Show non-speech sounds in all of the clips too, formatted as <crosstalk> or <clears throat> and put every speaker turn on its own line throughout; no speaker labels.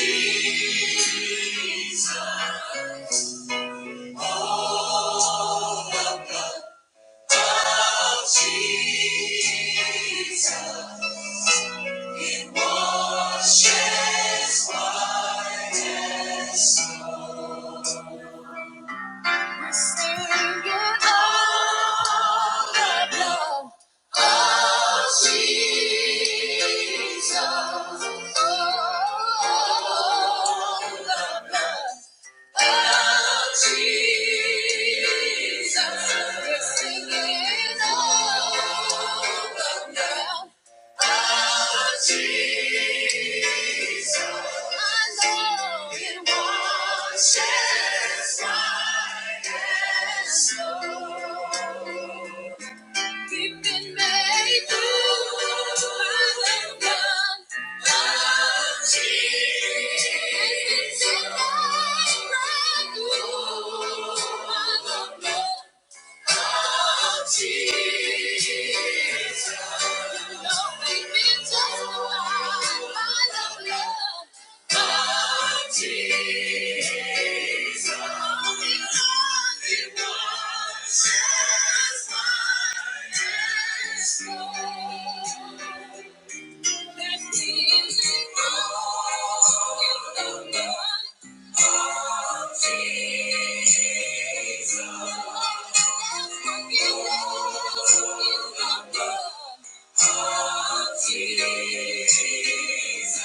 Jesus, oh, the blood. Oh, Jesus, we're singing over now. Oh, Jesus, I know it washes white as snow. We've been made new by the blood of Jesus. And it's in the right Jesus. Let's sing it all together, praise Jesus. Let's sing it all together, praise Jesus.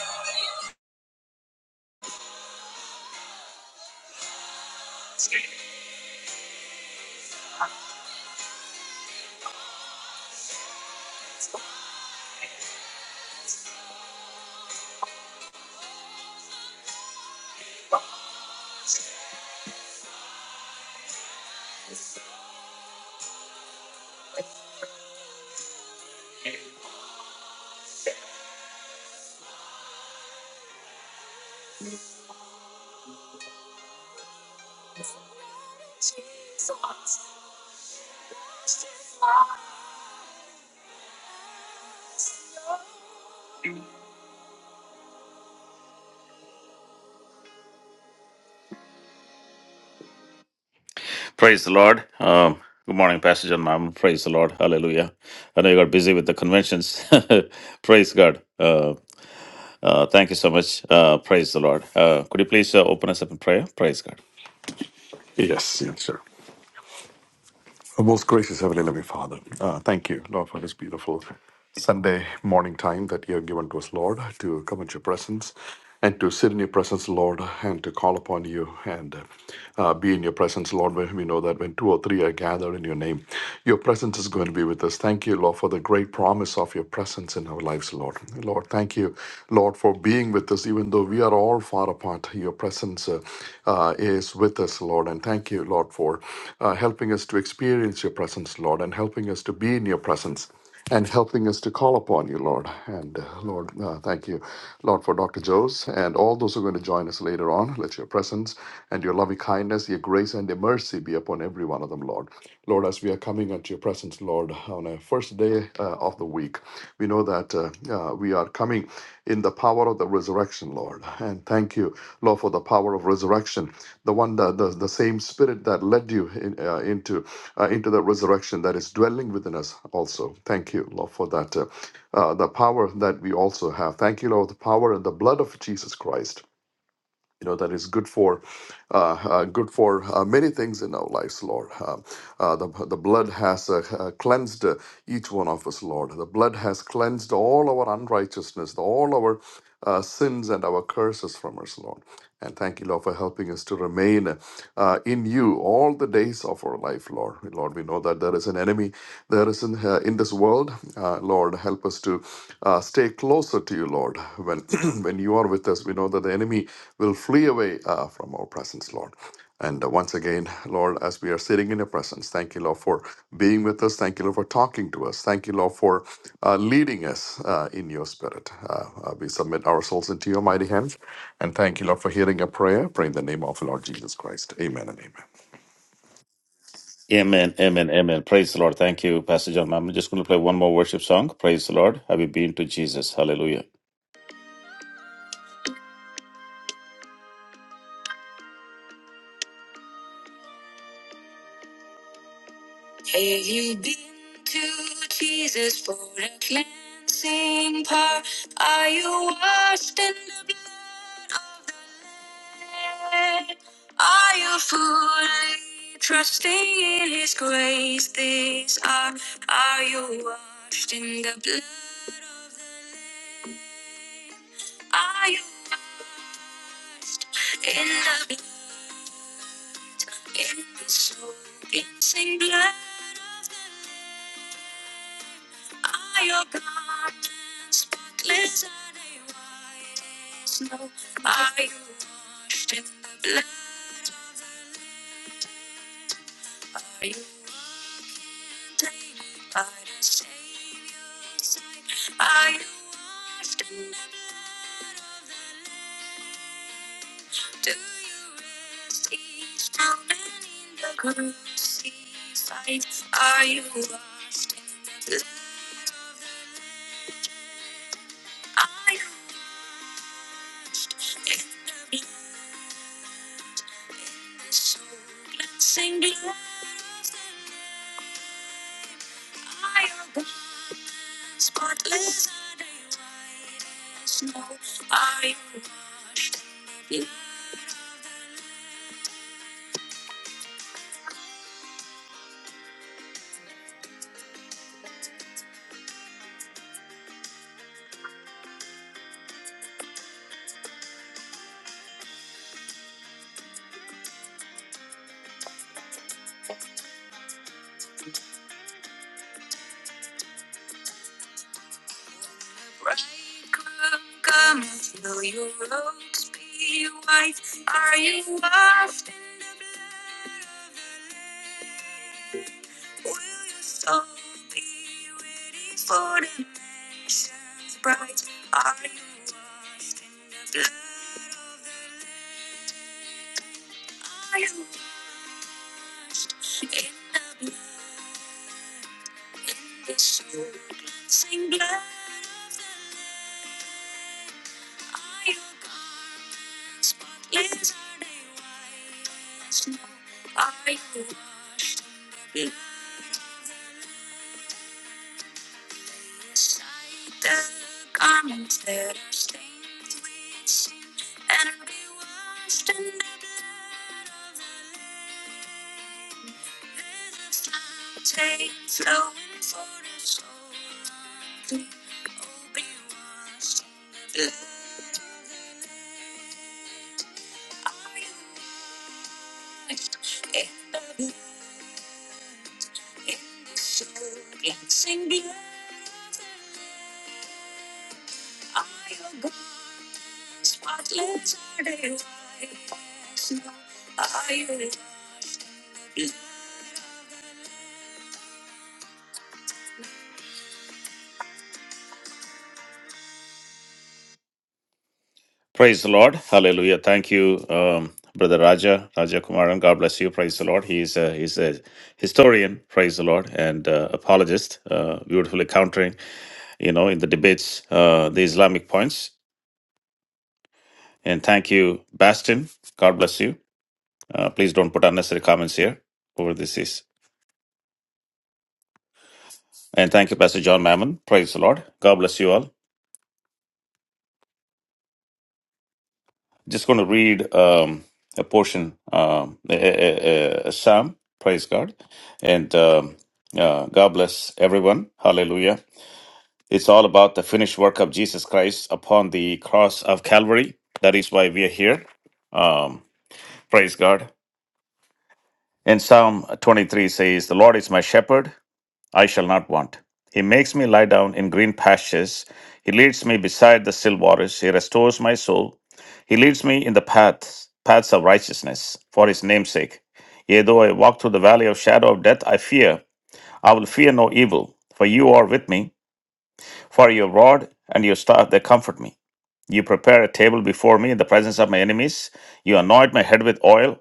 Praise the Lord. Um, good morning, Pastor John Mammon. Praise the Lord. Hallelujah. I know you got busy with the conventions. <laughs> praise God. Uh, uh, thank you so much. Uh, praise the Lord. Uh, could you please uh, open us up in prayer? Praise God.
Yes, yes, sir. Our most gracious Heavenly Loving Father, uh, thank you, Lord, for this beautiful Sunday morning time that you have given to us, Lord, to come into your presence and to sit in your presence, Lord, and to call upon you and uh, be in your presence, Lord. When we know that when two or three are gathered in your name, your presence is going to be with us. Thank you, Lord, for the great promise of your presence in our lives, Lord. Lord, thank you, Lord, for being with us, even though we are all far apart. Your presence uh, uh, is with us, Lord. Lord. And thank you, Lord, for uh, helping us to experience your presence, Lord, and helping us to be in your presence and helping us to call upon you, Lord. And uh, Lord, uh, thank you, Lord, for Dr. Joes and all those who are going to join us later on. Let your presence and your loving kindness, your grace and your mercy be upon every one of them, Lord. Lord, as we are coming into your presence, Lord, on a first day uh, of the week, we know that uh, uh, we are coming in the power of the resurrection, Lord. And thank you, Lord, for the power of resurrection the one that the, the same spirit that led you in, uh, into uh, into the resurrection that is dwelling within us also thank you lord for that uh, uh, the power that we also have thank you lord the power and the blood of jesus christ you know that is good for uh, uh, good for uh, many things in our lives lord uh, uh, the, the blood has uh, uh, cleansed uh, each one of us lord the blood has cleansed all our unrighteousness all our uh, sins and our curses from us lord and thank you lord for helping us to remain uh, in you all the days of our life, Lord. Lord, we know that there is an enemy there is in, uh, in this world. Uh, Lord, help us to uh, stay closer to you, Lord. When, <clears throat> when you are with us, we know that the enemy will flee away uh, from our presence, Lord. And uh, once again, Lord, as we are sitting in your presence, thank you, Lord, for being with us. Thank you, Lord, for talking to us. Thank you, Lord, for uh, leading us uh, in your spirit. Uh, uh, we submit ourselves into your mighty hands. And thank you, Lord, for hearing a prayer. Pray in the name of the Lord Jesus Christ. Amen and amen.
Amen, amen, amen. Praise the Lord. Thank you, Pastor John Mammon. Just going to play one more worship song. Praise the Lord. Have you been to Jesus? Hallelujah. Praise the Lord. Hallelujah. Thank you, um, Brother Raja, Raja Kumaran. God bless you. Praise the Lord. He's a, he's a historian, praise the Lord, and uh, apologist, uh, beautifully countering, you know, in the debates, uh, the Islamic points. And thank you, Bastin. God bless you. Uh, please don't put unnecessary comments here, whoever this is. And thank you, Pastor John Mammon. Praise the Lord. God bless you all. Just going to read um, a portion, um, a, a, a- a psalm. Praise God, and um, uh, God bless everyone. Hallelujah. It's all about the finished work of Jesus Christ upon the cross of Calvary. That is why we are here. Um, praise God. And Psalm 23 says, "The Lord is my shepherd; I shall not want. He makes me lie down in green pastures. He leads me beside the still waters. He restores my soul. He leads me in the paths, paths of righteousness for his name's sake. Yea, though I walk through the valley of shadow of death, I fear. I will fear no evil, for you are with me. For your rod and your staff, they comfort me. You prepare a table before me in the presence of my enemies. You anoint my head with oil.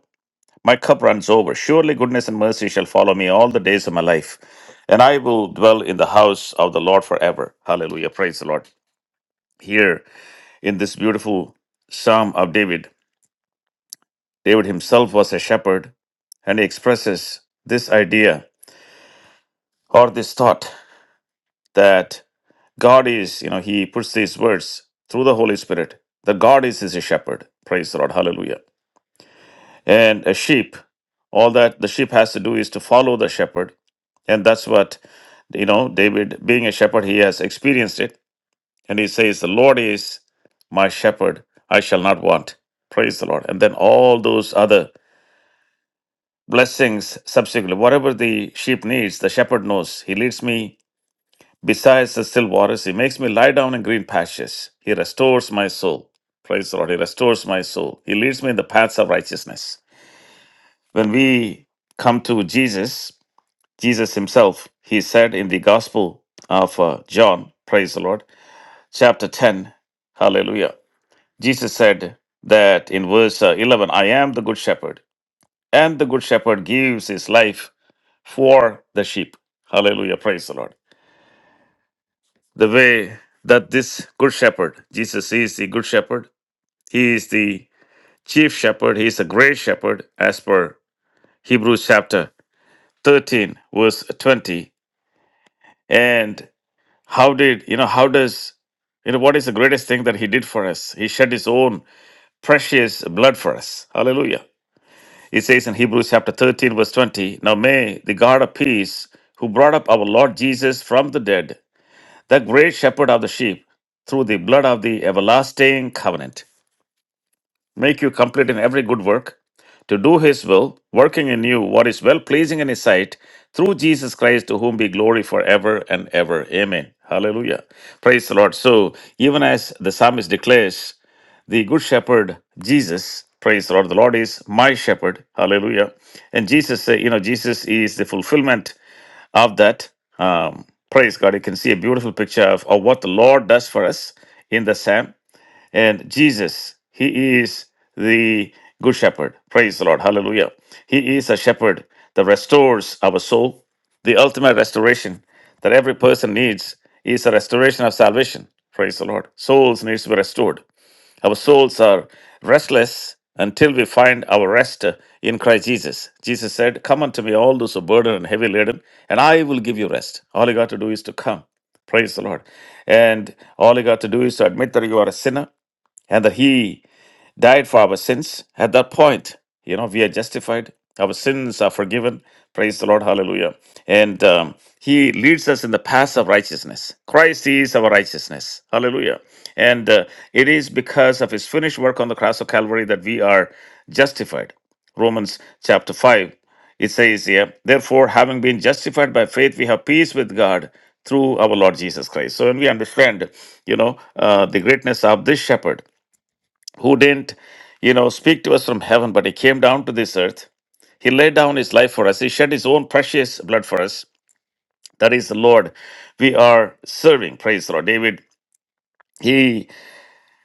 My cup runs over. Surely goodness and mercy shall follow me all the days of my life, and I will dwell in the house of the Lord forever. Hallelujah. Praise the Lord. Here in this beautiful Psalm of David, David himself was a shepherd, and he expresses this idea or this thought that God is, you know, he puts these words through the Holy Spirit. The God is his shepherd. Praise the Lord. Hallelujah. And a sheep, all that the sheep has to do is to follow the shepherd. And that's what, you know, David, being a shepherd, he has experienced it. And he says, The Lord is my shepherd, I shall not want. Praise the Lord. And then all those other blessings subsequently, whatever the sheep needs, the shepherd knows. He leads me besides the still waters. He makes me lie down in green pastures. He restores my soul. Praise the Lord. He restores my soul. He leads me in the paths of righteousness When we come to Jesus, Jesus himself, he said in the Gospel of uh, John, praise the Lord, chapter 10, hallelujah. Jesus said that in verse uh, 11, I am the good shepherd, and the good shepherd gives his life for the sheep. Hallelujah, praise the Lord. The way that this good shepherd, Jesus is the good shepherd, he is the chief shepherd, he is the great shepherd, as per Hebrews chapter 13, verse 20. And How did, you know, how does, you know, what is the greatest thing that he did for us? He shed his own precious blood for us. Hallelujah. It says in Hebrews chapter 13, verse 20 Now may the God of peace, who brought up our Lord Jesus from the dead, the great shepherd of the sheep, through the blood of the everlasting covenant make you complete in every good work, to do his will, working in you what is well pleasing in his sight, through Jesus Christ, to whom be glory forever and ever. Amen. Hallelujah. Praise the Lord. So, even as the psalmist declares, the good shepherd, Jesus, praise the Lord, the Lord is my shepherd. Hallelujah. And Jesus, say, you know, Jesus is the fulfillment of that. Um, praise God. You can see a beautiful picture of, of what the Lord does for us in the psalm and Jesus, He is the Good Shepherd. Praise the Lord. Hallelujah. He is a shepherd that restores our soul. The ultimate restoration that every person needs is a restoration of salvation. Praise the Lord. Souls needs to be restored. Our souls are restless until we find our rest in Christ Jesus. Jesus said, Come unto me, all those who are burdened and heavy laden, and I will give you rest. All you got to do is to come. Praise the Lord. And all you got to do is to admit that you are a sinner and that he died for our sins at that point you know we are justified our sins are forgiven praise the lord hallelujah and um, he leads us in the path of righteousness christ is our righteousness hallelujah and uh, it is because of his finished work on the cross of calvary that we are justified romans chapter 5 it says here therefore having been justified by faith we have peace with god through our lord jesus christ so when we understand you know uh, the greatness of this shepherd who didn't, you know, speak to us from heaven, but he came down to this earth. He laid down his life for us. He shed his own precious blood for us. That is the Lord we are serving. Praise the Lord. David, he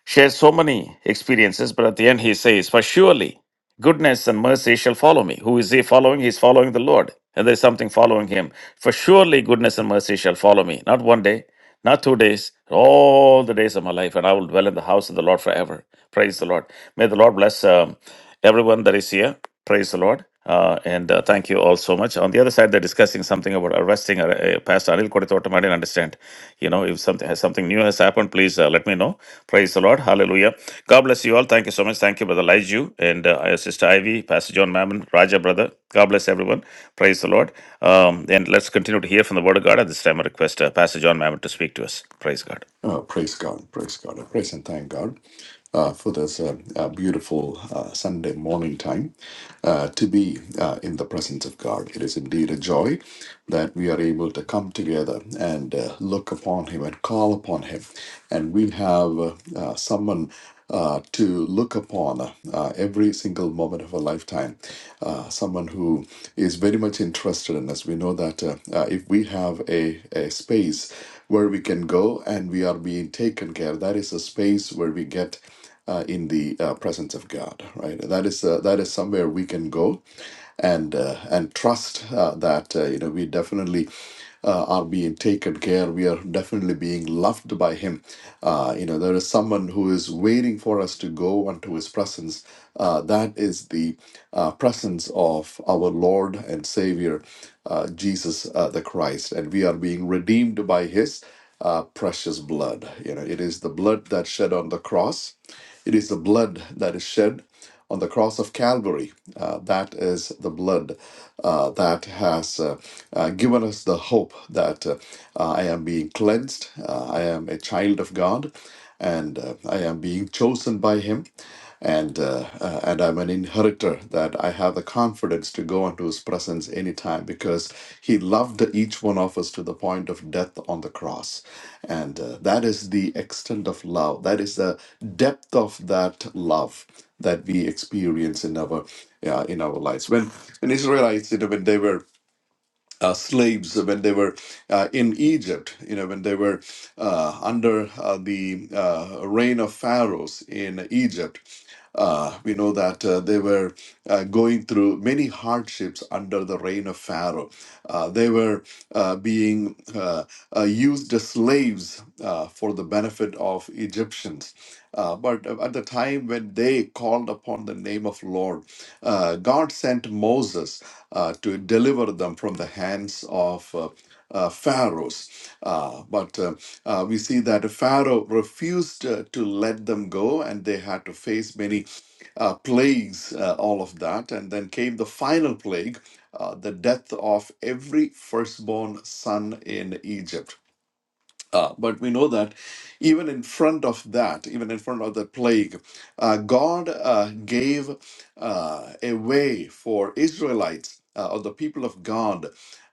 shares so many experiences, but at the end he says, For surely goodness and mercy shall follow me. Who is he following? He's following the Lord. And there's something following him. For surely goodness and mercy shall follow me. Not one day, not two days, all the days of my life, and I will dwell in the house of the Lord forever. Praise the Lord. May the Lord bless um, everyone that is here. Praise the Lord. Uh, and uh, thank you all so much. On the other side, they're discussing something about arresting Ar- uh, Pastor Anil Kodithottam. I didn't understand. You know, if something has something new has happened, please uh, let me know. Praise the Lord. Hallelujah. God bless you all. Thank you so much. Thank you, Brother Liju and uh, Sister Ivy, Pastor John Mammon, Raja, Brother. God bless everyone. Praise the Lord. Um, and let's continue to hear from the Word of God at this time. I request uh, Pastor John Mammon to speak to us. Praise God.
Oh, praise God, praise God. I praise and thank God uh, for this uh, uh, beautiful uh, Sunday morning time uh, to be uh, in the presence of God. It is indeed a joy that we are able to come together and uh, look upon Him and call upon Him. And we have uh, uh, someone uh, to look upon uh, uh, every single moment of a lifetime. Uh, someone who is very much interested in us. We know that uh, uh, if we have a, a space, where we can go and we are being taken care. That is a space where we get uh, in the uh, presence of God, right? That is uh, that is somewhere we can go and uh, and trust uh, that uh, you know we definitely uh, are being taken care. We are definitely being loved by Him. Uh, you know, there is someone who is waiting for us to go unto His presence. Uh, that is the uh, presence of our Lord and Savior, uh, Jesus uh, the Christ, and we are being redeemed by His uh, precious blood. You know, it is the blood that shed on the cross. It is the blood that is shed on the cross of Calvary. Uh, that is the blood uh, that has uh, uh, given us the hope that uh, I am being cleansed. Uh, I am a child of God, and uh, I am being chosen by Him and uh, uh, and I'm an inheritor that I have the confidence to go into His presence anytime because He loved each one of us to the point of death on the cross, and uh, that is the extent of love. That is the depth of that love that we experience in our uh, in our lives. When in Israelites, you know, when they were uh, slaves when they were uh, in Egypt, you know, when they were uh, under uh, the uh, reign of pharaohs in Egypt. Uh, we know that uh, they were uh, going through many hardships under the reign of Pharaoh. Uh, they were uh, being uh, uh, used as slaves uh, for the benefit of Egyptians. Uh, but at the time when they called upon the name of Lord, uh, God sent Moses uh, to deliver them from the hands of uh, uh, Pharaohs. Uh, but uh, uh, we see that Pharaoh refused uh, to let them go, and they had to face many uh, plagues, uh, all of that. And then came the final plague, uh, the death of every firstborn son in Egypt. Uh, but we know that even in front of that, even in front of the plague, uh, God uh, gave uh, a way for Israelites uh, or the people of God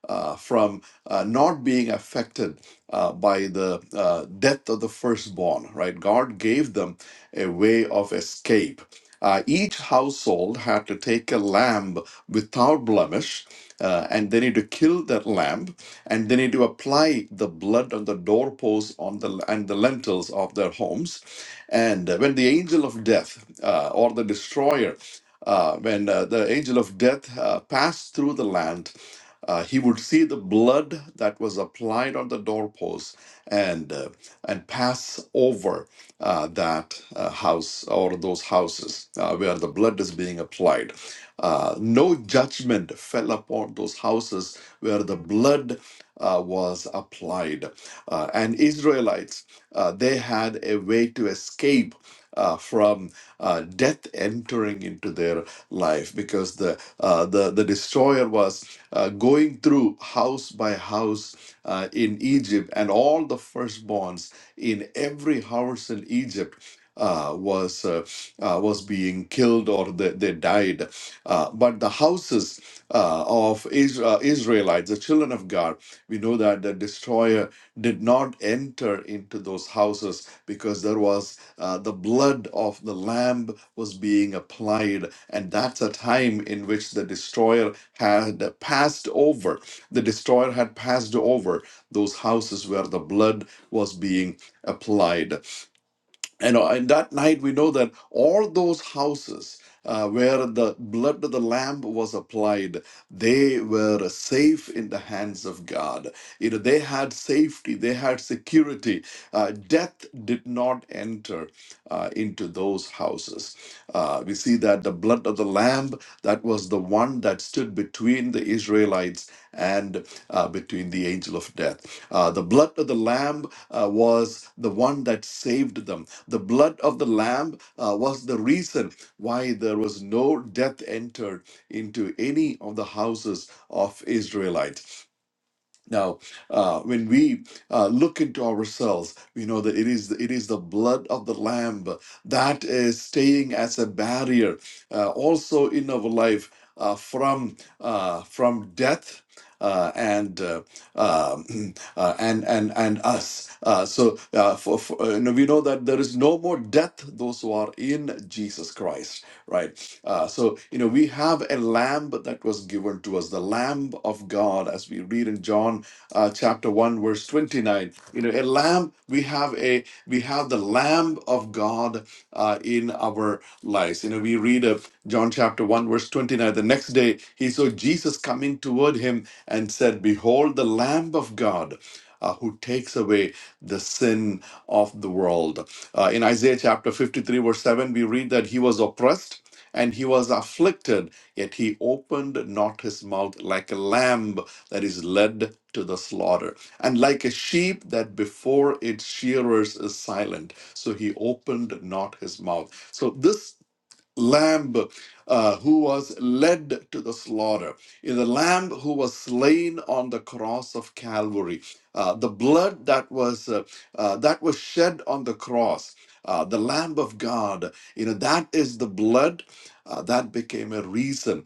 uh, from uh, not being affected uh, by the uh, death of the firstborn, right? God gave them a way of escape. Uh, each household had to take a lamb without blemish, uh, and they need to kill that lamb and they need to apply the blood on the doorposts on the and the lentils of their homes and uh, when the angel of death uh, or the destroyer uh, when uh, the angel of death uh, passed through the land uh, he would see the blood that was applied on the doorposts and uh, and pass over uh, that uh, house or those houses uh, where the blood is being applied. Uh, no judgment fell upon those houses where the blood uh, was applied. Uh, and Israelites, uh, they had a way to escape. Uh, from uh, death entering into their life, because the uh, the the destroyer was uh, going through house by house uh, in Egypt, and all the firstborns in every house in Egypt uh, was uh, uh, was being killed or they, they died. Uh, but the houses uh, of Isra- Israelites, the children of God, we know that the destroyer did not enter into those houses because there was uh, the blood of the lamb was being applied and that's a time in which the destroyer had passed over the destroyer had passed over those houses where the blood was being applied and, uh, and that night, we know that all those houses uh, where the blood of the Lamb was applied, they were safe in the hands of God. You know, they had safety, they had security. Uh, death did not enter uh, into those houses. Uh, we see that the blood of the Lamb, that was the one that stood between the Israelites and uh, between the angel of death. Uh, the blood of the Lamb uh, was the one that saved them the blood of the lamb uh, was the reason why there was no death entered into any of the houses of Israelite. Now, uh, when we uh, look into ourselves, we know that it is it is the blood of the Lamb that is staying as a barrier, uh, also in our life uh, from uh, from death. Uh, and uh, um, <clears throat> uh, and and and us. Uh, so uh, for, for, uh, you know, we know that there is no more death those who are in Jesus Christ right? Uh, so, you know, we have a lamb that was given to us, the lamb of God, as we read in John uh, chapter 1, verse 29. You know, a lamb, we have a, we have the lamb of God uh, in our lives. You know, we read of John chapter 1, verse 29. The next day, he saw Jesus coming toward him and said, Behold, the lamb of God. Uh, who takes away the sin of the world uh, in Isaiah chapter 53, verse 7, we read that he was oppressed and he was afflicted, yet he opened not his mouth like a lamb that is led to the slaughter, and like a sheep that before its shearers is silent. So he opened not his mouth. So this lamb uh, who was led to the slaughter, in the lamb who was slain on the cross of Calvary, uh, the blood that was uh, uh, that was shed on the cross, uh, the Lamb of God. You know that is the blood uh, that became a reason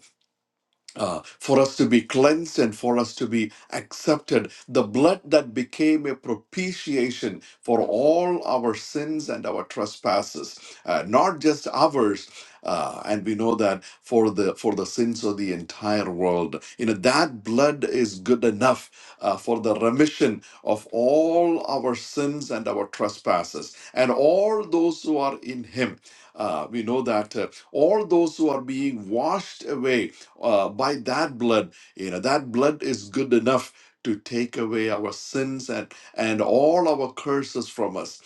uh, for us to be cleansed and for us to be accepted. The blood that became a propitiation for all our sins and our trespasses, uh, not just ours. Uh, and we know that for the for the sins of the entire world, you know that blood is good enough uh, for the remission of all our sins and our trespasses, and all those who are in Him. Uh, we know that uh, all those who are being washed away uh, by that blood you know that blood is good enough to take away our sins and and all our curses from us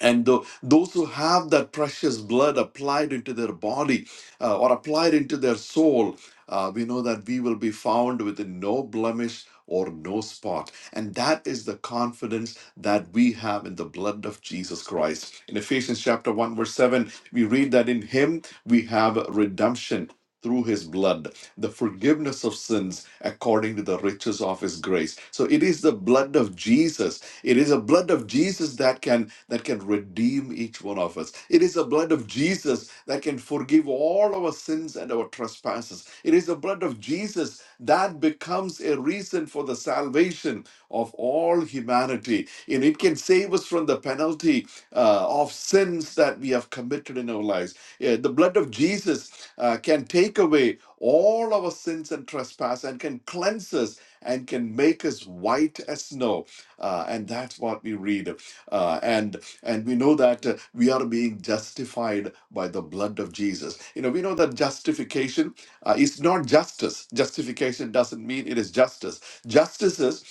and tho- those who have that precious blood applied into their body uh, or applied into their soul, uh, we know that we will be found with no blemish or no spot. And that is the confidence that we have in the blood of Jesus Christ. In Ephesians chapter 1, verse 7, we read that in Him we have redemption. Through his blood, the forgiveness of sins according to the riches of his grace. So it is the blood of Jesus it is the blood of Jesus that can that can redeem each one of us. It is the blood of Jesus that can forgive all our sins and our trespasses. It is the blood of Jesus that becomes a reason for the salvation of all humanity. And it can save us from the penalty uh, of sins that we have committed in our lives. Yeah, the blood of Jesus uh, can take away all our sins and trespass and can cleanse us and can make us white as snow uh, and that's what we read. Uh, and and we know that uh, we are being justified by the blood of Jesus. You know, we know that justification uh, is not justice. Justification doesn't mean it is justice. Justice is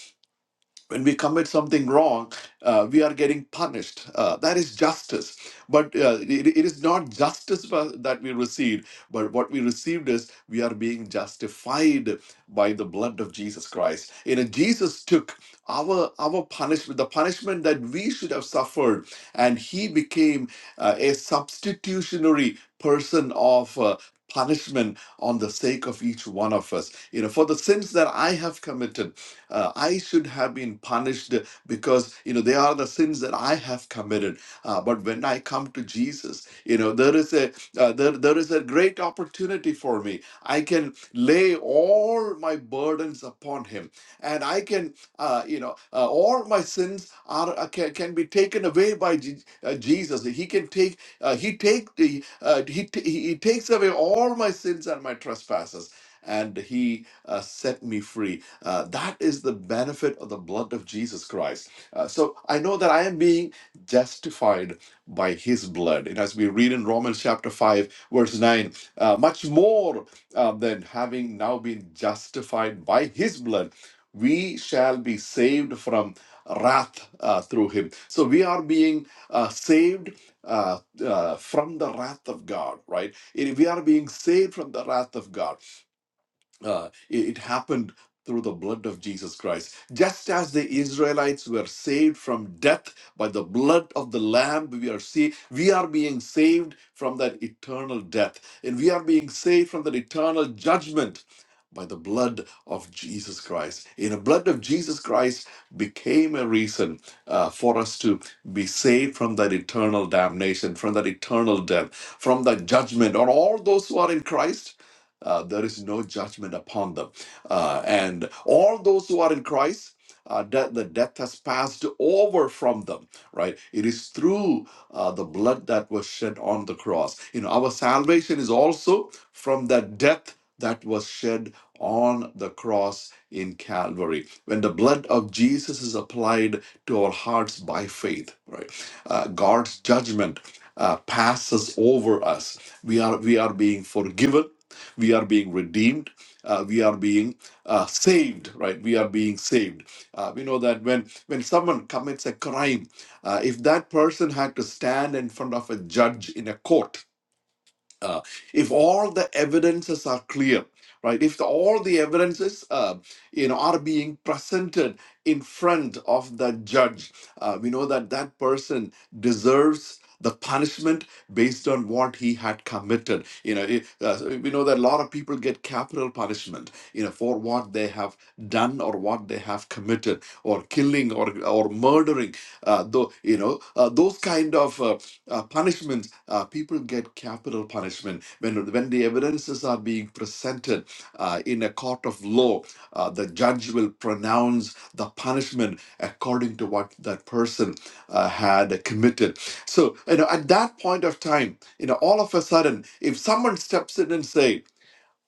when we commit something wrong, uh, we are getting punished. Uh, that is justice. But uh, it, it is not justice for- that we received, but what we received is we are being justified by the blood of Jesus Christ. You know, Jesus took our our punishment, the punishment that we should have suffered, and he became uh, a substitutionary person of. Uh, punishment on the sake of each one of us you know for the sins that i have committed uh, I should have been punished because you know they are the sins that I have committed. Uh, but when I come to Jesus, you know there is a uh, there, there is a great opportunity for me. I can lay all my burdens upon Him, and I can uh, you know uh, all my sins are uh, can, can be taken away by Je- uh, Jesus. He can take uh, He take the uh, he, t- he he takes away all my sins and my trespasses, and He uh, set me free uh, that is the benefit of the blood of Jesus Christ. Uh, so I know that I am being justified by his blood. And as we read in Romans chapter 5, verse 9, uh, much more uh, than having now been justified by his blood, we shall be saved from wrath uh, through him. So we are being uh, saved uh, uh, from the wrath of God, right? It- we are being saved from the wrath of God uh, it, it happened through the blood of Jesus Christ. Just as the Israelites were saved from death by the blood of the Lamb, we are see, we are being saved from that eternal death, and we are being saved from that eternal judgment by the blood of Jesus Christ. In the blood of Jesus Christ became a reason uh, for us to be saved from that eternal damnation, from that eternal death, from that judgment on all those who are in Christ uh, there is no judgment upon them. Uh, and all those who are in Christ, uh, that the death has passed over from them, right? It is through uh, the blood that was shed on the cross. You know, our salvation is also from that death that was shed on the cross in Calvary. When the blood of Jesus is applied to our hearts by faith, right? Uh, God's judgment uh, passes over us. We are we are being forgiven we are being redeemed uh, we are being uh, saved right we are being saved uh, we know that when when someone commits a crime uh, if that person had to stand in front of a judge in a court uh, if all the evidences are clear right if the, all the evidences uh, you know are being presented in front of the judge uh, we know that that person deserves the punishment based on what he had committed you know it, uh, so we know that a lot of people get capital punishment you know for what they have done or what they have committed or killing or or murdering uh, though you know uh, those kind of uh, uh, punishments. Uh, people get capital punishment when when the evidences are being presented uh, in a court of law. Uh, the judge will pronounce the punishment according to what that person uh, had committed. So you know, at that point of time, you know, all of a sudden, if someone steps in and say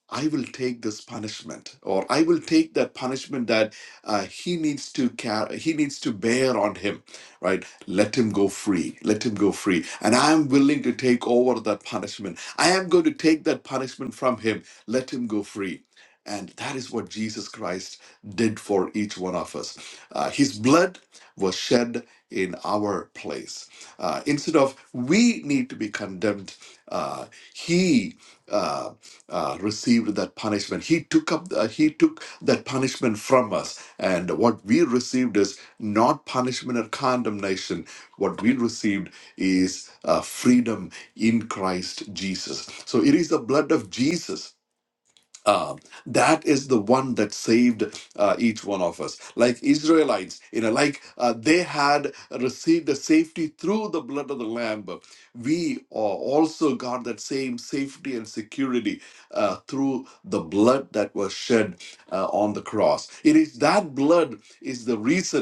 I will take this punishment, or I will take that punishment that uh, he needs to carry, he needs to bear on him, right? Let him go free. Let him go free. And I am willing to take over that punishment. I am going to take that punishment from him. Let him go free. And that is what Jesus Christ did for each one of us. Uh, his blood was shed in our our place. Uh, instead of we need to be condemned, uh, he uh, uh, received that punishment. He took up the, he took that punishment from us, and what we received is not punishment or condemnation. What we received is uh, freedom in Christ Jesus. So it is the blood of Jesus um, that is the one that saved uh, each one of us. Like Israelites, you know, like uh, they had received the safety through the blood of the Lamb. We uh, also got that same safety and security uh, through the blood that was shed uh, on the cross. It is that blood is the reason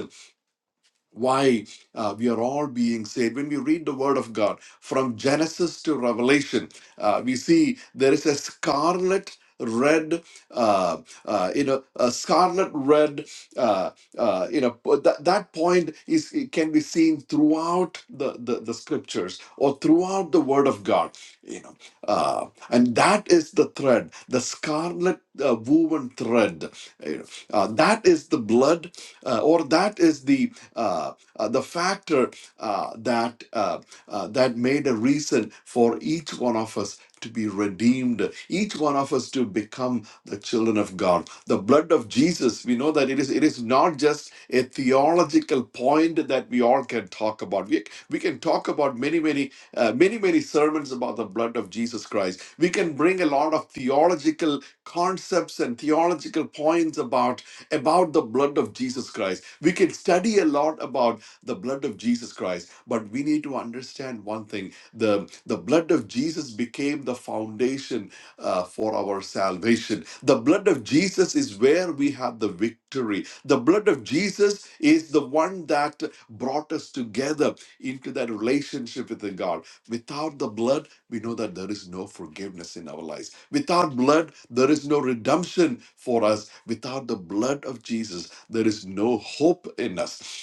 why uh, we are all being saved. When we read the Word of God from Genesis to Revelation, uh, we see there is a scarlet red uh uh you know a scarlet red uh uh you know po- that, that point is it can be seen throughout the, the the scriptures or throughout the word of god you know uh and that is the thread the scarlet uh, woven thread you know, uh, that is the blood uh, or that is the uh, uh, the factor uh, that uh, uh, that made a reason for each one of us to be redeemed, each one of us to become the children of God. The blood of Jesus, we know that it is it is not just a theological point that we all can talk about. We, we can talk about many, many, uh, many, many sermons about the blood of Jesus Christ. We can bring a lot of theological concepts and theological points about about the blood of Jesus Christ. We can study a lot about the blood of Jesus Christ, but we need to understand one thing the, the blood of Jesus became the foundation uh, for our salvation. The blood of Jesus is where we have the victory. The blood of Jesus is the one that brought us together into that relationship with the God. Without the blood, we know that there is no forgiveness in our lives. Without blood, there is no redemption for us. Without the blood of Jesus, there is no hope in us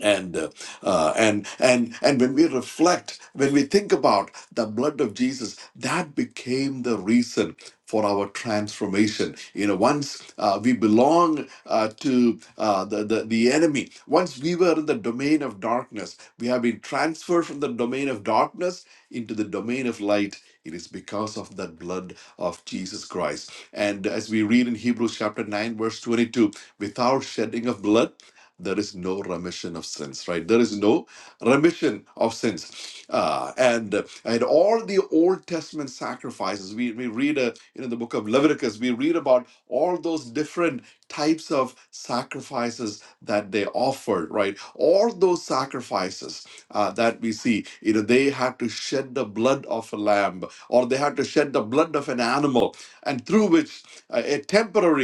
and uh, uh, and and and when we reflect when we think about the blood of jesus that became the reason for our transformation you know once uh, we belong uh, to uh, the, the the enemy once we were in the domain of darkness we have been transferred from the domain of darkness into the domain of light it is because of that blood of jesus christ and as we read in hebrews chapter 9 verse 22 without shedding of blood there is no remission of sins, right? There is no remission of sins. Uh, and uh, and all the Old Testament sacrifices, we, we read uh, you know, the book of Leviticus, we read about all those different types of sacrifices that they offered, right? All those sacrifices uh, that we see, you know, they had to shed the blood of a lamb or they had to shed the blood of an animal and through which uh, a temporary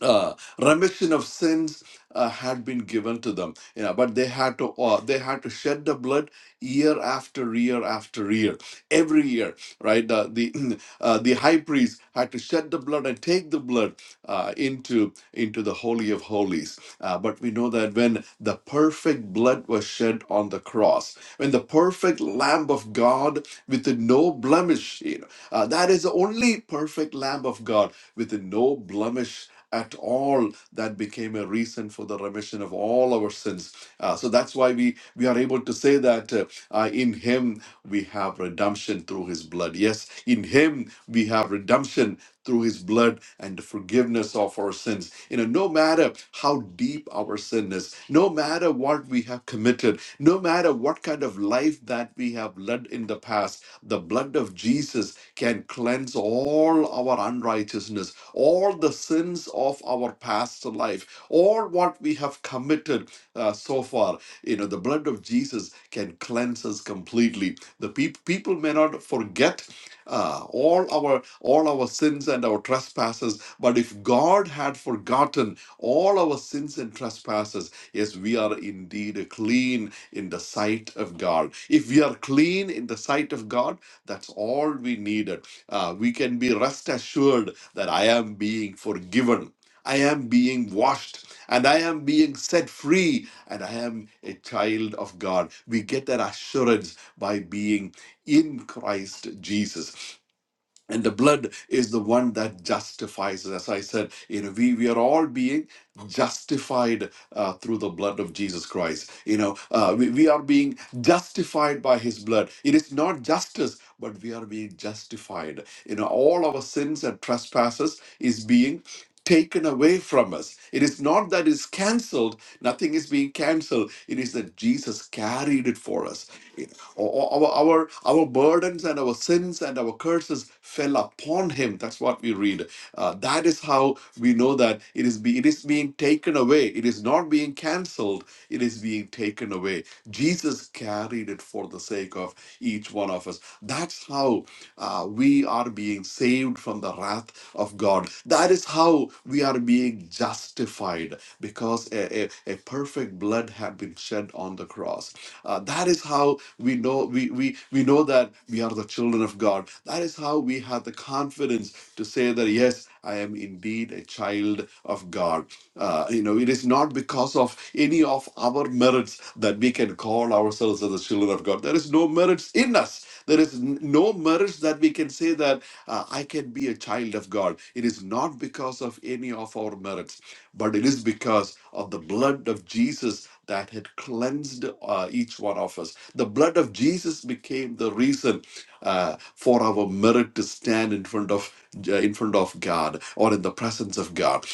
uh, remission of sins uh, had been given to them you know but they had to uh, they had to shed the blood year after year after year every year right uh, the <clears throat> uh, the high priest had to shed the blood and take the blood uh, into into the holy of holies. Uh, but we know that when the perfect blood was shed on the cross, when the perfect Lamb of God with no blemish, you know, uh, that is the only perfect Lamb of God with no blemish at all that became a reason for the remission of all our sins uh, so that's why we we are able to say that uh, uh, in him we have redemption through his blood yes in him we have redemption through his blood and the forgiveness of our sins. You know, no matter how deep our sin is, no matter what we have committed, no matter what kind of life that we have led in the past, the blood of Jesus can cleanse all our unrighteousness, all the sins of our past life, all what we have committed uh, so far. You know, the blood of Jesus can cleanse us completely. The peop people may not forget uh, all our all our sins and our trespasses but if god had forgotten all our sins and trespasses yes we are indeed clean in the sight of god if we are clean in the sight of god that's all we needed Uh, we can be rest assured that i am being forgiven I am being washed and I am being set free and I am a child of God. We get that assurance by being in Christ Jesus and the blood is the one that justifies us. As I said, you know, we, we are all being justified uh, through the blood of Jesus Christ. You know, uh, we, we are being justified by his blood. It is not justice, but we are being justified. You know, all our sins and trespasses is being taken away from us. It is not that it's cancelled, nothing is being cancelled. It is that Jesus carried it for us. Our, our, our burdens and our sins and our curses fell upon him. That's what we read. Uh, that is how we know that it is, be, it is being taken away. It is not being cancelled. It is being taken away. Jesus carried it for the sake of each one of us. That's how uh, we are being saved from the wrath of God. That is how we are being justified because a, a, a perfect blood had been shed on the cross. Uh, that is how we know we, we we know that we are the children of God. That is how we have the confidence to say that yes, I am indeed a child of God. Uh, you know, it is not because of any of our merits that we can call ourselves as the children of God. There is no merits in us. There is n- no merits that we can say that uh, I can be a child of God. It is not because of any of our merits, but it is because of the blood of Jesus that had cleansed uh, each one of us. The blood of Jesus became the reason uh, for our merit to stand in front of uh, in front of God or in the presence of God.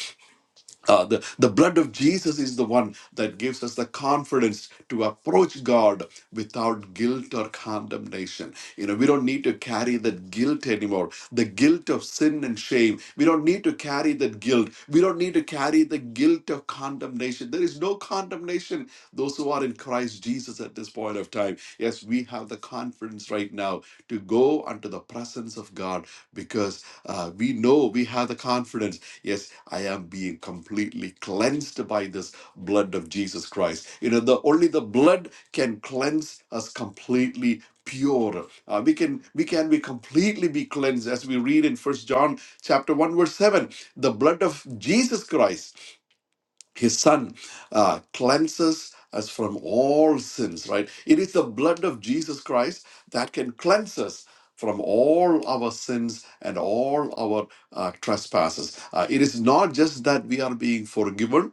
Uh, the, the blood of Jesus is the one that gives us the confidence to approach God without guilt or condemnation. You know, we don't need to carry that guilt anymore. The guilt of sin and shame. We don't need to carry that guilt. We don't need to carry the guilt of condemnation. There is no condemnation those who are in Christ Jesus at this point of time. Yes, we have the confidence right now to go unto the presence of God because uh, we know we have the confidence yes, I am being completely cleansed by this blood of Jesus Christ. You know, the only the blood can cleanse us completely pure Uh, we can we can be completely be cleansed as we read in first john chapter 1 verse 7 the blood of jesus christ his son uh, cleanses us from all sins right it is the blood of jesus christ that can cleanse us from all our sins and all our uh, trespasses Uh, it is not just that we are being forgiven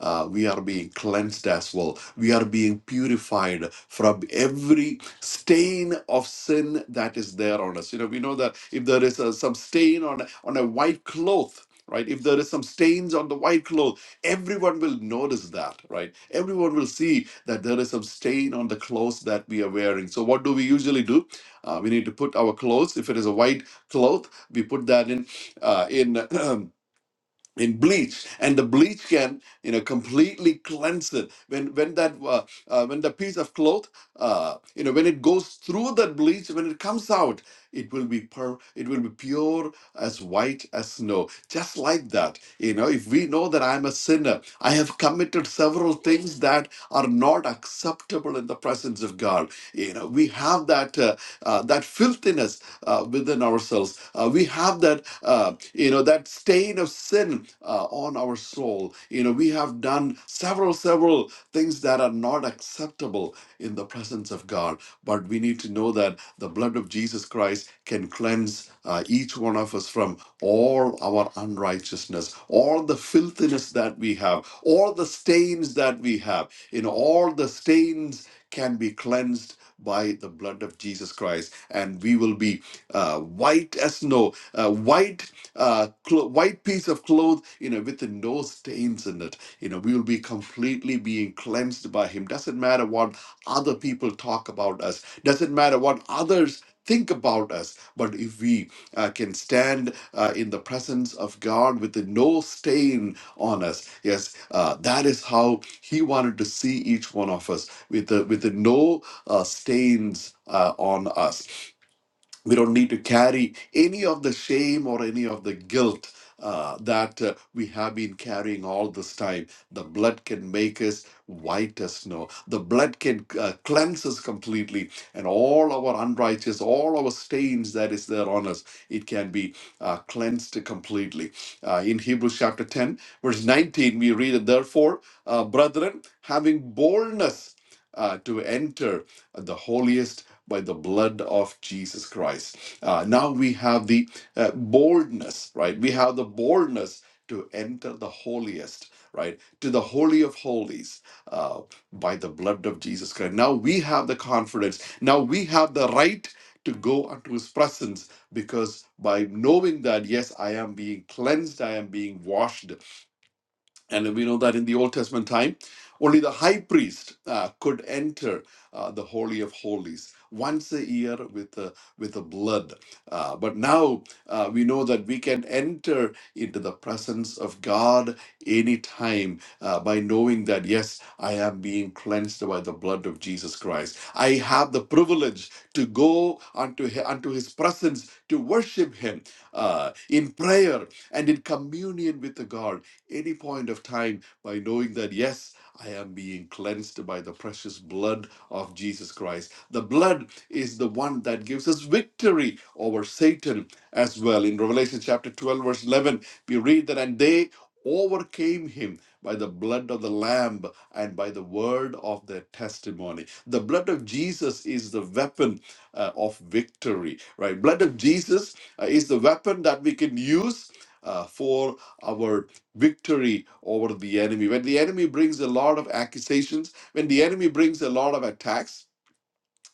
uh, we are being cleansed as well we are being purified from every stain of sin that is there on us you know we know that if there is uh, some stain on on a white cloth right if there is some stains on the white cloth everyone will notice that, right? Everyone will see that there is some stain on the clothes that we are wearing. So, what do we usually do? Uh, we need to put our clothes. If it is a white cloth, we put that in uh, in <clears throat> in bleach and the bleach can you know completely cleanse it when when that uh, uh, when the piece of cloth uh, you know when it goes through that bleach when it comes out it will be per it will be pure as white as snow just like that you know if we know that i'm a sinner i have committed several things that are not acceptable in the presence of god you know we have that uh, uh, that filthiness uh, within ourselves uh, we have that uh, you know, that stain of sin uh, on our soul. You know, we have done several, several things that are not acceptable in the presence of God. But we need to know that the blood of Jesus Christ can cleanse uh, each one of us from all our unrighteousness, all the filthiness that we have, all the stains that we have. In all the stains can be cleansed by the blood of Jesus Christ, and we will be uh, white as snow, uh, white uh, clo- white piece of cloth, you know, with no stains in it. You know, we will be completely being cleansed by Him. Doesn't matter what other people talk about us, doesn't matter what others think about us, but if we uh, can stand uh, in the presence of God with no stain on us, yes, uh, that is how He wanted to see each one of us with the, with the no uh, stains uh, on us we don't need to carry any of the shame or any of the guilt uh, that uh, we have been carrying all this time. The blood can make us white as snow. The blood can uh, cleanse us completely, and all our unrighteous, all our stains that is there on us, it can be uh, cleansed completely. Uh, in Hebrews chapter 10, verse 19, we read, Therefore, uh, brethren, having boldness uh, to enter the holiest by the blood of Jesus Christ. Uh, now we have the uh, boldness, right? We have the boldness to enter the holiest, right? To the holy of holies uh, by the blood of Jesus Christ. Now we have the confidence. Now we have the right to go unto his presence because by knowing that, yes, I am being cleansed, I am being washed, and we know that in the Old Testament time, only the high priest uh, could enter uh, the Holy of Holies once a year with the, with the blood. Uh, but now uh, we know that we can enter into the presence of God anytime uh, by knowing that, yes, I am being cleansed by the blood of Jesus Christ. I have the privilege to go unto, hi- unto his presence to worship him uh, in prayer and in communion with the God any point of time by knowing that, yes, I am being cleansed by the precious blood of Jesus Christ. The blood is the one that gives us victory over Satan as well. In Revelation chapter 12, verse 11, we read that, and they overcame him by the blood of the Lamb and by the word of their testimony. The blood of Jesus is the weapon uh, of victory, right? Blood of Jesus uh, is the weapon that we can use. uh, for our victory over the enemy. When the enemy brings a lot of accusations, when the enemy brings a lot of attacks,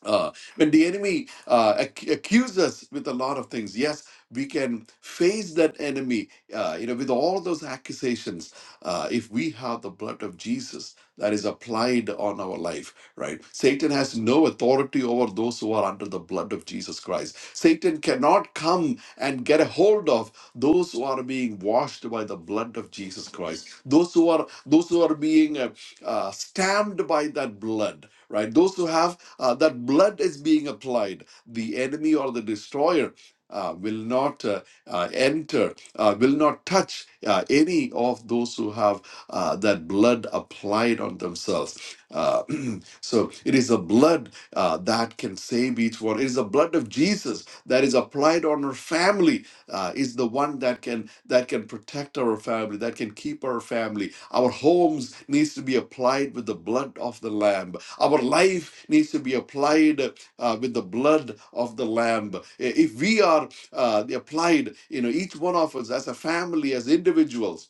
uh, when the enemy uh, ac- accuses us with a lot of things yes we can face that enemy uh, you know with all those accusations uh, if we have the blood of jesus that is applied on our life right satan has no authority over those who are under the blood of jesus christ satan cannot come and get a hold of those who are being washed by the blood of jesus christ those who are those who are being uh, uh, stamped by that blood right those who have uh, that blood is being applied, the enemy or the destroyer uh, will not uh, uh, enter, uh, will not touch uh, any of those who have uh, that blood applied on themselves. Uh, <clears throat> so it is the blood uh, that can save each one. It is the blood of Jesus that is applied on our family uh, is the one that can that can protect our family, that can keep our family. Our homes needs to be applied with the blood of the Lamb our life needs to be applied uh, with the blood of the Lamb. If we are uh, applied, you know, each one of us as a family, as individuals,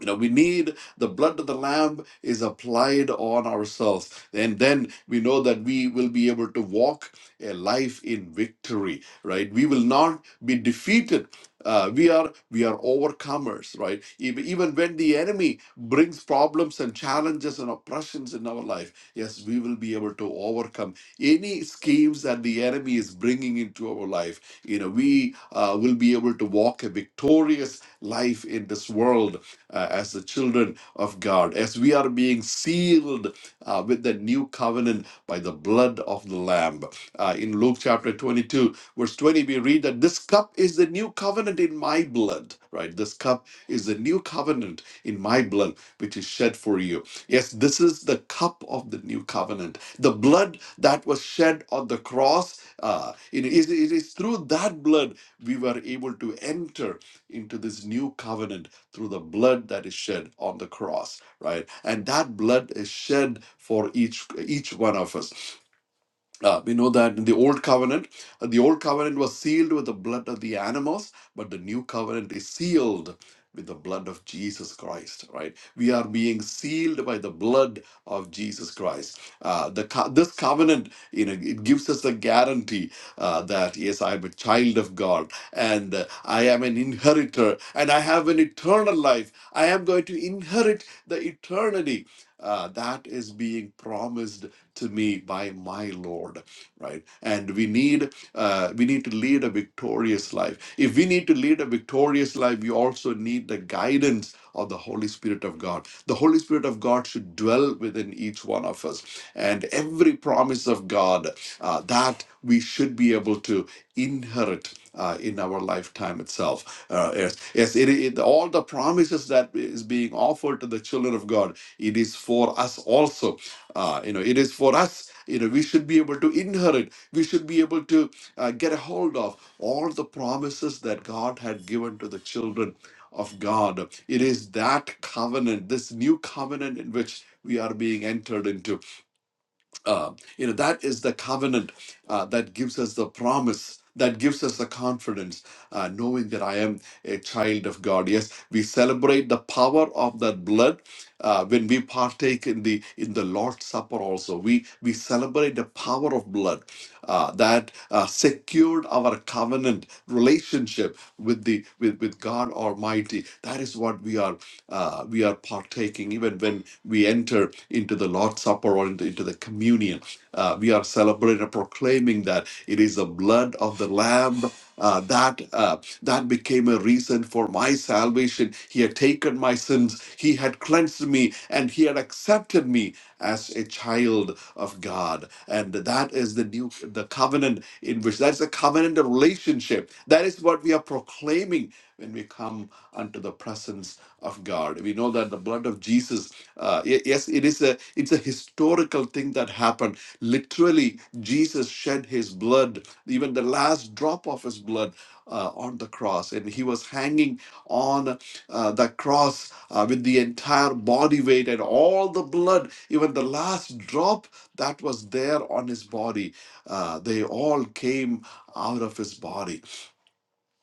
you know, we need the blood of the Lamb is applied on ourselves. And then we know that we will be able to walk a life in victory, right? We will not be defeated. Uh, we are we are overcomers, right? Even, even when the enemy brings problems and challenges and oppressions in our life, yes, we will be able to overcome any schemes that the enemy is bringing into our life. You know, we uh, will be able to walk a victorious life in this world uh, as the children of God, as we are being sealed uh, with the new covenant by the blood of the Lamb. Uh, in Luke chapter 22, verse 20, we read that this cup is the new covenant in my blood, right? This cup is the new covenant in my blood, which is shed for you. Yes, this is the cup of the new covenant. The blood that was shed on the cross, uh, it, is, it is through that blood we were able to enter into this new covenant through the blood that is shed on the cross, right? And that blood is shed for each each one of us uh, we know that in the old covenant, uh, the old covenant was sealed with the blood of the animals, but the new covenant is sealed with the blood of Jesus Christ. Right? We are being sealed by the blood of Jesus Christ. Uh, the co- this covenant, you know, it gives us a guarantee uh, that yes, I am a child of God, and uh, I am an inheritor, and I have an eternal life. I am going to inherit the eternity uh, that is being promised to me by my lord right and we need uh, we need to lead a victorious life if we need to lead a victorious life we also need the guidance of the holy spirit of god the holy spirit of god should dwell within each one of us and every promise of god uh, that we should be able to inherit uh, in our lifetime itself uh, yes yes it, it, all the promises that is being offered to the children of god it is for us also uh, you know, it is for us. You know, we should be able to inherit. We should be able to uh, get a hold of all the promises that God had given to the children of God. It is that covenant, this new covenant in which we are being entered into uh, you know that is the covenant uh, that gives us the promise that gives us the confidence uh, knowing that i am a child of god yes we celebrate the power of that blood uh, when we partake in the in the lord's supper also we we celebrate the power of blood uh, that uh, secured our covenant relationship with the with, with god almighty that is what we are uh, we are partaking, even when we enter into the Lord's Supper or into, into the communion, uh, we are celebrating, proclaiming that it is the blood of the Lamb. Uh, that uh, that became a reason for my salvation. He had taken my sins. He had cleansed me, and He had accepted me as a child of God. And that is the new the covenant in which that's the covenant of relationship. That is what we are proclaiming when we come unto the presence of God. We know that the blood of Jesus, uh, y- yes, it is a it's a historical thing that happened happened. Literally, Jesus shed his blood, even the last drop of his blood uh, on the cross. And he was hanging on uh, the cross uh, with the entire body weight and all the blood, even the last drop that was there on his body, uh, they all came out of his body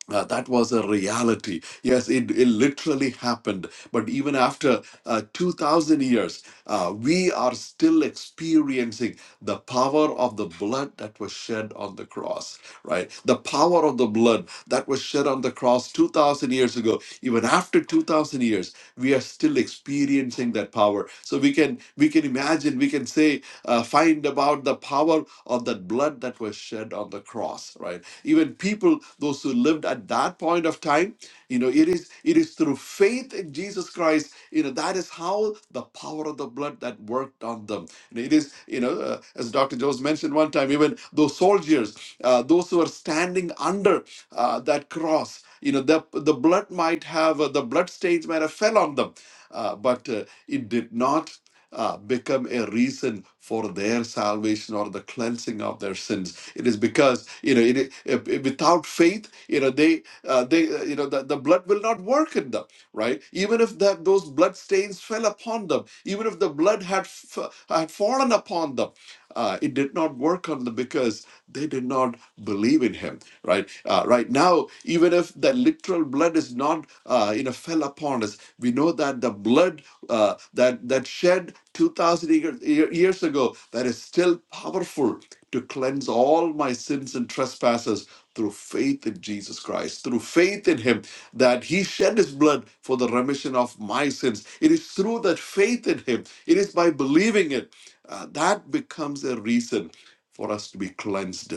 uh, that was a reality. Yes, it, it literally happened. But even after uh, 2,000 years, uh, we are still experiencing the power of the blood that was shed on the cross, right? The power of the blood that was shed on the cross 2,000 years ago. Even after 2,000 years, we are still experiencing that power. So we can we can imagine, we can say, uh, find about the power of that blood that was shed on the cross, right? Even people, those who lived at that point of time, you know, it is it is through faith in Jesus Christ, you know, that is how the power of the blood that worked on them. And it is, you know, uh, as Dr. Jones mentioned one time, even those soldiers, uh, those who are standing under uh, that cross, you know, the the blood might have uh, the blood stains might have fell on them, uh, but uh, it did not uh, become a reason for their salvation or the cleansing of their sins. It is because you know, it, it- it- without faith, you know, they uh, they uh, you know the, the blood will not work in them, right? Even if that those blood stains fell upon them, even if the blood had f- had fallen upon them, uh, it did not work on them because they did not believe in Him, right? Uh, right now, even if the literal blood is not uh, you know fell upon us. We know that the blood uh, that that shed 2,000 years ago that is still powerful to cleanse all my sins and trespasses through faith in Jesus Christ, through faith in Him, that He shed His blood for the remission of my sins. It is through that faith in Him, it is by believing it, uh, that becomes a reason for us to be cleansed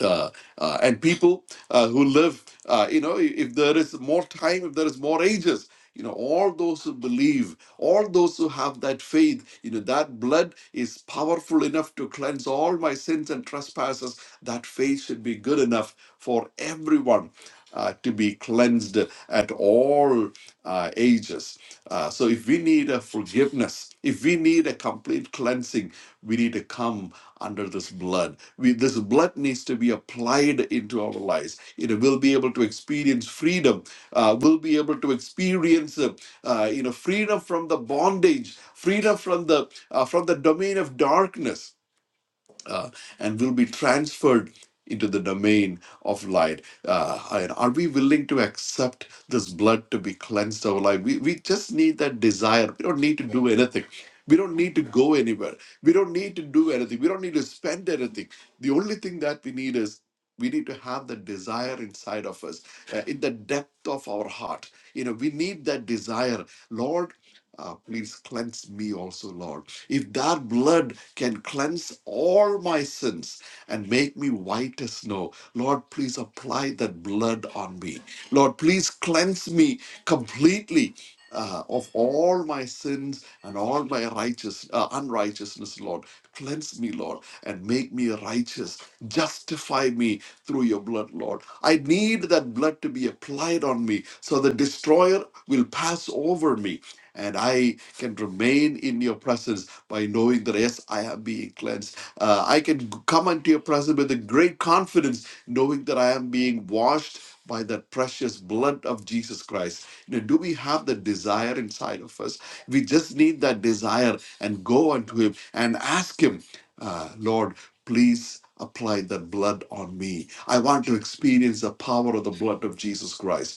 uh, uh, and people uh, who live, uh, you know, if there is more time, if there is more ages, you know, all those who believe, all those who have that faith, you know, that blood is powerful enough to cleanse all my sins and trespasses. That faith should be good enough for everyone uh, to be cleansed at all uh, ages. Uh, so, if we need a forgiveness, if we need a complete cleansing, we need to come under this blood. We, this blood needs to be applied into our lives. It will be able to experience freedom. Uh, we'll be able to experience, uh, uh, you know, freedom from the bondage, freedom from the uh, from the domain of darkness uh, and will be transferred into the domain of light. Uh, and are we willing to accept this blood to be cleansed of life? We, we just need that desire. We don't need to do anything. We don't need to go anywhere. We don't need to do anything. We don't need to spend anything. The only thing that we need is we need to have the desire inside of us, uh, in the depth of our heart. You know, we need that desire. Lord, uh, please cleanse me also, Lord. If that blood can cleanse all my sins and make me white as snow, Lord, please apply that blood on me. Lord, please cleanse me completely. uh, of all my sins and all my righteous uh, unrighteousness, Lord, cleanse me, Lord, and make me righteous. Justify me through your blood, Lord. I need that blood to be applied on me, so the destroyer will pass over me and I can remain in your presence by knowing that, yes, I am being cleansed. Uh, I can g- come into your presence with a great confidence, knowing that I am being washed by that precious blood of Jesus Christ. You know, do we have the desire inside of us? We just need that desire and go unto Him and ask Him, uh, Lord, please apply that blood on me. I want to experience the power of the blood of Jesus Christ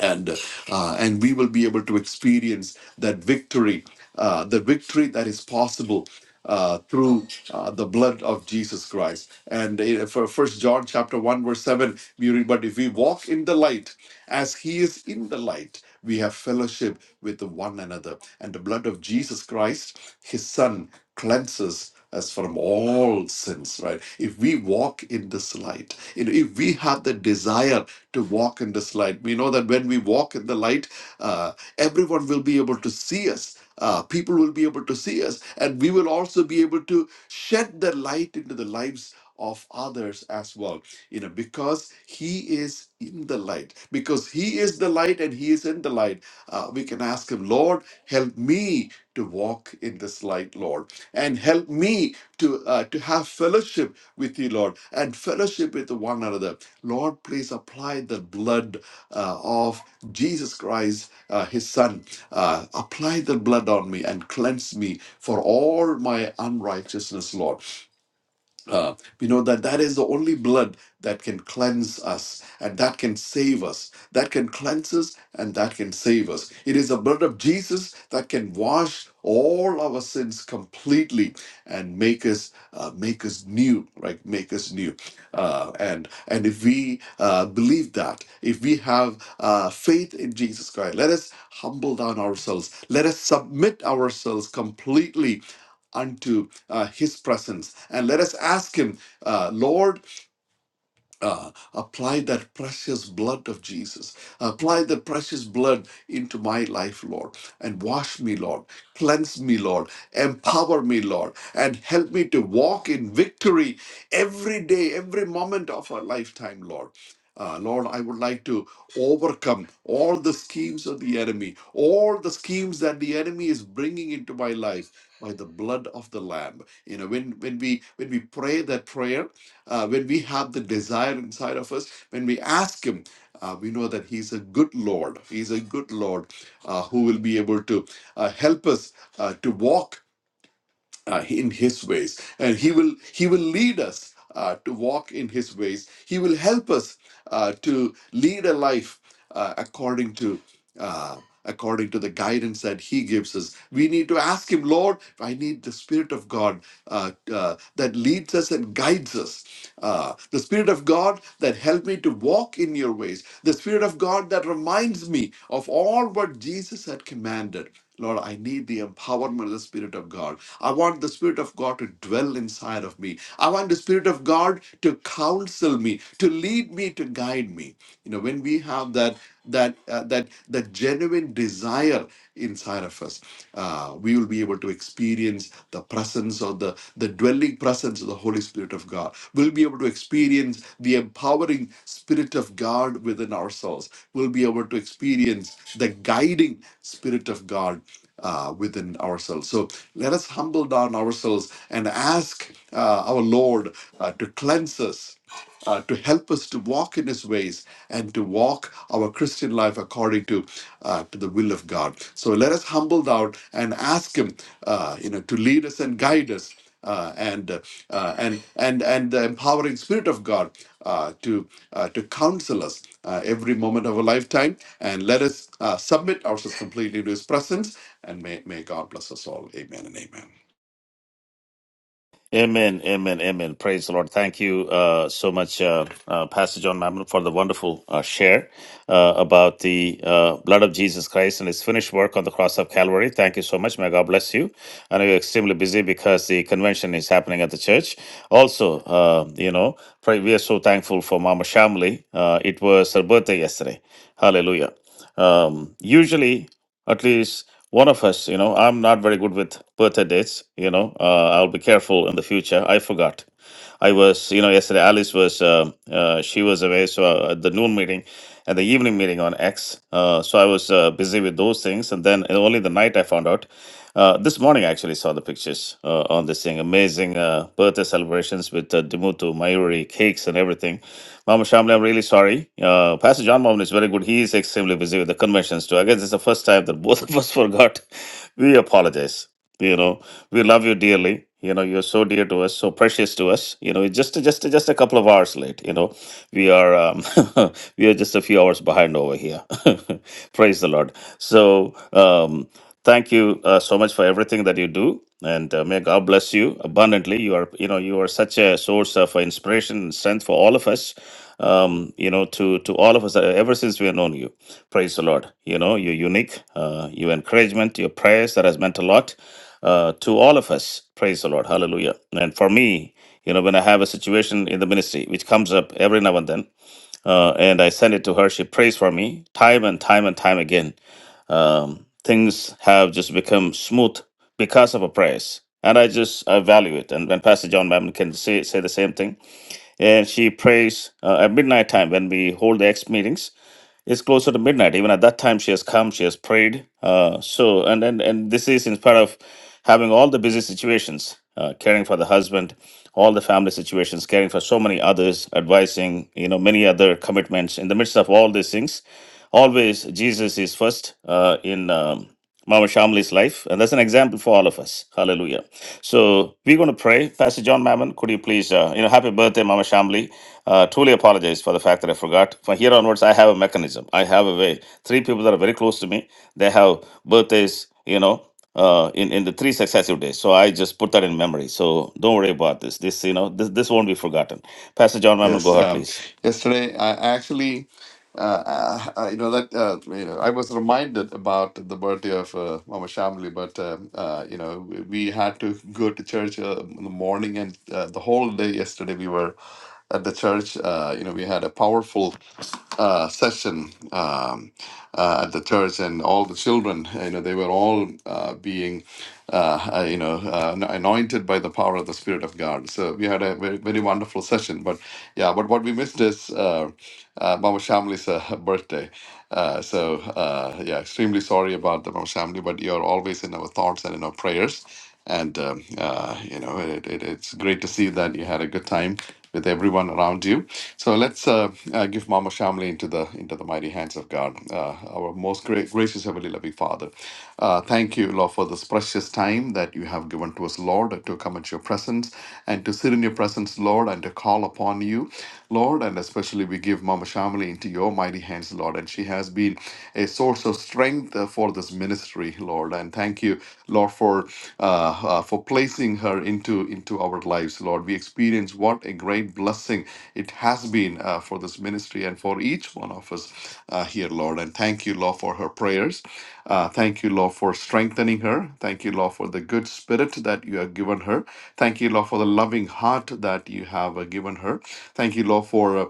and uh, and we will be able to experience that victory, uh, the victory that is possible uh, through uh, the blood of Jesus Christ. And in- for First John chapter one verse seven, we read, "But if we walk in the light, as He is in the light." We have fellowship with one another, and the blood of Jesus Christ, His Son, cleanses us from all sins. Right? If we walk in this light, you know, if we have the desire to walk in this light. We know that when we walk in the light, uh, everyone will be able to see us. Uh, people will be able to see us, and we will also be able to shed the light into the lives of others as well. You know, because He is in the light, because He is the light and He is in the light, uh, we can ask Him, Lord, help me to walk in this light, Lord and help me to uh, to have fellowship with you, Lord, and fellowship with one another. Lord, please apply the blood uh, of Jesus Christ, uh, His Son. Uh, apply the blood on me and cleanse me for all my unrighteousness, Lord. Uh, we know that that is the only blood that can cleanse us and that can save us. That can cleanse us and that can save us. It is the blood of Jesus that can wash all our sins completely and make us uh, make us new, right? Make us new. Uh, and and if we uh, believe that, if we have uh, faith in Jesus Christ, let us humble down ourselves. Let us submit ourselves completely unto uh, his presence. And let us ask him, uh, Lord, uh, apply that precious blood of Jesus. Apply the precious blood into my life, Lord, and wash me, Lord. Cleanse me, Lord. Empower me, Lord, and help me to walk in victory every day, every moment of our lifetime, Lord. Uh, Lord, I would like to overcome all the schemes of the enemy, all the schemes that the enemy is bringing into my life by the blood of the lamb you know when when we when we pray that prayer uh, when we have the desire inside of us when we ask him uh, we know that he's a good lord he's a good lord uh, who will be able to uh, help us uh, to walk uh, in his ways and he will he will lead us uh, to walk in his ways he will help us uh, to lead a life uh, according to uh, according to the guidance that he gives us we need to ask him lord i need the spirit of god uh, uh, that leads us and guides us uh, the spirit of god that help me to walk in your ways the spirit of god that reminds me of all what jesus had commanded Lord, I need the empowerment of the Spirit of God. I want the Spirit of God to dwell inside of me. I want the Spirit of God to counsel me, to lead me, to guide me. You know, when we have that that uh, that that genuine desire inside of us, uh, we will be able to experience the presence of the the dwelling presence of the Holy Spirit Spirit of God. We'll be able to experience the empowering Spirit of God within ourselves. We'll be able to experience the guiding Spirit of God uh, within ourselves. So let us humble down ourselves and ask uh, our Lord uh, to cleanse us, uh, to help us to walk in His ways and to walk our Christian life according to uh, to the will of God. So let us humble down and ask Him, uh, you know, to lead us and guide us uh, and uh, uh, and and and the empowering spirit of God uh, to uh, to counsel us uh, every moment of our lifetime, and let us uh, submit ourselves completely to His presence, and may may God bless us all. Amen and amen.
Amen, amen, amen. Praise the Lord. Thank you uh, so much, uh, uh, Pastor John Mammon, for the wonderful uh, share uh, about the uh, blood of Jesus Christ and his finished work on the cross of Calvary. Thank you so much. May God bless you. I know you're extremely busy because the convention is happening at the church. Also, uh, you know, pray, we are so thankful for Mama Shamli. Uh, it was her birthday yesterday. Hallelujah. Um, usually, at least one of us, you know, I'm not very good with birthday dates. You know, uh, I'll be careful in the future. I forgot. I was, you know, yesterday Alice was, uh, uh, she was away, so uh, at the noon meeting and the evening meeting on X. Uh, so I was uh, busy with those things. And then uh, only the night I found out. Uh, this morning, I actually saw the pictures uh, on this thing. Amazing uh, birthday celebrations with uh, Dimutu, Mayuri, cakes, and everything. Mama Shamli, I'm really sorry. Uh, Pastor John Mammon is very good. He is extremely busy with the conventions too. I guess it's the first time that both of us <laughs> forgot. We apologize you know we love you dearly you know you're so dear to us so precious to us you know it's just just just a couple of hours late you know we are um, <laughs> we are just a few hours behind over here <laughs> praise the lord so um thank you uh, so much for everything that you do and uh, may god bless you abundantly you are you know you are such a source of inspiration and strength for all of us um you know to to all of us uh, ever since we have known you Praise the Lord. You know, your unique, uh, your encouragement, your prayers that has meant a lot uh, to all of us. Praise the Lord. Hallelujah. And for me, you know, when I have a situation in the ministry which comes up every now and then, uh, and I send it to her, she prays for me time and time and time again. Um, things have just become smooth because of her prayers. And I just I value it. And when Pastor John Mammon can say, say the same thing, and she prays uh, at midnight time when we hold the X meetings it's closer to midnight. Even at that time, she has come, she has prayed. Uh, so, and, and and this is in spite of having all the busy situations, uh, caring for the husband, all the family situations, caring for so many others, advising, you know, many other commitments. In the midst of all these things, always Jesus is first uh, in. Um, Mama Shamli's life. And that's an example for all of us. Hallelujah. So we're going to pray. Pastor John Mammon, could you please, uh, you know, happy birthday, Mama Shamli. Uh, truly apologize for the fact that I forgot. From here onwards, I have a mechanism. I have a way. Three people that are very close to me, they have birthdays, you know, uh, in, in the three successive days. So I just put that in memory. So don't worry about this. This, you know, this, this won't be forgotten. Pastor John Mammon, go
Yes.
ahead,
Um,
please.
yesterday, I actually uh, uh, uh, you know that uh, you know, I was reminded about the birthday of uh, Mama Shamli, but um uh, you know we we had to go to church uh, in the morning and uh, the whole day yesterday we were at the church. Uh, you know we had a powerful uh, session um, uh, at the church, and all the children, you know, they were all uh, being, uh, uh, you know, uh, anointed by the power of the Spirit of God. So we had a very, very wonderful session. But yeah, but what we missed is. Uh, uh, uh, Mama Shamli's uh, <laughs> birthday. Uh, so, uh, yeah, extremely sorry about the Mama Shamli, but you're always in our thoughts and in our prayers. And, um, uh, you know, it, it, it's great to see that you had a good time with everyone around you. So let's uh, uh, give Mama Shamli into the into the mighty hands of God, uh, our most gra- gracious heavenly loving Father. Uh, thank you, Lord, for this precious time that you have given to us, Lord, to come into your presence and to sit in your presence, Lord, and to call upon you. Lord, and especially we give Mama Shamali into your mighty hands, Lord. And she has been a source of strength uh, for this ministry, Lord. And thank you, Lord, for uh, uh, for placing her into into our lives, Lord. We experience what a great blessing it has has been uh, for this ministry and for each one of us uh, here, Lord. And thank you, Lord, for her prayers. Uh, thank you, Lord, for strengthening her. Thank you, Lord, for the good spirit that you have given her. Thank you, Lord, for the loving heart that you have uh, given her. Thank you, Lord, for uh,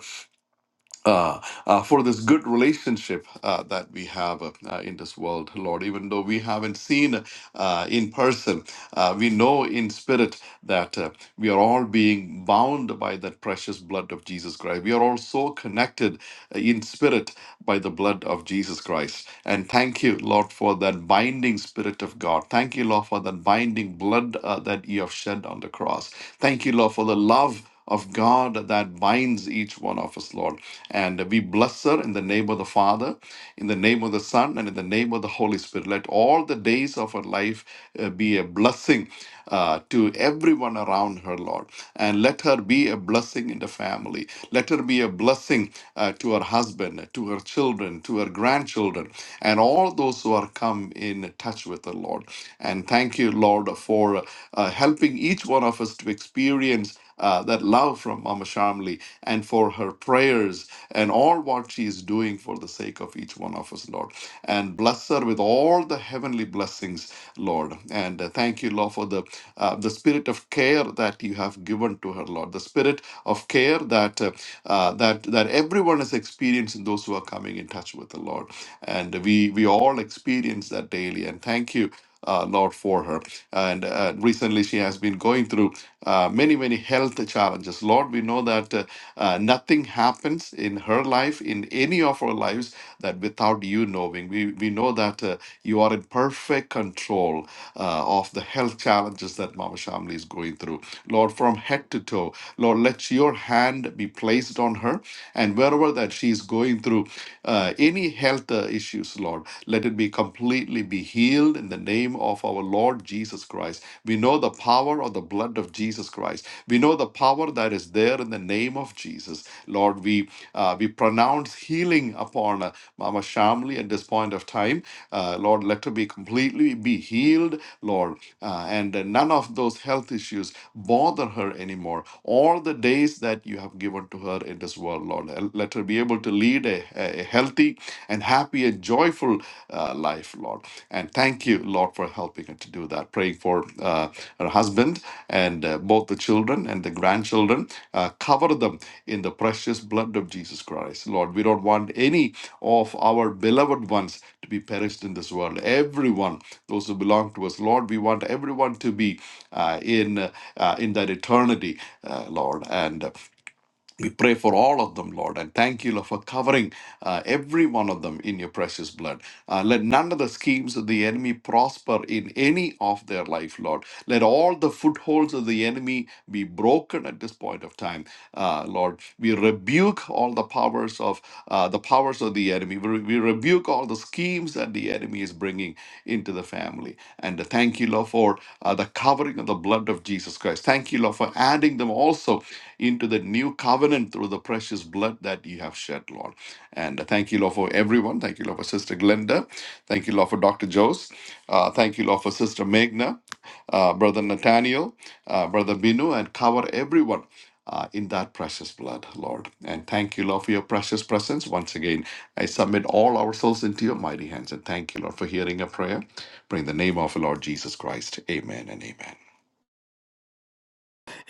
uh, uh, for this good relationship uh, that we have uh, uh, in this world, Lord. Even though we haven't seen uh, in person, uh, we know in spirit that uh, we are all being bound by that precious blood of Jesus Christ. We are all so connected uh, in spirit by the blood of Jesus Christ. And thank you, Lord, for that binding spirit of God. Thank you, Lord, for that binding blood uh, that you have shed on the cross. Thank you, Lord, for the love of God that binds each one of us, Lord. And we bless her in the name of the Father, in the name of the Son, and in the name of the Holy Spirit. Let all the days of her life uh, be a blessing uh, to everyone around her, Lord. And let her be a blessing in the family. Let her be a blessing uh, to her husband, to her children, to her grandchildren, and all those who are come in touch with her, Lord. And thank you, Lord, for uh, helping each one of us to experience uh, that love from Mama Shamli and for her prayers and all what she is doing for the sake of each one of us, Lord. And bless her with all the heavenly blessings, Lord. And uh, thank you, Lord, for the uh, the spirit of care that you have given to her, Lord. The spirit of care that uh, uh, that that everyone is experiencing, those who are coming in touch with the Lord. And we we all experience that daily. And thank you uh, Lord for her. And uh, recently, she has been going through uh, many, many health challenges. Lord, we know that uh, uh, nothing happens in her life, in any of our lives, that without you knowing. We, we know that uh, you are in perfect control uh, of the health challenges that Mama Shamli is going through. Lord, from head to toe, Lord, let your hand be placed on her. And wherever that she is going through uh, any health uh, issues, Jesus, Lord. Let it be completely be healed in the name of our Lord Jesus Christ. We know the power of the blood of Jesus Christ. We know the power that is there in the name of Jesus. Lord, we uh, we pronounce healing upon uh, Mama Shamli at this point of time. Uh, Lord, let her be completely be healed, Lord, uh, and uh, none of those health issues bother her anymore. All the days that you have given to her in this world, Lord, uh, let her be able to lead a, a healthy and happy and joyful uh, life, Lord. And thank you, Lord, for helping her to do that. Praying for uh, her husband and uh, both the children and the grandchildren. Uh, cover them in the precious blood of Jesus Christ, Lord. We don't want any of our beloved ones to be perished in this world. Everyone, those who belong to us, Lord, we want everyone to be uh, in uh, in that eternity, uh, Lord. And uh, we pray for all of them, Lord, and thank you, Lord, for covering uh, every one of them in your precious blood. Uh, let none of the schemes of the enemy prosper in any of their life, Lord. Let all the footholds of the enemy be broken at this point of time, uh, Lord. We rebuke all the powers of uh, the powers of the enemy. We, we rebuke all the schemes that the enemy is bringing into the family. And thank you, Lord, for uh, the covering of the blood of Jesus Christ. Thank you, Lord, for adding them also into the new covenant through the precious blood that you have shed, Lord. And uh, thank you, Lord, for everyone. Thank you, Lord, for Sister Glenda. Thank you, Lord, for Dr. Jose. Uh, thank you, Lord, for Sister Meghna, uh, Brother Nathaniel, uh, Brother Binu, and cover everyone uh, in that precious blood, Lord. And thank you, Lord, for your precious presence. Once again, I submit all our souls into your mighty hands. And thank you, Lord, for hearing a prayer. Bring the name of the Lord Jesus Christ. Amen and amen.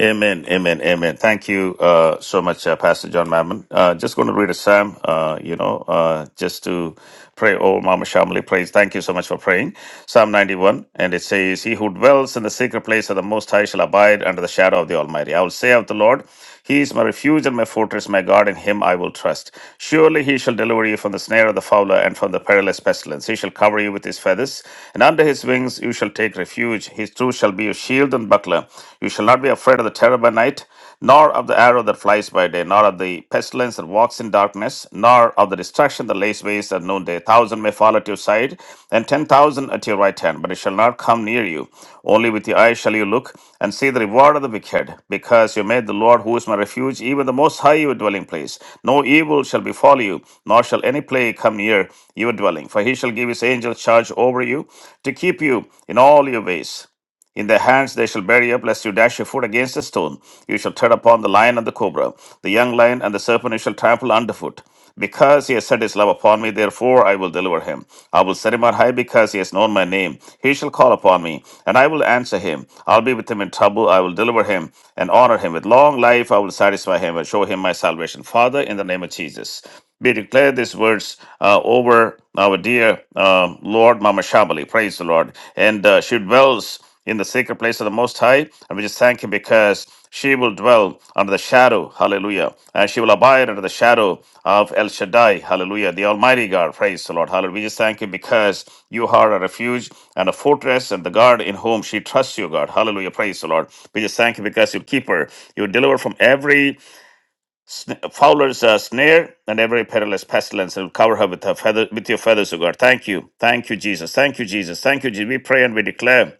Amen, amen, amen. Thank you uh, so much, uh, Pastor John Mammon. Uh, just going to read a psalm, uh, you know, uh, just to pray. Oh, Mama Shamali, praise. Thank you so much for praying. Psalm 91, and it says, He who dwells in the secret place of the Most High shall abide under the shadow of the Almighty. I will say of the Lord, he is my refuge and my fortress, my God, in him I will trust. Surely he shall deliver you from the snare of the fowler and from the perilous pestilence. He shall cover you with his feathers, and under his wings you shall take refuge. His truth shall be your shield and buckler. You shall not be afraid of the terror by night, nor of the arrow that flies by day, nor of the pestilence that walks in darkness, nor of the destruction that lays waste at noonday. Thousand may fall at your side, and ten thousand at your right hand, but it shall not come near you. Only with your eyes shall you look and see the reward of the wicked, because you made the Lord, who is my refuge, even the Most High, your dwelling place. No evil shall befall you, nor shall any plague come near your dwelling. For he shall give his angels charge over you to keep you in all your ways. In their hands they shall bear you up, lest you dash your foot against a stone. You shall tread upon the lion and the cobra, the young lion and the serpent you shall trample underfoot. Because he has set his love upon me, therefore I will deliver him. I will set him on high because he has known my name. He shall call upon me, and I will answer him. I'll be with him in trouble. I will deliver him and honor him. With long life I will satisfy him and show him my salvation. Father, in the name of Jesus. We declare these words uh, over our dear uh, Lord Mama Shamali. Praise the Lord. And uh, she dwells in the sacred place of the Most High. And we just thank Him because she will dwell under the shadow, hallelujah. And she will abide under the shadow of El Shaddai, hallelujah, the Almighty God. Praise the Lord, hallelujah. We just thank Him because you are a refuge and a fortress and the God in whom she trusts you, God. Hallelujah, praise the Lord. We just thank you because you keep her. You deliver from every sn- fowler's uh, snare and every perilous pestilence and will cover her with, her feather, with your feathers, O God. Thank you. Thank you, Jesus. Thank you, Jesus. Thank you, Jesus. We pray and we declare.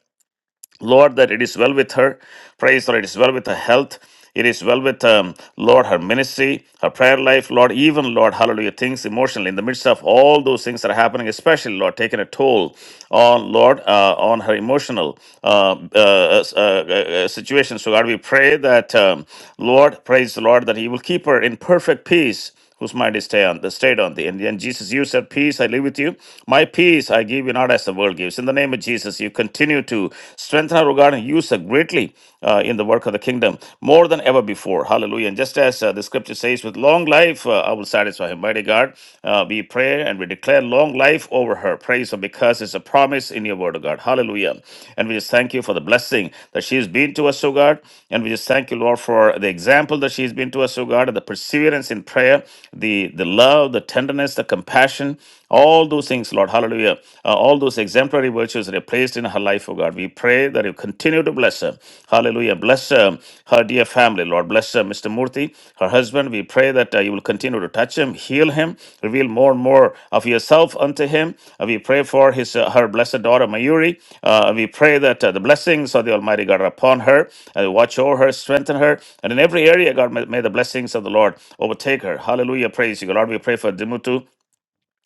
Lord, that it is well with her. Praise the Lord, it is well with her health. It is well with, um, Lord, her ministry, her prayer life, Lord, even, Lord, hallelujah, things emotionally in the midst of all those things that are happening, especially, Lord, taking a toll on, Lord, uh, on her emotional uh, uh, uh, uh, uh, uh, situation. So, God, we pray that, um, Lord, praise the Lord, that He will keep her in perfect peace whose mind is stayed on, stayed on thee. And then Jesus, you said, Peace I leave with you. My peace I give you, not as the world gives. In the name of Jesus, you continue to strengthen our regard and use it greatly uh, in the work of the kingdom more than ever before. Hallelujah. And just as uh, the scripture says, with long life uh, I will satisfy him. Mighty God, uh, we pray and we declare long life over her. Praise her because it's a promise grace in your word, O God. Hallelujah. And we just thank you for the blessing that she has been to us, O God. And we just thank you, Lord, for the example that she has been to us, O God, and the perseverance in prayer, the, the love, the tenderness, the compassion, all those things, Lord. Hallelujah. Uh, all those exemplary virtues that are placed in her life, O God. We pray that you continue to bless her. Hallelujah. Bless her, her dear family. Lord, bless uh, Mr. Murthy, her husband. We pray that uh, you will continue to touch him, heal him, reveal more and more of yourself unto him. Uh, we pray for his uh, her blessed daughter Mayuri. Uh, we pray that uh, the blessings of the Almighty God are upon her. Uh, watch over her, strengthen her, and in every area, God, may, may the blessings of the Lord overtake her. Hallelujah. Praise you, God. Lord. We pray for Dimutu.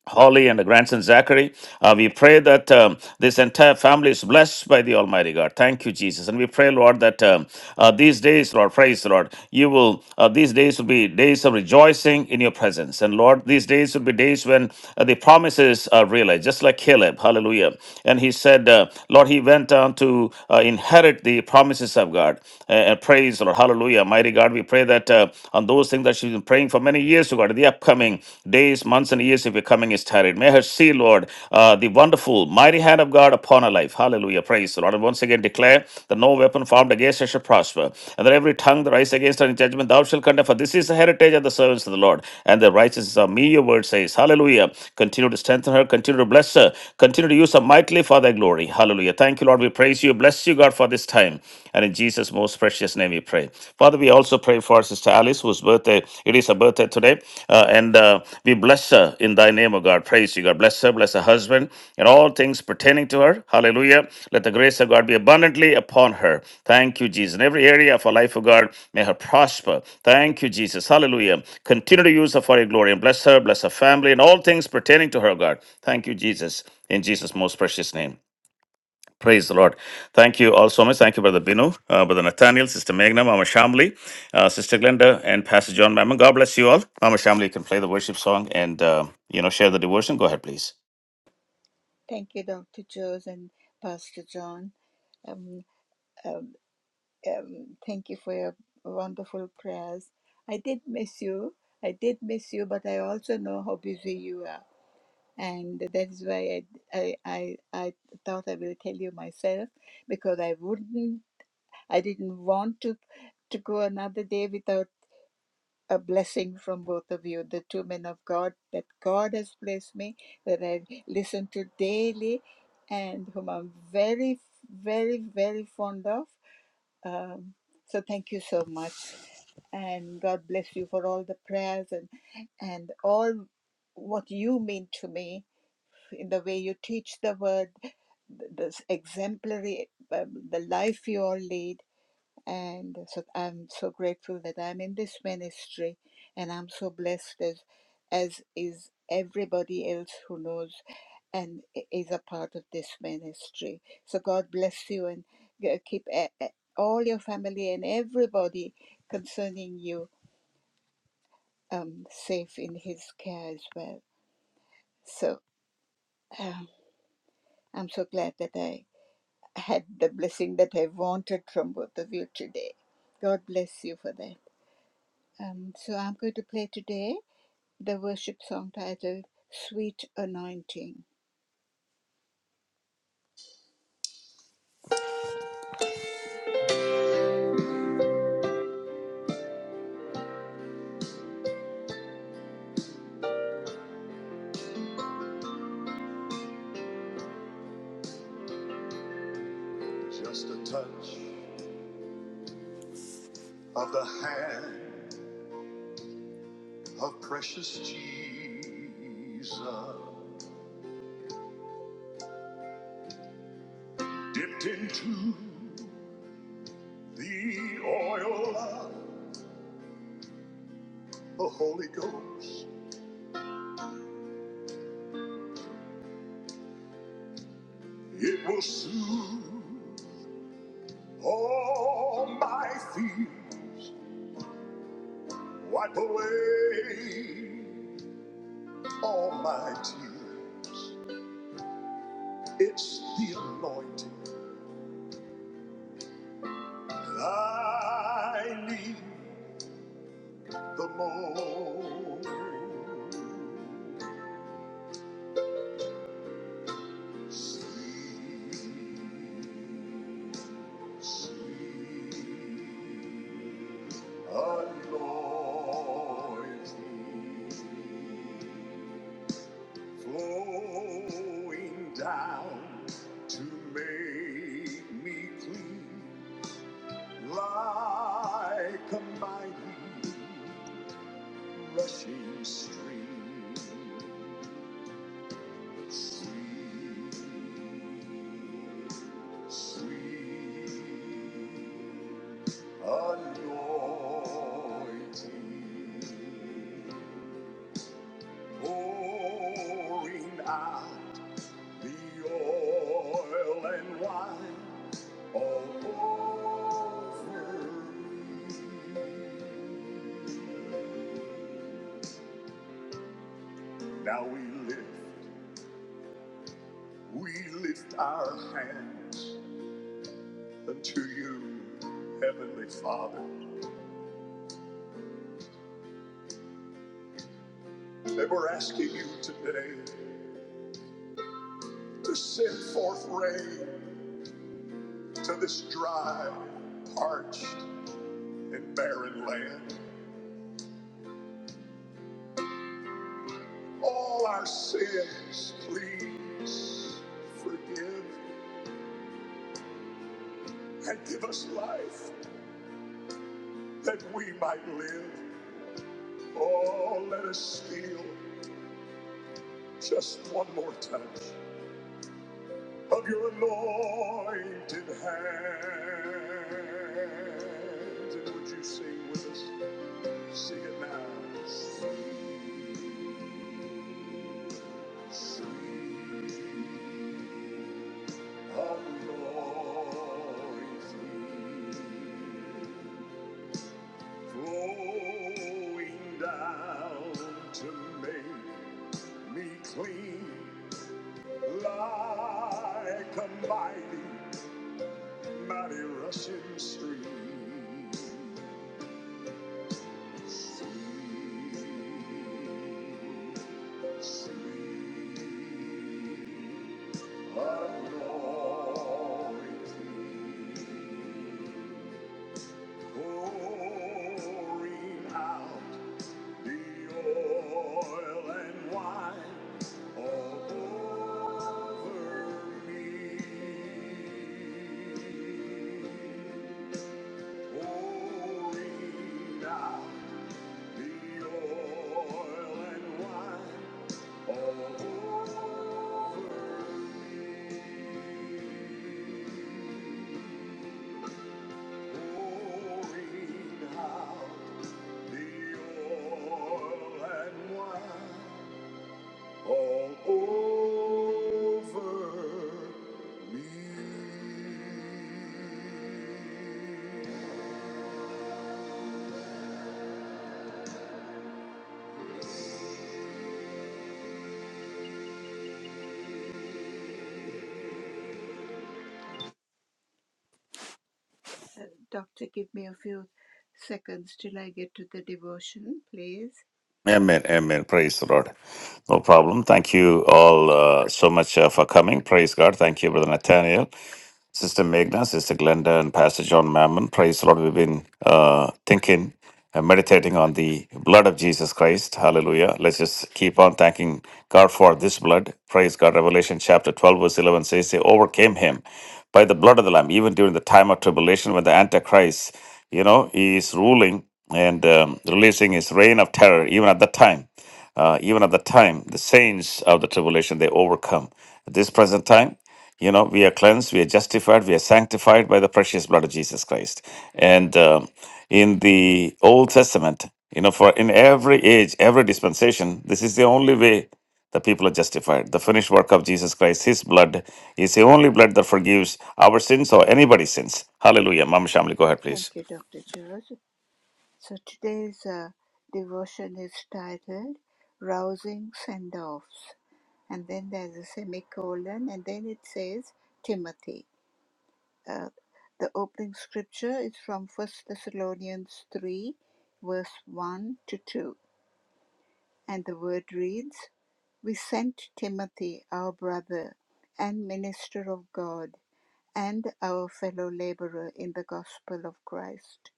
Holly and the grandson Zachary. Uh, we pray that um, this entire family is blessed by the Almighty God. Thank you, Jesus. And we pray, Lord, that um, uh, these days, Lord, praise the Lord, you will, uh, these days will be days of rejoicing in your presence. And Lord, these days will be days when uh, the promises are realized, just like Caleb. Hallelujah. And he said, uh, Lord, he went down to uh, inherit the promises of God. Uh, and praise, the Lord. Hallelujah. Mighty God, we pray that uh, on those things, that she's been praying for many years to God, the upcoming days, months, and years if your coming is tarried. May her see, Lord, uh, the wonderful, mighty hand of God upon her life. Hallelujah. Praise the Lord. And once again declare that no weapon formed against her shall prosper, and that every tongue that rises against her in judgment thou shalt condemn. For this is the heritage of the servants of the Lord, and the righteousness of me, your word says. Hallelujah. Continue to strengthen her, continue to bless her, continue to use her mightily for thy glory. Hallelujah. Thank you, Lord. We praise you. Bless you, God, for this time. And in Jesus' most precious name we pray. Father, we also pray for Sister Alice, whose birthday, it is her birthday today. Uh, and uh, we bless her in thy name, O God. Praise you, God. Bless her, bless her husband, and all things pertaining to her. Hallelujah. Let the grace of God be abundantly upon her. Thank you, Jesus. In every area of her life, O God, may her prosper. Thank you, Jesus. Hallelujah. Continue to use her for your glory and bless her, bless her family, and all things pertaining to her, God. Thank you, Jesus. In Jesus' most precious name. Praise the Lord. Thank you all so much. Thank you, Brother Binu, uh, Brother Nathaniel, Sister Meghna, Mama Shamli, uh, Sister Glenda, and Pastor John Mammon. God bless you all. Mama Shamli, you can play the worship song and, uh, you know, share the devotion. Go ahead, please.
Thank you, Dr. Jones and Pastor John. Um, um, um, thank you for your wonderful prayers. I did miss you. I did miss you, but I also know how busy you are. And that is why I, I, I, I thought I will tell you myself because I wouldn't, I didn't want to, to go another day without a blessing from both of you, the two men of God that God has placed me, that I listen to daily, and whom I'm very, very, very fond of. Um, so thank you so much, and God bless you for all the prayers and and all what you mean to me in the way you teach the word, the, the exemplary, um, the life you all lead. And so I'm so grateful that I'm in this ministry and I'm so blessed as as is everybody else who knows and i- is a part of this ministry. So God bless you and g- keep e- e- all your family and everybody concerning you um, safe in His care as well. So um, I'm so glad that I had the blessing that I wanted from both of you today. God bless you for that. Um, so I'm going to play today the worship song titled Sweet Anointing. Just a touch of the hand of precious Jesus, dipped into the oil of the Holy Ghost. It will soothe all my fears, wipe away all my tears. It's the anointing I need the most sweet, sweet anointing flowing down to make me clean like a mighty rushing stream. Sweet. pouring out the oil and wine all over. Now we lift, we lift our hands unto you, Heavenly Father. And we're asking you today to send forth rain to this dry, parched, and barren land. All our sins, please forgive and give us life that we might live. Oh, let us feel just one more touch of your anointed hand. And would you sing with us? Sing it now. Sweet, sweet. flowing down to make me clean like a mighty, mighty rushing stream. Sweet, sweet anointing. pouring out the oil and wine all over me. Pouring out the oil and wine all over me. Over me. Pouring out the oil and wine all over me. Uh, Doctor, give me a few seconds till I get to the devotion, please.
Amen. Amen. Praise the Lord. No problem. Thank you all uh, so much uh, for coming. Praise God. Thank you, Brother Nathaniel. Sister Meghna, Sister Glenda, and Pastor John Mammon. Praise the Lord. We've been uh, thinking and meditating on the blood of Jesus Christ. Hallelujah. Let's just keep on thanking God for this blood. Praise God. Revelation chapter 12, verse 11 says, They overcame him by the blood of the Lamb, even during the time of tribulation when the Antichrist, you know, he is ruling and um, releasing his reign of terror, even at that time. Uh, even at the time, the saints of the tribulation, they overcome. At this present time, you know, we are cleansed, we are justified, we are sanctified by the precious blood of Jesus Christ. And um, in the Old Testament, you know, for in every age, every dispensation, this is the only way the people are justified. The finished work of Jesus Christ, His blood, is the only blood that forgives our sins or anybody's sins. Hallelujah. Mama Shamli, go ahead,
Thank
please.
you, Dr. George. So today's uh, devotion is titled Rousing Send Offs. And then there's a semicolon, and then it says Timothy. Uh, the opening scripture is from First Thessalonians 3, verse 1 to 2. And the word reads We sent Timothy, our brother and minister of God, and our fellow laborer in the gospel of Christ,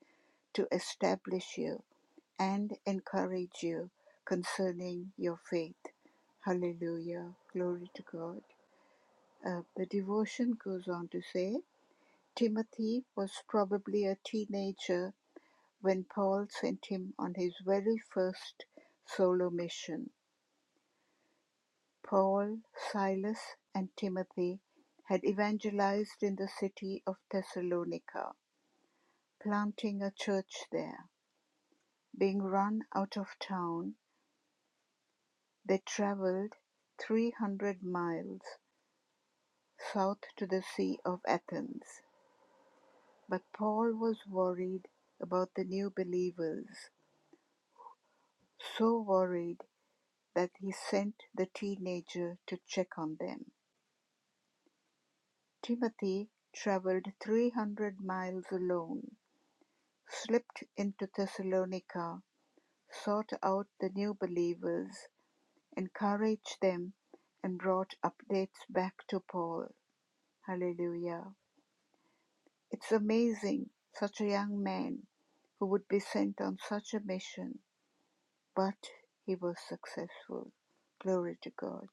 to establish you and encourage you concerning your faith. Hallelujah. Glory to God. Uh, the devotion goes on to say Timothy was probably a teenager when Paul sent him on his very first solo mission. Paul, Silas, and Timothy had evangelized in the city of Thessalonica, planting a church there. Being run out of town, They travelled three hundred miles south to the Sea of Athens. But Paul was worried about the new believers, so worried that he sent the teenager to check on them. Timothy travelled 300 miles alone, slipped into Thessalonica, sought out the new believers, encouraged them, and brought updates back to Paul. Hallelujah. It's amazing such a young man who would be sent on such a mission, but he was successful. Glory to God.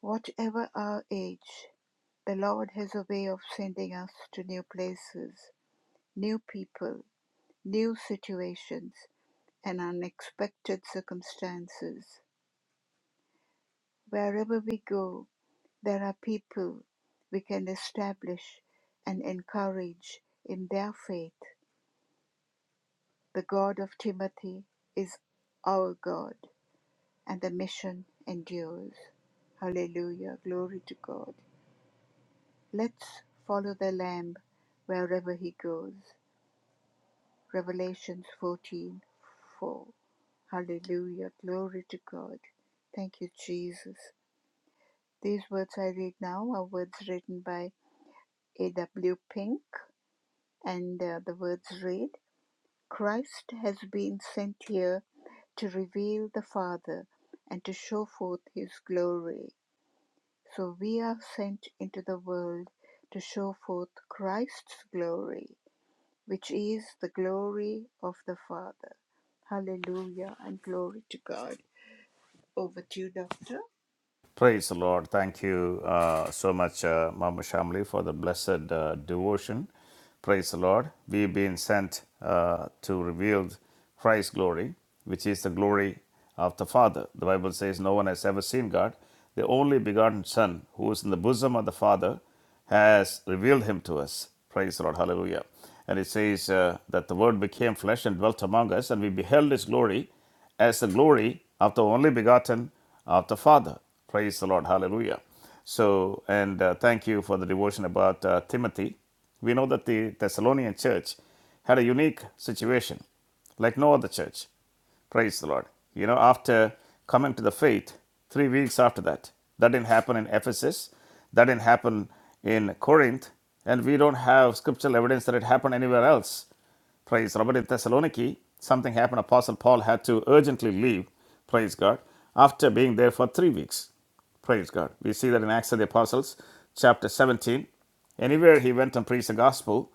Whatever our age, the Lord has a way of sending us to new places, new people, new situations, and unexpected circumstances. Wherever we go, there are people we can establish and encourage in their faith The God of Timothy is our God, and the mission endures. Hallelujah. Glory to God. Let's follow the Lamb wherever he goes. Revelations 14:4. Hallelujah. Glory to God. Thank you, Jesus. These words I read now are words written by A.W. Pink, and uh, the words read Christ has been sent here to reveal the Father and to show forth His glory. So we are sent into the world to show forth Christ's glory, which is the glory of the Father. Hallelujah and glory to God. Over to you, Doctor.
Praise the Lord. Thank you uh, so much, uh, Mama Shamli, for the blessed uh, devotion. Praise the Lord. We've been sent uh, to reveal Christ's glory, which is the glory of the Father. The Bible says, No one has ever seen God. The only begotten Son, who is in the bosom of the Father, has revealed him to us. Praise the Lord. Hallelujah. And it says uh, that the Word became flesh and dwelt among us, and we beheld his glory as the glory of the only begotten of the Father. Praise the Lord. Hallelujah. So, and uh, thank you for the devotion about uh, Timothy. We know that the Thessalonian church had a unique situation, like no other church. Praise the Lord. You know, after coming to the faith, three weeks after that, that didn't happen in Ephesus, that didn't happen in Corinth, and we don't have scriptural evidence that it happened anywhere else. Praise God. But in Thessaloniki, something happened. Apostle Paul had to urgently leave. Praise God. After being there for three weeks. Praise God. We see that in Acts of the Apostles, chapter 17. Anywhere he went and preached the gospel,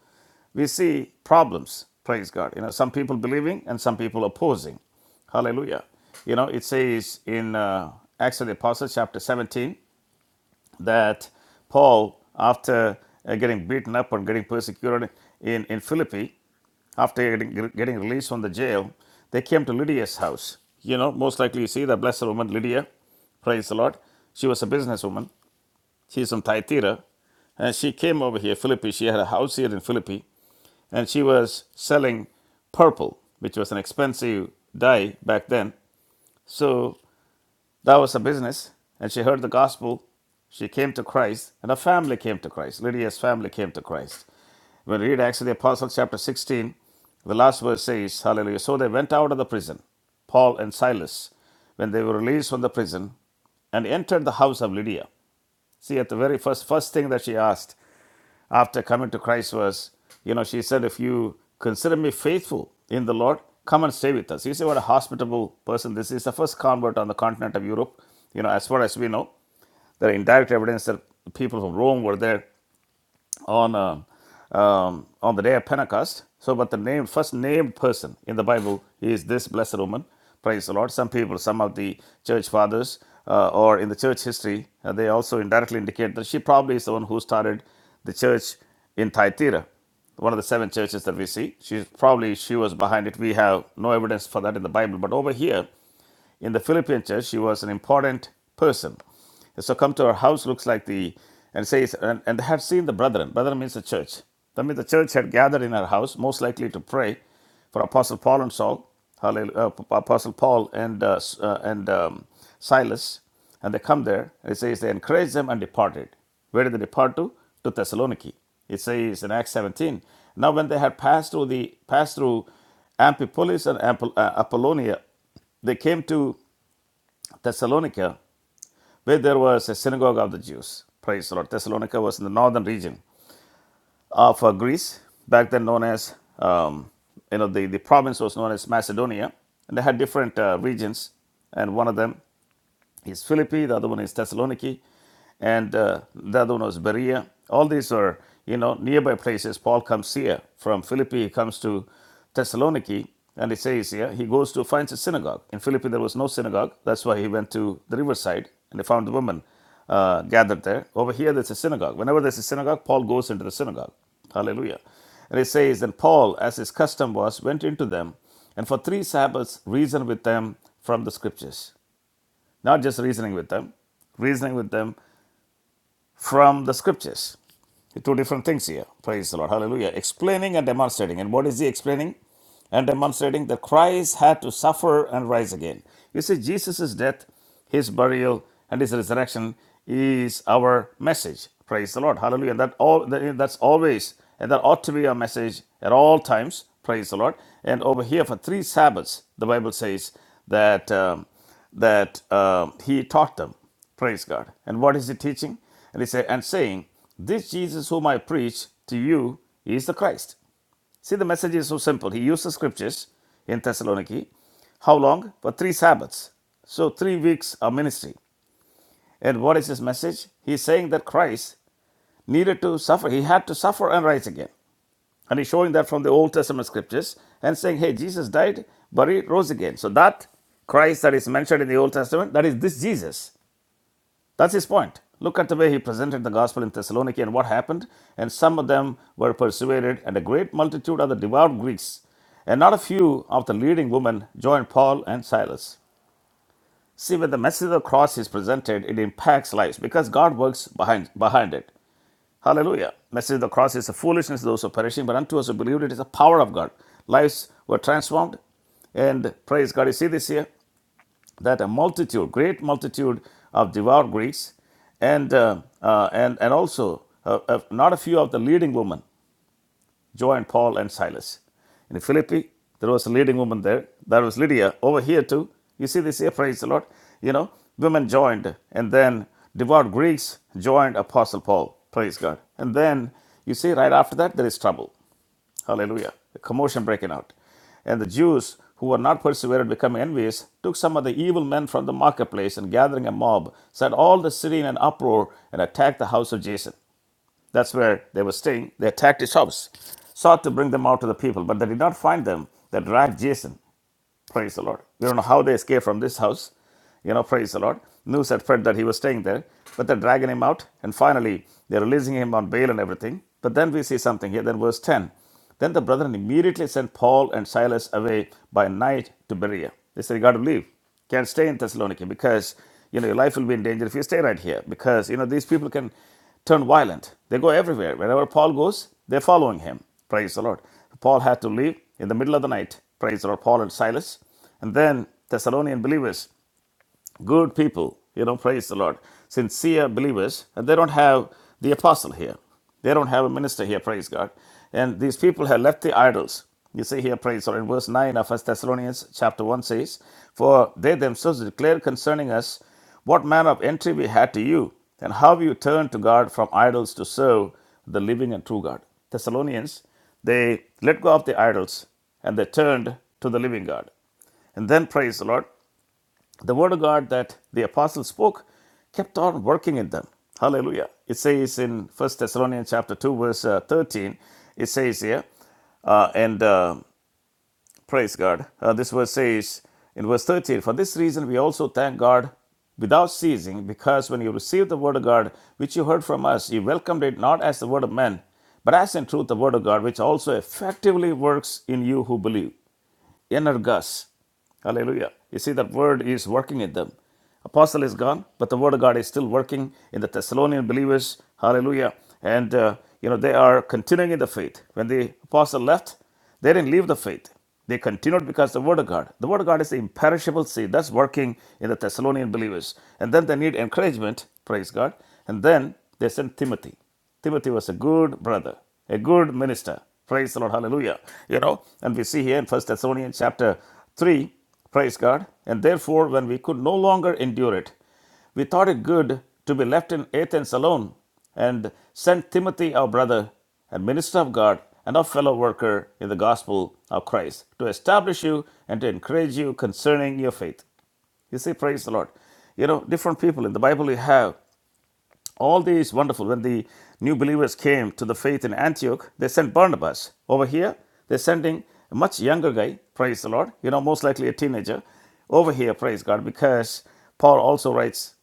we see problems. Praise God. You know, some people believing and some people opposing. Hallelujah. You know, it says in uh, Acts of the Apostles, chapter 17 that Paul, after uh, getting beaten up and getting persecuted in, in Philippi, after getting, getting released from the jail, they came to Lydia's house. You know, most likely you see the blessed woman Lydia, praise the Lord. She was a businesswoman. She's from Thyatira. And she came over here, Philippi. She had a house here in Philippi. And she was selling purple, which was an expensive dye back then. So that was her business. And she heard the gospel. She came to Christ, and her family came to Christ. Lydia's family came to Christ. When we read Acts of the Apostles, chapter 16, the last verse says, Hallelujah. So they went out of the prison, Paul and Silas, when they were released from the prison, and entered the house of Lydia. See, at the very first, first thing that she asked, after coming to Christ was, you know, she said, if you consider me faithful in the Lord, come and stay with us. You see what a hospitable person this is. The first convert on the continent of Europe, you know, as far as we know, there are indirect evidence that people from Rome were there on uh, um, on the day of Pentecost. So, but the name first named person in the Bible is this blessed woman. Praise the Lord. Some people, some of the church fathers, uh, or in the church history, uh, they also indirectly indicate that she probably is the one who started the church in Thyatira, one of the seven churches that we see. She's probably she was behind it. We have no evidence for that in the Bible, but over here in the Philippine church, she was an important person. So come to her house, looks like the, and says, and, and they had seen the brethren. Brethren means the church. That means the church had gathered in her house, most likely to pray for Apostle Paul and Saul, uh, Apostle Paul and, uh, uh, and um, Silas. And they come there, and it says they encouraged them and departed. Where did they depart to? To Thessaloniki. It says in Acts 17. Now when they had passed through the passed through Amphipolis and uh, Apollonia, they came to Thessalonica, where there was a synagogue of the Jews. Praise the Lord. Thessalonica was in the northern region of uh, Greece, back then known as, um, you know, the, the province was known as Macedonia. And they had different uh, regions, and one of them is Philippi, the other one is Thessaloniki, and uh, the other one was Berea. All these are, you know, nearby places. Paul comes here from Philippi, he comes to Thessaloniki, and it says here, he goes to finds a synagogue. In Philippi, there was no synagogue. That's why he went to the riverside and he found the women uh, gathered there. Over here, there's a synagogue. Whenever there's a synagogue, Paul goes into the synagogue. Hallelujah. And it says, Then Paul, as his custom was, went into them and for three Sabbaths reasoned with them from the scriptures. Not just reasoning with them, reasoning with them from the scriptures. Two different things here. Praise the Lord. Hallelujah. Explaining and demonstrating. And what is he explaining? And demonstrating that Christ had to suffer and rise again. You see, Jesus' death, his burial, and his resurrection is our message. Praise the Lord. Hallelujah. And that all that- that's always and that ought to be our message at all times. Praise the Lord. And over here for three Sabbaths, the Bible says that. Um, that uh, he taught them. Praise God. And what is he teaching? And he said, and saying, This Jesus whom I preach to you is the Christ. See, the message is so simple. He used the scriptures in Thessaloniki. How long? For three Sabbaths. So, three weeks of ministry. And what is his message? He's saying that Christ needed to suffer. He had to suffer and rise again. And he's showing that from the Old Testament scriptures and saying, hey, Jesus died, buried, rose again. So, that Christ that is mentioned in the Old Testament, that is this Jesus. That's his point. Look at the way he presented the gospel in Thessaloniki and what happened. And some of them were persuaded, and a great multitude of the devout Greeks and not a few of the leading women joined Paul and Silas. See, when the message of the cross is presented, it impacts lives because God works behind, behind it. Hallelujah. Message of the cross is a foolishness to those who are perishing, but unto us who believe it is the power of God. Lives were transformed. And praise God. You see this here? that a multitude, great multitude of devout Greeks, and, uh, uh, and, and also uh, uh, not a few of the leading women joined Paul and Silas. In Philippi, there was a leading woman there. There was Lydia over here too. You see this here, praise the Lord. You know, women joined, and then devout Greeks joined Apostle Paul, praise God. And then you see right after that, there is trouble. Hallelujah. A commotion breaking out. And the Jews who were not persevered become envious, took some of the evil men from the marketplace and gathering a mob, set all the city in an uproar and attacked the house of Jason. That's where they were staying. They attacked his house, sought to bring them out to the people, but they did not find them. They dragged Jason Praise the Lord. We don't know how they escaped from this house. You know, praise the Lord. News had spread that he was staying there, but they're dragging him out, and finally they're releasing him on bail and everything. But then we see something here. Then verse 10. Then the brethren immediately sent Paul and Silas away by night to Berea. They said, You got to leave. Can't stay in Thessalonica because, you know, your life will be in danger if you stay right here. Because, you know, these people can turn violent. They go everywhere. Wherever Paul goes, they're following him. Praise the Lord. Paul had to leave in the middle of the night, praise the Lord, Paul and Silas. And then Thessalonian believers good people, you know, praise the Lord, sincere believers, and they don't have the apostle here. They don't have a minister here, praise God. And these people have left the idols. You see here, praise the Lord, in verse 9 of First Thessalonians chapter 1 says, For they themselves declare concerning us what manner of entry we had to you, and how you turned to God from idols to serve the living and true God. Thessalonians, they let go of the idols and they turned to the living God. And then, praise the Lord, the word of God that the apostles spoke kept on working in them. Hallelujah. It says in 1 Thessalonians chapter 2, verse uh, 13, it says here, uh, and uh, praise God, uh, this verse says in verse 13, For this reason we also thank God without ceasing, because when you received the word of God, which you heard from us, you welcomed it not as the word of men, but as in truth the word of God, which also effectively works in you who believe energus. Hallelujah. You see, that word is working in them. Apostle is gone, but the word of God is still working in the Thessalonian believers. Hallelujah. And, uh, you know, they are continuing in the faith. When the apostle left, they didn't leave the faith. They continued because the word of God. The word of God is the imperishable seed that's working in the Thessalonian believers. And then they need encouragement, praise God. And then they sent Timothy. Timothy was a good brother, a good minister. Praise the Lord. Hallelujah. You know, and we see here in First Thessalonians chapter 3, praise God. And therefore, when we could no longer endure it, we thought it good to be left in Athens alone and sent Timothy, our brother and minister of God and our fellow worker in the gospel of Christ, to establish you and to encourage you concerning your faith. You see, praise the Lord. You know, different people in the Bible you have all these wonderful. When the new believers came to the faith in Antioch, they sent Barnabas. Over here, they're sending a much younger guy, praise the Lord, you know, most likely a teenager, over here, praise God, because Paul also writes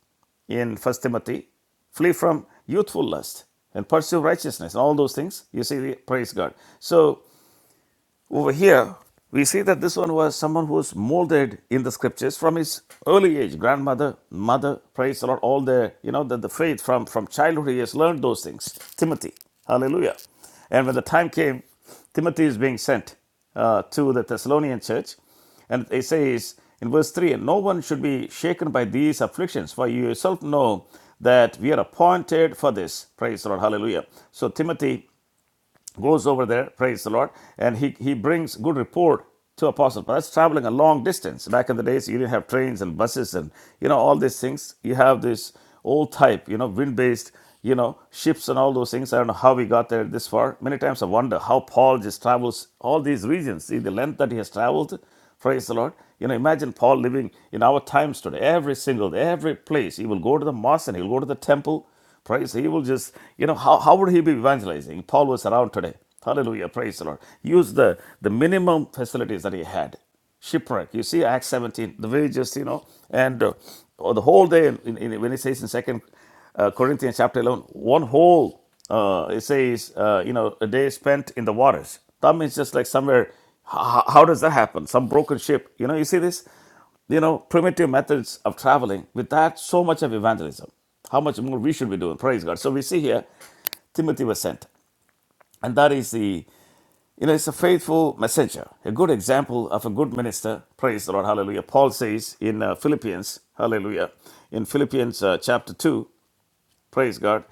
in First Timothy, flee from youthful lust and pursue righteousness and all those things. You see, praise God. So over here, we see that this one was someone who was molded in the scriptures from his early age. Grandmother, mother, praise the Lord, all the, you know, the, the faith from, from childhood, he has learned those things. Timothy, hallelujah. And when the time came, Timothy is being sent uh, to the Thessalonian church. And it says in verse 3 And no one should be shaken by these afflictions, for you yourself know that we are appointed for this. Praise the Lord. Hallelujah. So Timothy goes over there, praise the Lord, and he, he brings good report to Apostle Paul. That's traveling a long distance. Back in the days, you didn't have trains and buses and, you know, all these things. You have this old type, you know, wind-based, you know, ships and all those things. I don't know how we got there this far. Many times I wonder how Paul just travels all these regions. See the length that he has traveled, praise the Lord. You know, imagine Paul living in our times today. Every single, every place, he will go to the mosque and he'll go to the temple Praise. He will just, you know, how, how would he be evangelizing? Paul was around today. Hallelujah. Praise the Lord. Use the, the minimum facilities that he had. Shipwreck. You see Acts 17, the way just, you know, and uh, the whole day, in, in, when it says in Second uh, Corinthians chapter 11, one whole, uh, it says, uh, you know, a day spent in the waters. That means just like somewhere, how, how does that happen? Some broken ship. You know, you see this? You know, primitive methods of traveling, with that, so much of evangelism. How much more we should be doing, praise God. So we see here, Timothy was sent. And that is the, you know, it's a faithful messenger, a good example of a good minister. Praise the Lord, hallelujah. Paul says in uh, Philippians, hallelujah, in Philippians uh, chapter 2, praise God,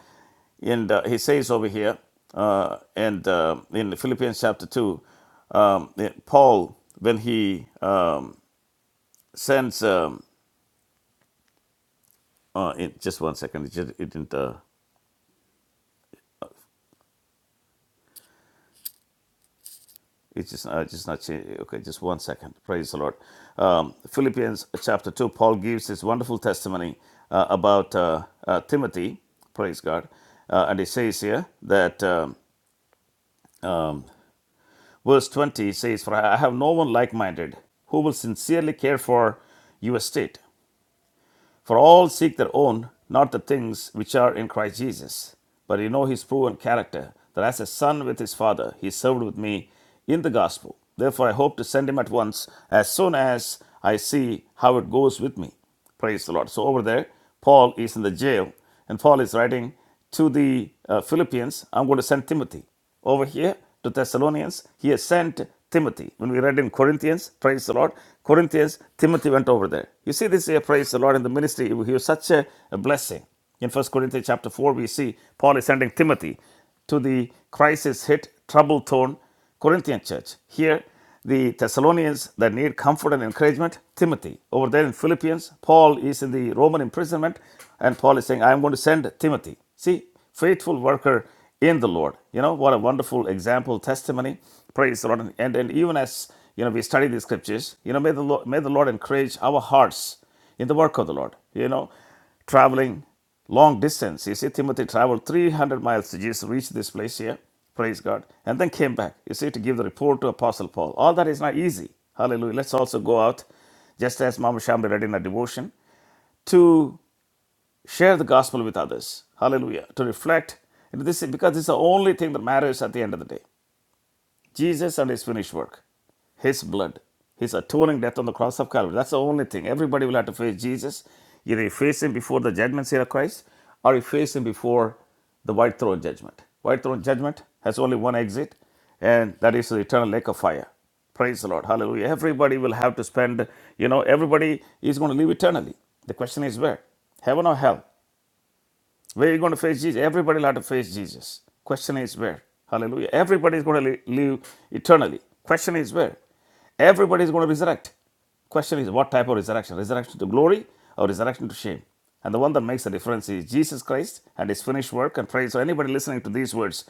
and uh, he says over here, uh, and uh, in Philippians chapter 2, um, Paul, when he um, sends, um, Uh, in just one second. It, just, it didn't. Uh, it's just. Uh, just not. changing. Okay, just one second. Praise the Lord. Um, Philippians chapter two. Paul gives his wonderful testimony uh, about uh, uh, Timothy. Praise God. Uh, and he says here that um, verse twenty says, "For I have no one like-minded who will sincerely care for your estate." For all seek their own, not the things which are in Christ Jesus. But you know his proven character, that as a son with his father, he served with me in the gospel. Therefore, I hope to send him at once, as soon as I see how it goes with me. Praise the Lord. So, over there, Paul is in the jail, and Paul is writing to the uh, Philippians, I'm going to send Timothy. Over here to Thessalonians, he has sent Timothy. When we read in Corinthians, praise the Lord, Corinthians, Timothy went over there. You see this here, praise the Lord, in the ministry, he was such a, a blessing. In First Corinthians chapter 4, we see Paul is sending Timothy to the crisis hit, trouble torn Corinthian church. Here, the Thessalonians that need comfort and encouragement, Timothy. Over there in Philippians, Paul is in the Roman imprisonment, and Paul is saying, I am going to send Timothy. See, faithful worker in the Lord. You know, what a wonderful example, testimony. Praise the Lord. And, and even as you know, we study the scriptures, you know, may the Lord, may the Lord encourage our hearts in the work of the Lord. You know, traveling long distance. You see, Timothy traveled 300 miles to just reach this place here, praise God, and then came back, you see, to give the report to Apostle Paul. All that is not easy. Hallelujah. Let's also go out, just as Mama Shambi read in her devotion, to share the gospel with others. Hallelujah. To reflect. And This is, because this is the only thing that matters at the end of the day. Jesus and his finished work, his blood, his atoning death on the cross of Calvary. That's the only thing. Everybody will have to face Jesus. Either you face him before the judgment seat of Christ or you face him before the white throne judgment. White throne judgment has only one exit, and that is the eternal lake of fire. Praise the Lord. Hallelujah. Everybody will have to spend, you know, everybody is going to live eternally. The question is where? Heaven or hell? Where are you going to face Jesus? Everybody will have to face Jesus. Question is where? Hallelujah. Everybody is going to live eternally. Question is where? Everybody is going to resurrect. Question is what type of resurrection? Resurrection to glory or resurrection to shame? And the one that makes the difference is Jesus Christ and his finished work and praise. So, anybody listening to these words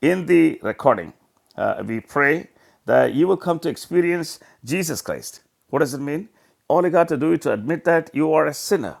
in the recording, uh, we pray that you will come to experience Jesus Christ. What does it mean? All you got to do is to admit that you are a sinner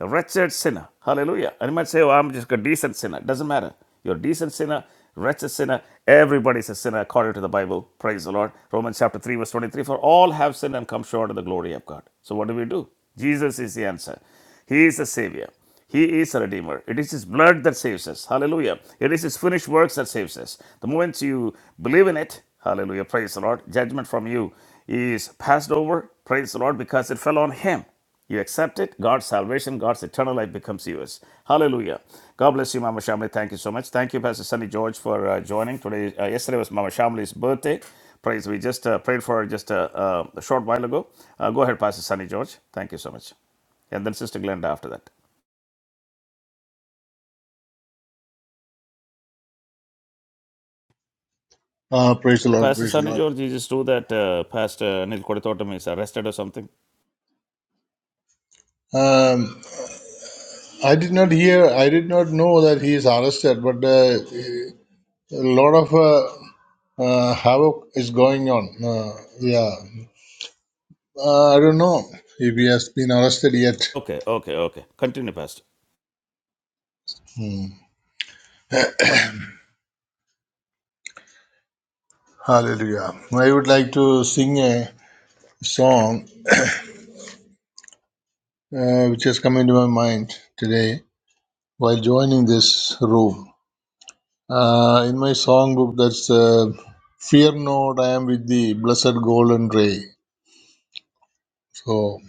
a wretched sinner. Hallelujah. And you might say, oh, I'm just a decent sinner. Doesn't matter. You're a decent sinner, wretched sinner. Everybody's a sinner according to the Bible. Praise the Lord. Romans chapter 3, verse 23 For all have sinned and come short of the glory of God. So what do we do? Jesus is the answer. He is the Savior. He is a Redeemer. It is His blood that saves us. Hallelujah. It is His finished works that saves us. The moment you believe in it, hallelujah, praise the Lord, judgment from you is passed over, praise the Lord, because it fell on Him. You accept it, God's salvation, God's eternal life becomes yours. Hallelujah. God bless you, Mama Shamli. Thank you so much. Thank you, Pastor Sunny George, for uh, joining. Today, uh, yesterday was Mama Shamli's birthday. Praise. We just uh, prayed for her just uh, uh, a short while ago. Uh, go ahead, Pastor Sunny George. Thank you so much. And then Sister Glenda after that.
Uh, praise the Lord,
Pastor
praise the
Sunny
Lord.
George, you just do that. Uh, Pastor Anil Kodatotam is arrested or something.
Um, I did not hear, I did not know that he is arrested, but uh, a lot of uh, uh, havoc is going on. Uh, yeah, uh, I don't know if he has been arrested yet.
Okay, okay, okay. Continue, Pastor.
Hmm. Hallelujah. I would like to sing a song uh, which has come into my mind today while joining this room. Uh, in my songbook, that's uh, Fear not, I am with thee, blessed golden ray. So,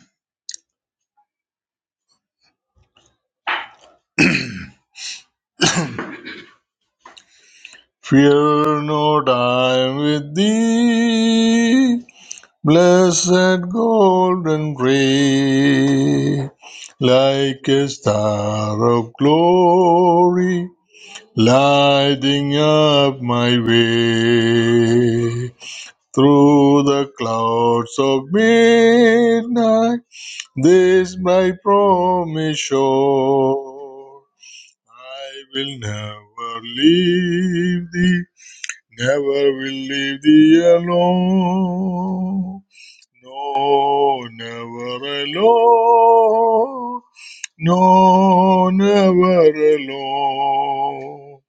fear not, I am with thee, blessed golden ray, like a star of glory, lighting up my way. Through the clouds of midnight, this my promise sure, I will never leave thee Never will leave thee alone. No, never alone. No, never alone.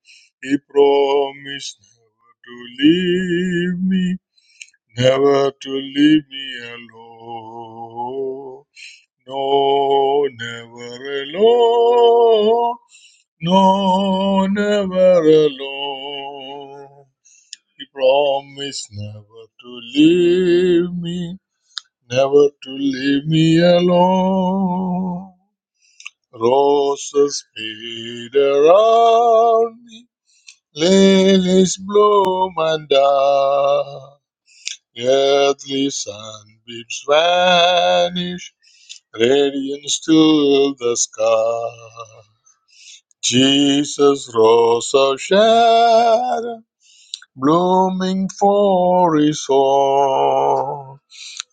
He promised never to leave me, never to leave me alone. No, never alone. No, never alone. He promised never to leave me, never to leave me alone. Roses fade around me, lilies bloom and die. Earthly sunbeams vanish, radiance to the sky. Jesus, rose of Sharon, blooming for his all.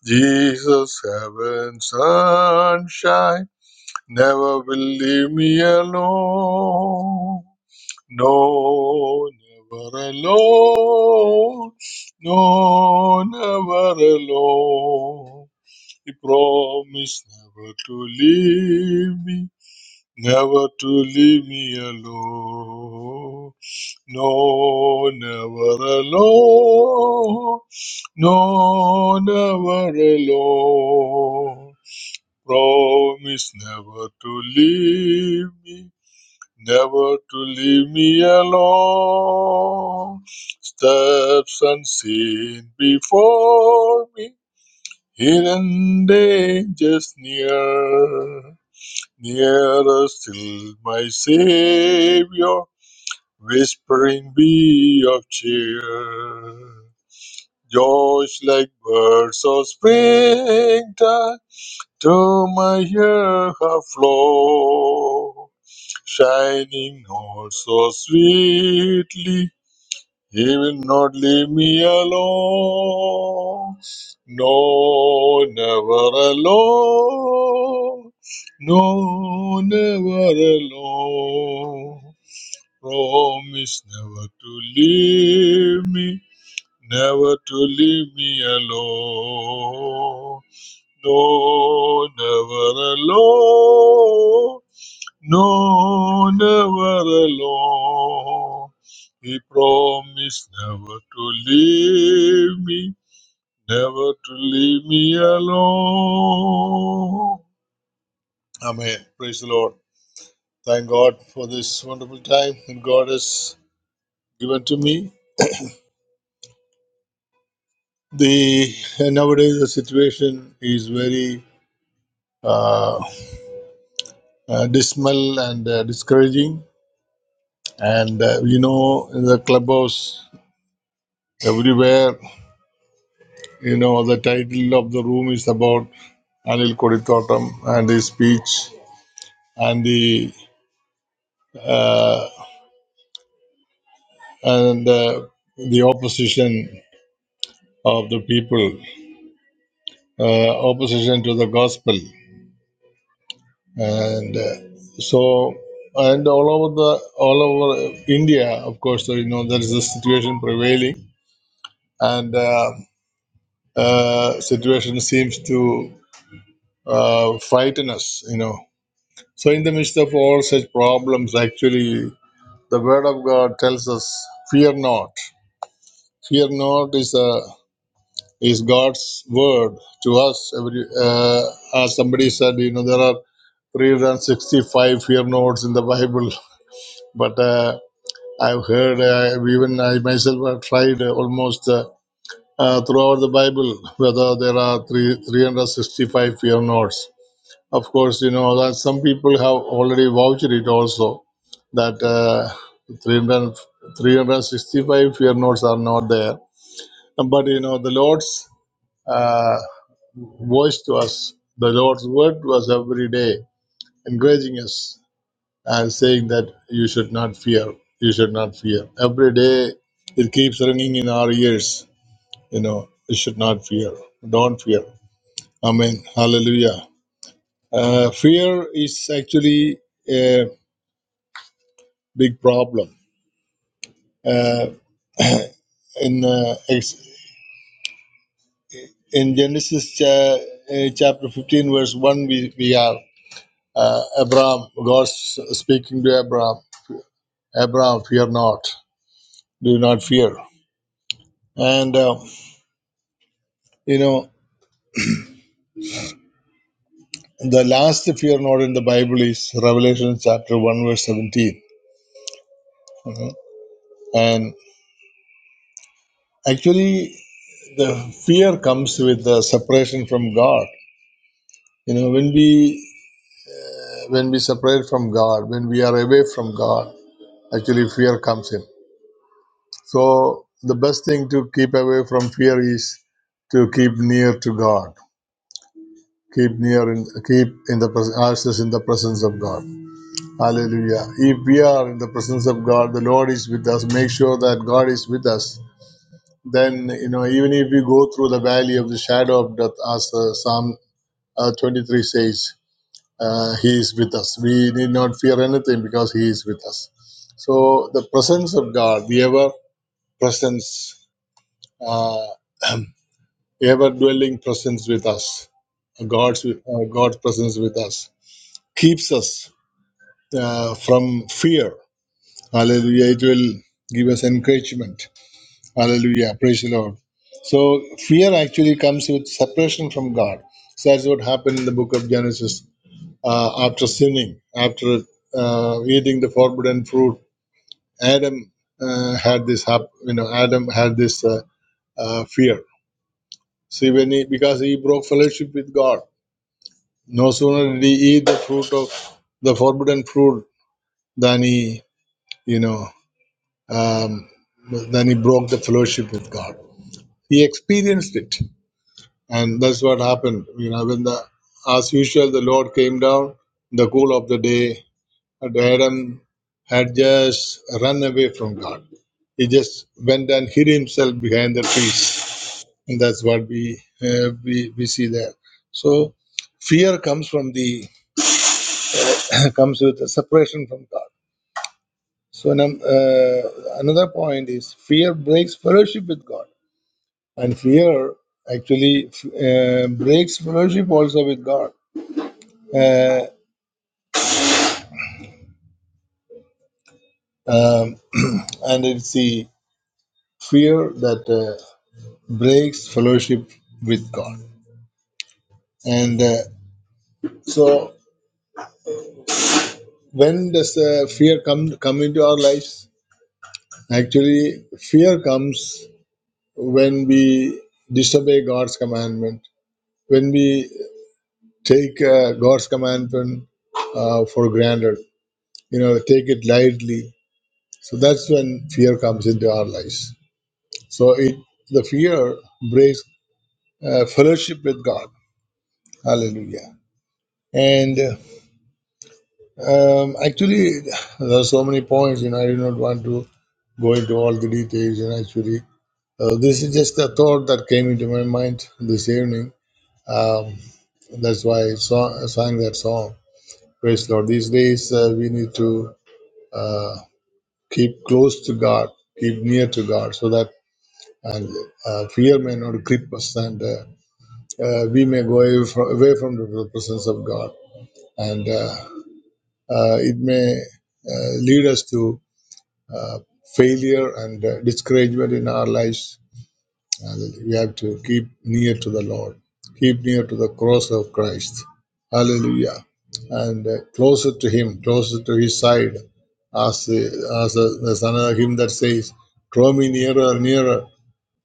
Jesus, heaven, sunshine, never will leave me alone. No, never alone. No, never alone. He promised never to leave me, never to leave me alone. No, never alone. No, never alone. Promise never to leave me, never to leave me alone. Steps unseen before me, hidden dangers near. Nearer still, my Savior Whispering bee of cheer, joys like birds of springtime to my ear have flown, shining all so sweetly, he will not leave me alone. No, never alone. No, never alone. Promise never to leave me, never to leave me alone. No, never alone. No, never alone. He promised never to leave me, never to leave me alone. Amen. Praise the Lord. Thank God for this wonderful time that God has given to me. The nowadays the situation is very uh, uh, dismal and uh, discouraging, and uh, you know in the clubhouse everywhere, you know the title of the room is about Anil Kodithotam and his speech and the uh, and uh, the opposition of the people, uh, opposition to the gospel. and uh, so and all over the all over India, of course, so, you know there is a situation prevailing, and uh, uh, situation seems to uh, frighten us, you know. So in the midst of all such problems, actually, the Word of God tells us, "Fear not." Fear not is a is God's word to us. Every uh, as somebody said, you know there are 365 fear notes in the Bible, <laughs> but. Uh, I've heard, uh, even I myself have tried uh, almost uh, uh, throughout the Bible whether there are three, 365 fear nots. Of course, you know that some people have already vouched it also that uh, 300, fear notes are not there. But you know, the Lord's uh, voice to us, the Lord's word to us every day, encouraging us and saying that you should not fear, you should not fear. Every day it keeps ringing in our ears, you know, you should not fear, don't fear. Amen. Hallelujah. Uh, fear is actually a big problem. Uh, in uh, ex- in Genesis cha- uh, chapter 15, verse 1, we, we are uh, Abraham, God s- speaking to Abraham, Abraham, fear not, do not fear. And, uh, you know, The last, fear not in the Bible, is Revelation chapter 1, verse 17. Mhm. And actually, the fear comes with the separation from God. You know, when we when we separate from God, when we are away from God, actually fear comes in. So the best thing to keep away from fear is to keep near to God. Keep near and keep in the pres- ourselves in the presence of God. Hallelujah. If we are in the presence of God, the Lord is with us. Make sure that God is with us. Then, you know, even if we go through the valley of the shadow of death, as uh, Psalm uh, 23 says, uh, He is with us. We need not fear anything because He is with us. So, the presence of God, the ever presence, uh, <clears throat> ever dwelling presence with us, God's, uh, God's presence with us, keeps us uh, from fear Hallelujah. It will give us encouragement. Hallelujah. Praise the Lord. So fear actually comes with separation from God. So that's what happened in the book of Genesis uh, after sinning, after uh, eating the forbidden fruit. Adam uh, had this, hap- you know, Adam had this uh, uh, fear. See, when he, because he broke fellowship with God, no sooner did he eat the fruit of the forbidden fruit than he, you know, um, then he broke the fellowship with God. He experienced it. And that's what happened. You know, when the, as usual, the Lord came down in the cool of the day, and Adam had just run away from God. He just went and hid himself behind the trees. And that's what we, uh, we, we see there. So fear comes from the, <coughs> <clears throat> comes with a separation from God. So num- uh, another point is fear breaks fellowship with God. And fear actually uh, breaks fellowship also with God. Uh, um, and it's the fear that uh, breaks fellowship with God. And uh, so, when does uh, fear come come into our lives? Actually, fear comes when we disobey God's commandment, when we take uh, God's commandment uh, for granted, you know, take it lightly, So that's when fear comes into our lives. So it the fear breaks uh, fellowship with God. Hallelujah. And um, actually, there are so many points. You know, I do not want to go into all the details. And actually, uh, this is just a thought that came into my mind this evening. Um, that's why I saw, sang that song. Praise the Lord. These days, uh, we need to uh, keep close to God, keep near to God, so that and uh, fear may not grip us, and uh, uh, we may go away from, away from the presence of God, and uh, uh, it may uh, lead us to uh, failure and uh, discouragement in our lives. Hallelujah. We have to keep near to the Lord, keep near to the cross of Christ. Hallelujah. And uh, closer to Him, closer to His side, as, uh, as uh, there's another hymn that says, Draw me nearer, nearer.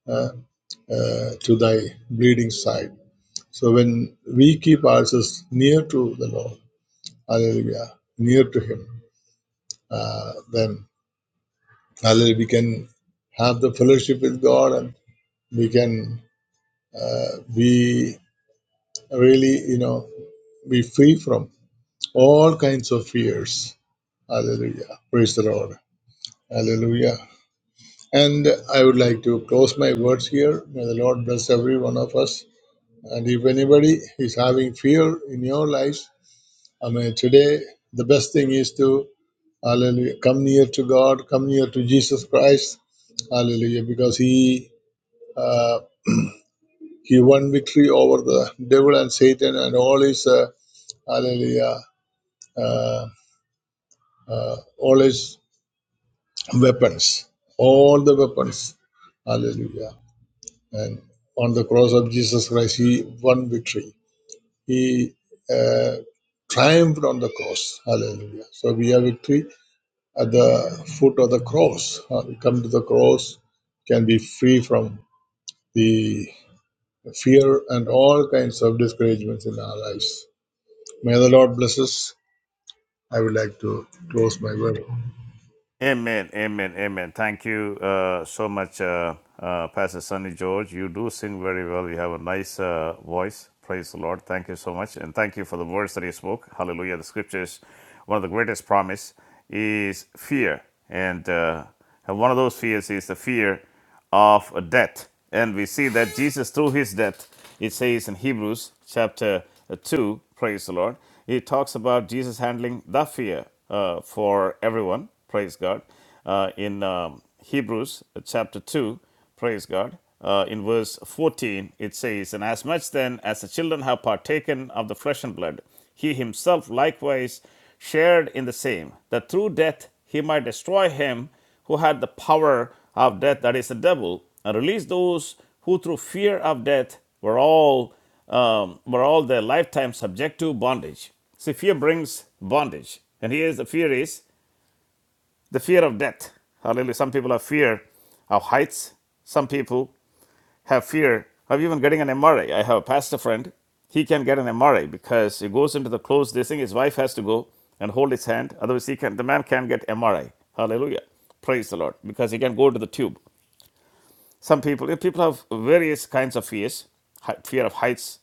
uh, uh, to thy bleeding side. So when we keep ourselves near to the Lord, hallelujah, near to Him, uh, then hallelujah, we can have the fellowship with God and we can uh, be really, you know, be free from all kinds of fears. Hallelujah. Praise the Lord. Hallelujah. And I would like to close my words here. May the Lord bless every one of us. And if anybody is having fear in your lives, I mean, today, the best thing is to, hallelujah, come near to God, come near to Jesus Christ, hallelujah, because He uh, He won victory over the devil and Satan and all his, uh, hallelujah, uh, uh, all his weapons, all the weapons, hallelujah. And on the cross of Jesus Christ, He won victory. He uh, triumphed on the cross, hallelujah. So we have victory at the foot of the cross. Uh, we come to the cross, can be free from the fear and all kinds of discouragements in our lives. May the Lord bless us. I would like to close my word.
Amen, amen, amen. Thank you uh, so much, uh, uh, Pastor Sonny George. You do sing very well. You have a nice uh, voice. Praise the Lord. Thank you so much. And thank you for the words that you spoke. Hallelujah. The scriptures, one of the greatest promise is fear. And, uh, and one of those fears is the fear of death. And we see that Jesus, through his death, it says in Hebrews chapter uh, 2, praise the Lord, it talks about Jesus handling the fear uh, for everyone, praise God. Uh, in um, Hebrews uh, chapter 2, praise God, uh, in verse 14, it says, And as much then as the children have partaken of the flesh and blood, he himself likewise shared in the same, that through death he might destroy him who had the power of death, that is the devil, and released those who through fear of death were all um, were all their lifetime subject to bondage. See, fear brings bondage, and here is the fear is the fear of death. Hallelujah! Some people have fear of heights. Some people have fear of even getting an MRI. I I have a pastor friend. He can get an MRI because he goes into the closed this thing. His wife has to go and hold his hand. Otherwise, he can. The man can get MRI. Hallelujah. Praise the Lord. Because he can go to the tube. Some people, people have various kinds of fears. Fear of heights,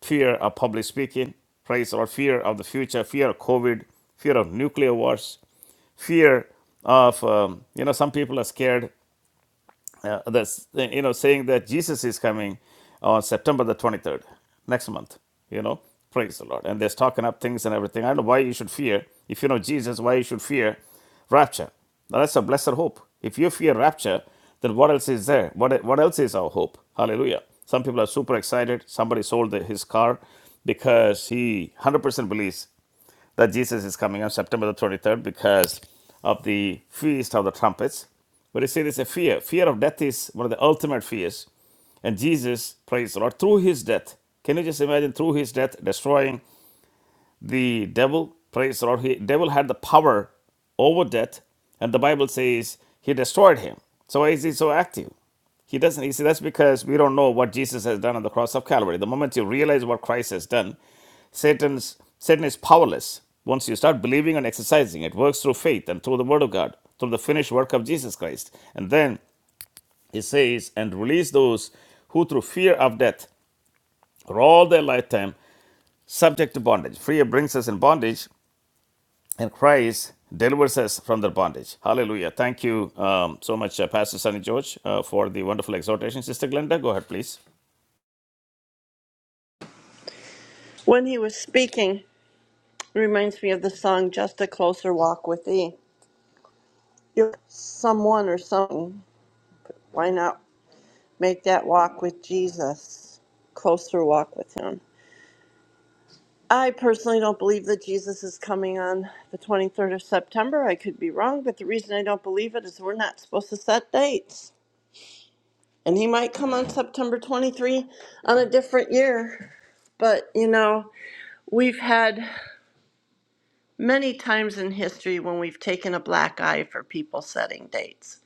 fear of public speaking, praise the Lord, fear of the future, fear of COVID, fear of nuclear wars, fear of um, you know some people are scared uh, that's you know saying that Jesus is coming on September the 23rd next month you know praise the Lord and they're stocking up things and everything I don't know why you should fear if you know Jesus why you should fear rapture that's a blessed hope if you fear rapture then what else is there what, what else is our hope hallelujah some people are super excited somebody sold his car because he 100% believes that Jesus is coming on September the 23rd because of the Feast of the Trumpets. But you see, there's a fear. Fear of death is one of the ultimate fears. And Jesus, praise the Lord, through his death, can you just imagine through his death destroying the devil praise the lord he devil had the power over death and the bible says he destroyed him so why is he so active he doesn't you see that's because we don't know what jesus has done on the cross of calvary the moment you realize what christ has done satan's satan is powerless once you start believing and exercising it works through faith and through the word of god through the finished work of jesus christ and then he says and release those who through fear of death are all their lifetime subject to bondage. Fear brings us in bondage, and Christ delivers us from their bondage. Hallelujah. Thank you um, so much, uh, Pastor Sonny George, uh, for the wonderful exhortation. Sister Glenda, go ahead, please.
When he was speaking, it reminds me of the song Just a Closer Walk with Thee. You're someone or something. Why not make that walk with Jesus? Closer walk with him. I personally don't believe that Jesus is coming on the 23rd of September. I could be wrong, but the reason I don't believe it is we're not supposed to set dates. And he might come on September 23 on a different year. But, you know, we've had Many times in history when we've taken a black eye for people setting dates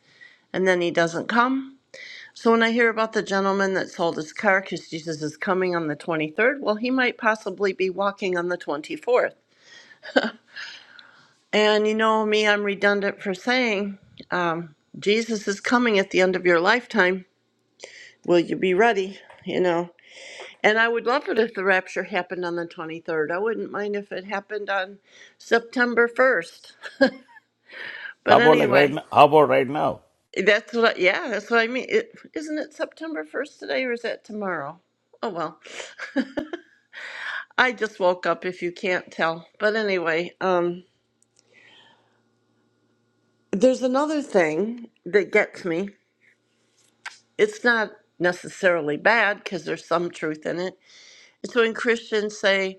and then he doesn't come. So when I hear about the gentleman that sold his car because Jesus is coming on the 23rd, well, he might possibly be walking on the 24th. And you know me, I'm redundant for saying, um, Jesus is coming at the end of your lifetime. Will you be ready? You know. And I would love it if the rapture happened on the 23rd. I wouldn't mind if it happened on September 1st.
How
But
about like right
anyway.
now? How about right now?
That's what. I, yeah, that's what I mean. is not it September first today, or is that tomorrow? Oh well, <laughs> I just woke up. If you can't tell, but anyway, um, there's another thing that gets me. It's not necessarily bad because there's some truth in it. It's when Christians say,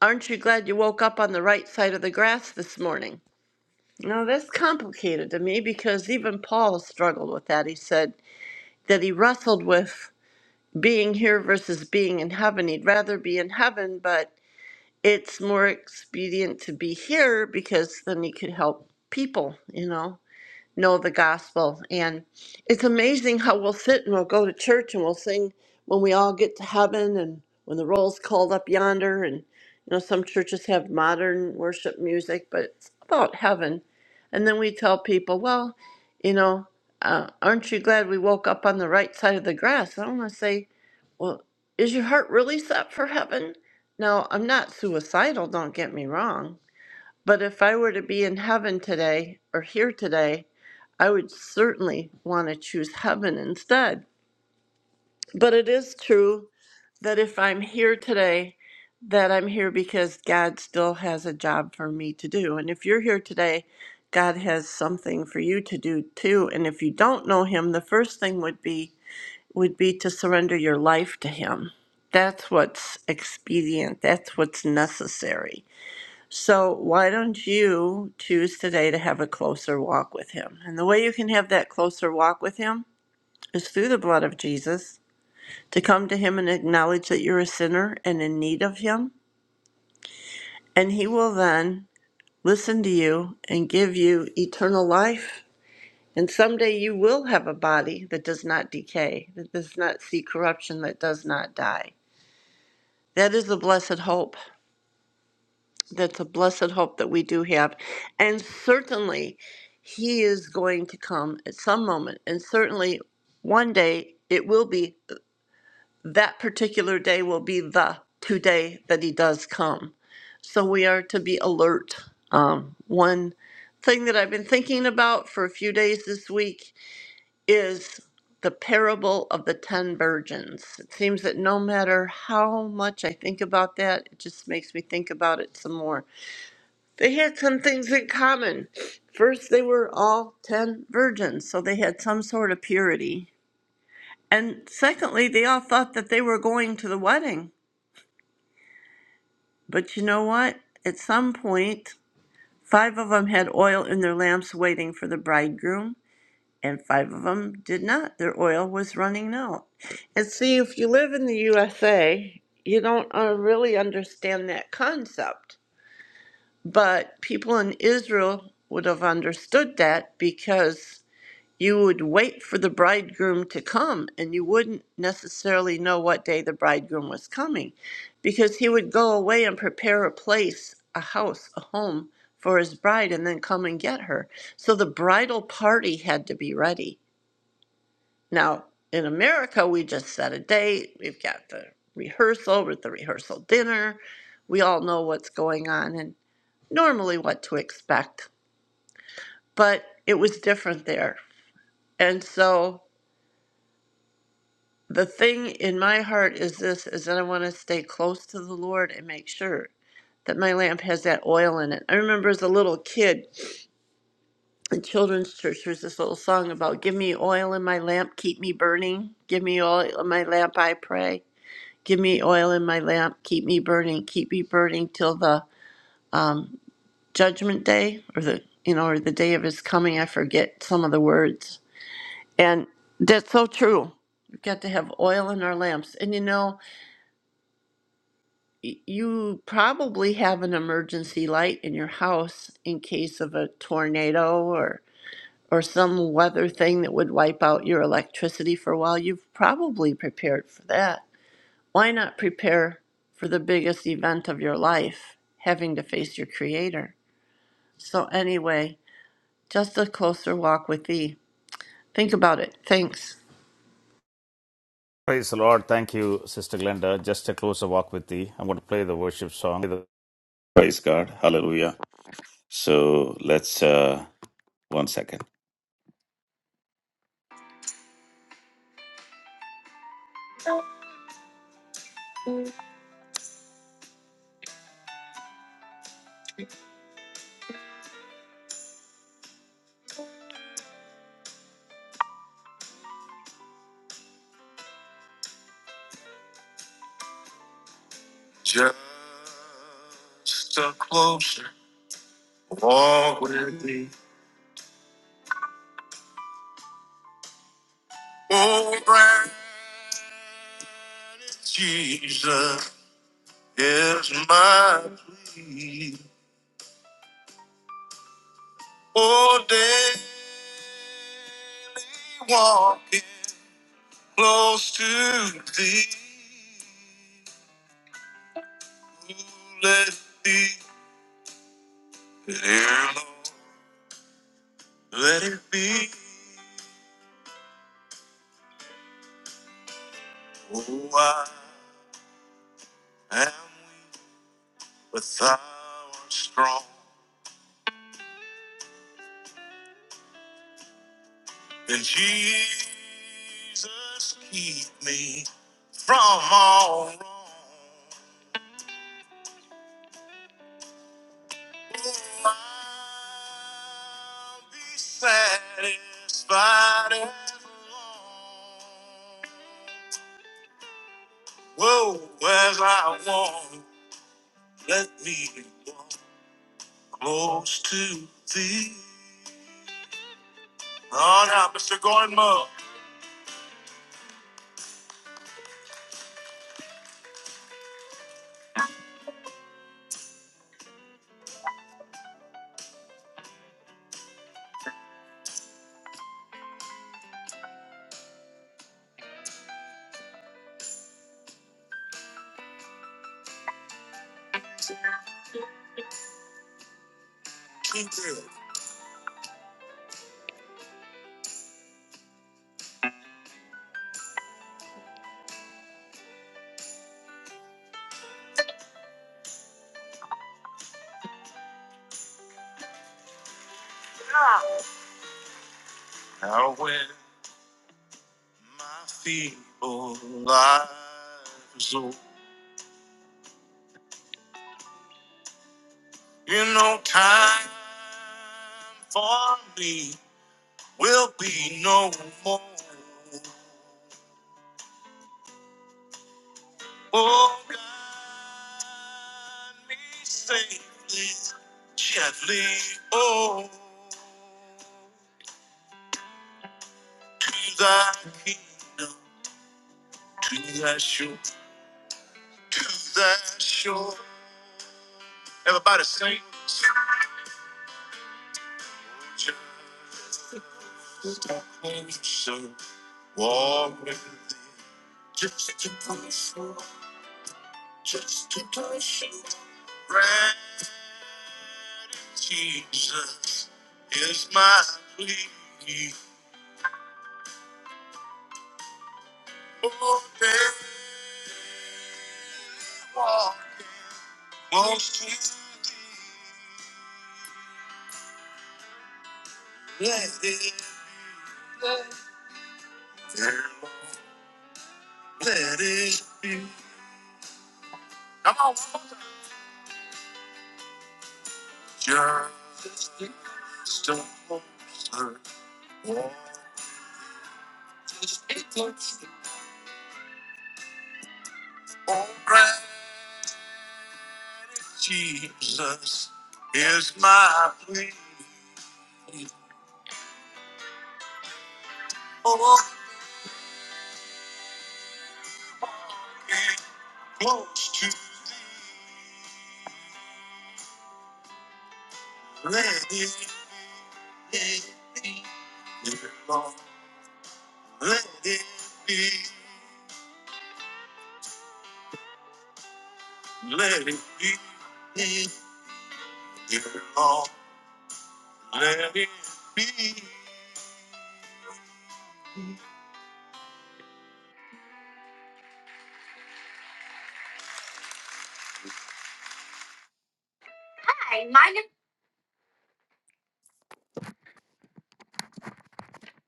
"Aren't you glad you woke up on the right side of the grass this morning?" Now that's complicated to me because even Paul struggled with that. He said that he wrestled with. being here versus being in heaven. He'd rather be in heaven, but it's more expedient to be here because then he could help people, you know, know the gospel. And it's amazing how we'll sit and we'll go to church and we'll sing when we all get to heaven and when the roll's called up yonder. And, you know, some churches have modern worship music, but it's about heaven. And then we tell people, well, you know, uh, aren't you glad we woke up on the right side of the grass? I want to say, well, is your heart really set for heaven? Now, I'm not suicidal, don't get me wrong, but if I were to be in heaven today or here today, I would certainly want to choose heaven instead. But it is true that if I'm here today, that I'm here because God still has a job for me to do. And if you're here today, God has something for you to do too. And if you don't know Him, the first thing would be would be to surrender your life to Him. That's what's expedient, that's what's necessary. So, why don't you choose today to have a closer walk with Him? And the way you can have that closer walk with Him is through the blood of Jesus, to come to Him and acknowledge that you're a sinner and in need of Him. And He will then listen to you and give you eternal life. And someday you will have a body that does not decay, that does not see corruption, that does not die. That is a blessed hope. That's a blessed hope that we do have. And certainly, He is going to come at some moment. And certainly, one day, it will be that particular day will be the today that He does come. So we are to be alert. Um, one thing that I've been thinking about for a few days this week is the parable of the 10 virgins. It seems that no matter how much I think about that, it just makes me think about it some more. They had some things in common. First, they were all 10 virgins, so they had some sort of purity. And secondly, they all thought that they were going to the wedding. But you know what? At some point, five of them had oil in their lamps waiting for the bridegroom and five of them did not. Their oil was running out. And see, if you live in the USA, you don't uh, really understand that concept. But people in Israel would have understood that because you would wait for the bridegroom to come and you wouldn't necessarily know what day the bridegroom was coming because he would go away and prepare a place, a house, a home for his bride and then come and get her. So the bridal party had to be ready now, in America, we just set a date. We've got the rehearsal with the rehearsal dinner. We all know what's going on and normally what to expect, but it was different there. And so the thing in my heart is this is that I want to stay close to the Lord and make sure that my lamp has that oil in it. I remember as a little kid in children's church there's this little song about give me oil in my lamp, keep me burning, give me oil in my lamp, I pray. Give me oil in my lamp. Keep me burning. Keep me burning till the judgment day or the, you know, or the day of his coming. I forget some of the words. And that's so true. We've got to have oil in our lamps. And you know, y- you probably have an emergency light in your house in case of a tornado or or some weather thing that would wipe out your electricity for a while. You've probably prepared for that. Why not prepare for the biggest event of your life, having to face your Creator? So, anyway, just a closer walk with Thee. Think about it. Thanks.
Praise the Lord. Thank you, Sister Glenda. Just a closer walk with thee. I'm going to play the worship song. Praise God. Hallelujah. So let's, uh, one second.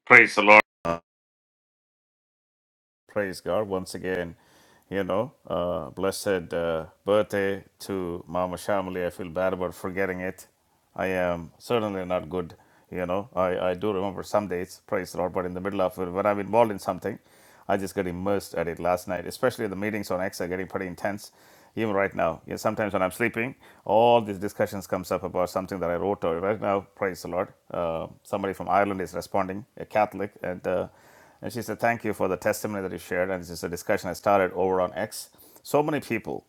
Praise the Lord. Praise God once again. You know, uh, blessed uh, birthday to Mama Shamali. I feel bad about forgetting it. I am certainly not good. You know, I, I do remember some dates, praise the Lord, but in the middle of it, when I'm involved in something, I just get immersed at it last night, especially the meetings on X are getting pretty intense. Even right now, yeah, sometimes when I'm sleeping, all these discussions comes up about something that I wrote. Or right now, praise the Lord, uh, somebody from Ireland is responding, a Catholic, and uh, and she said, Thank you for the testimony that you shared. And this is a discussion I started over on X. So many people,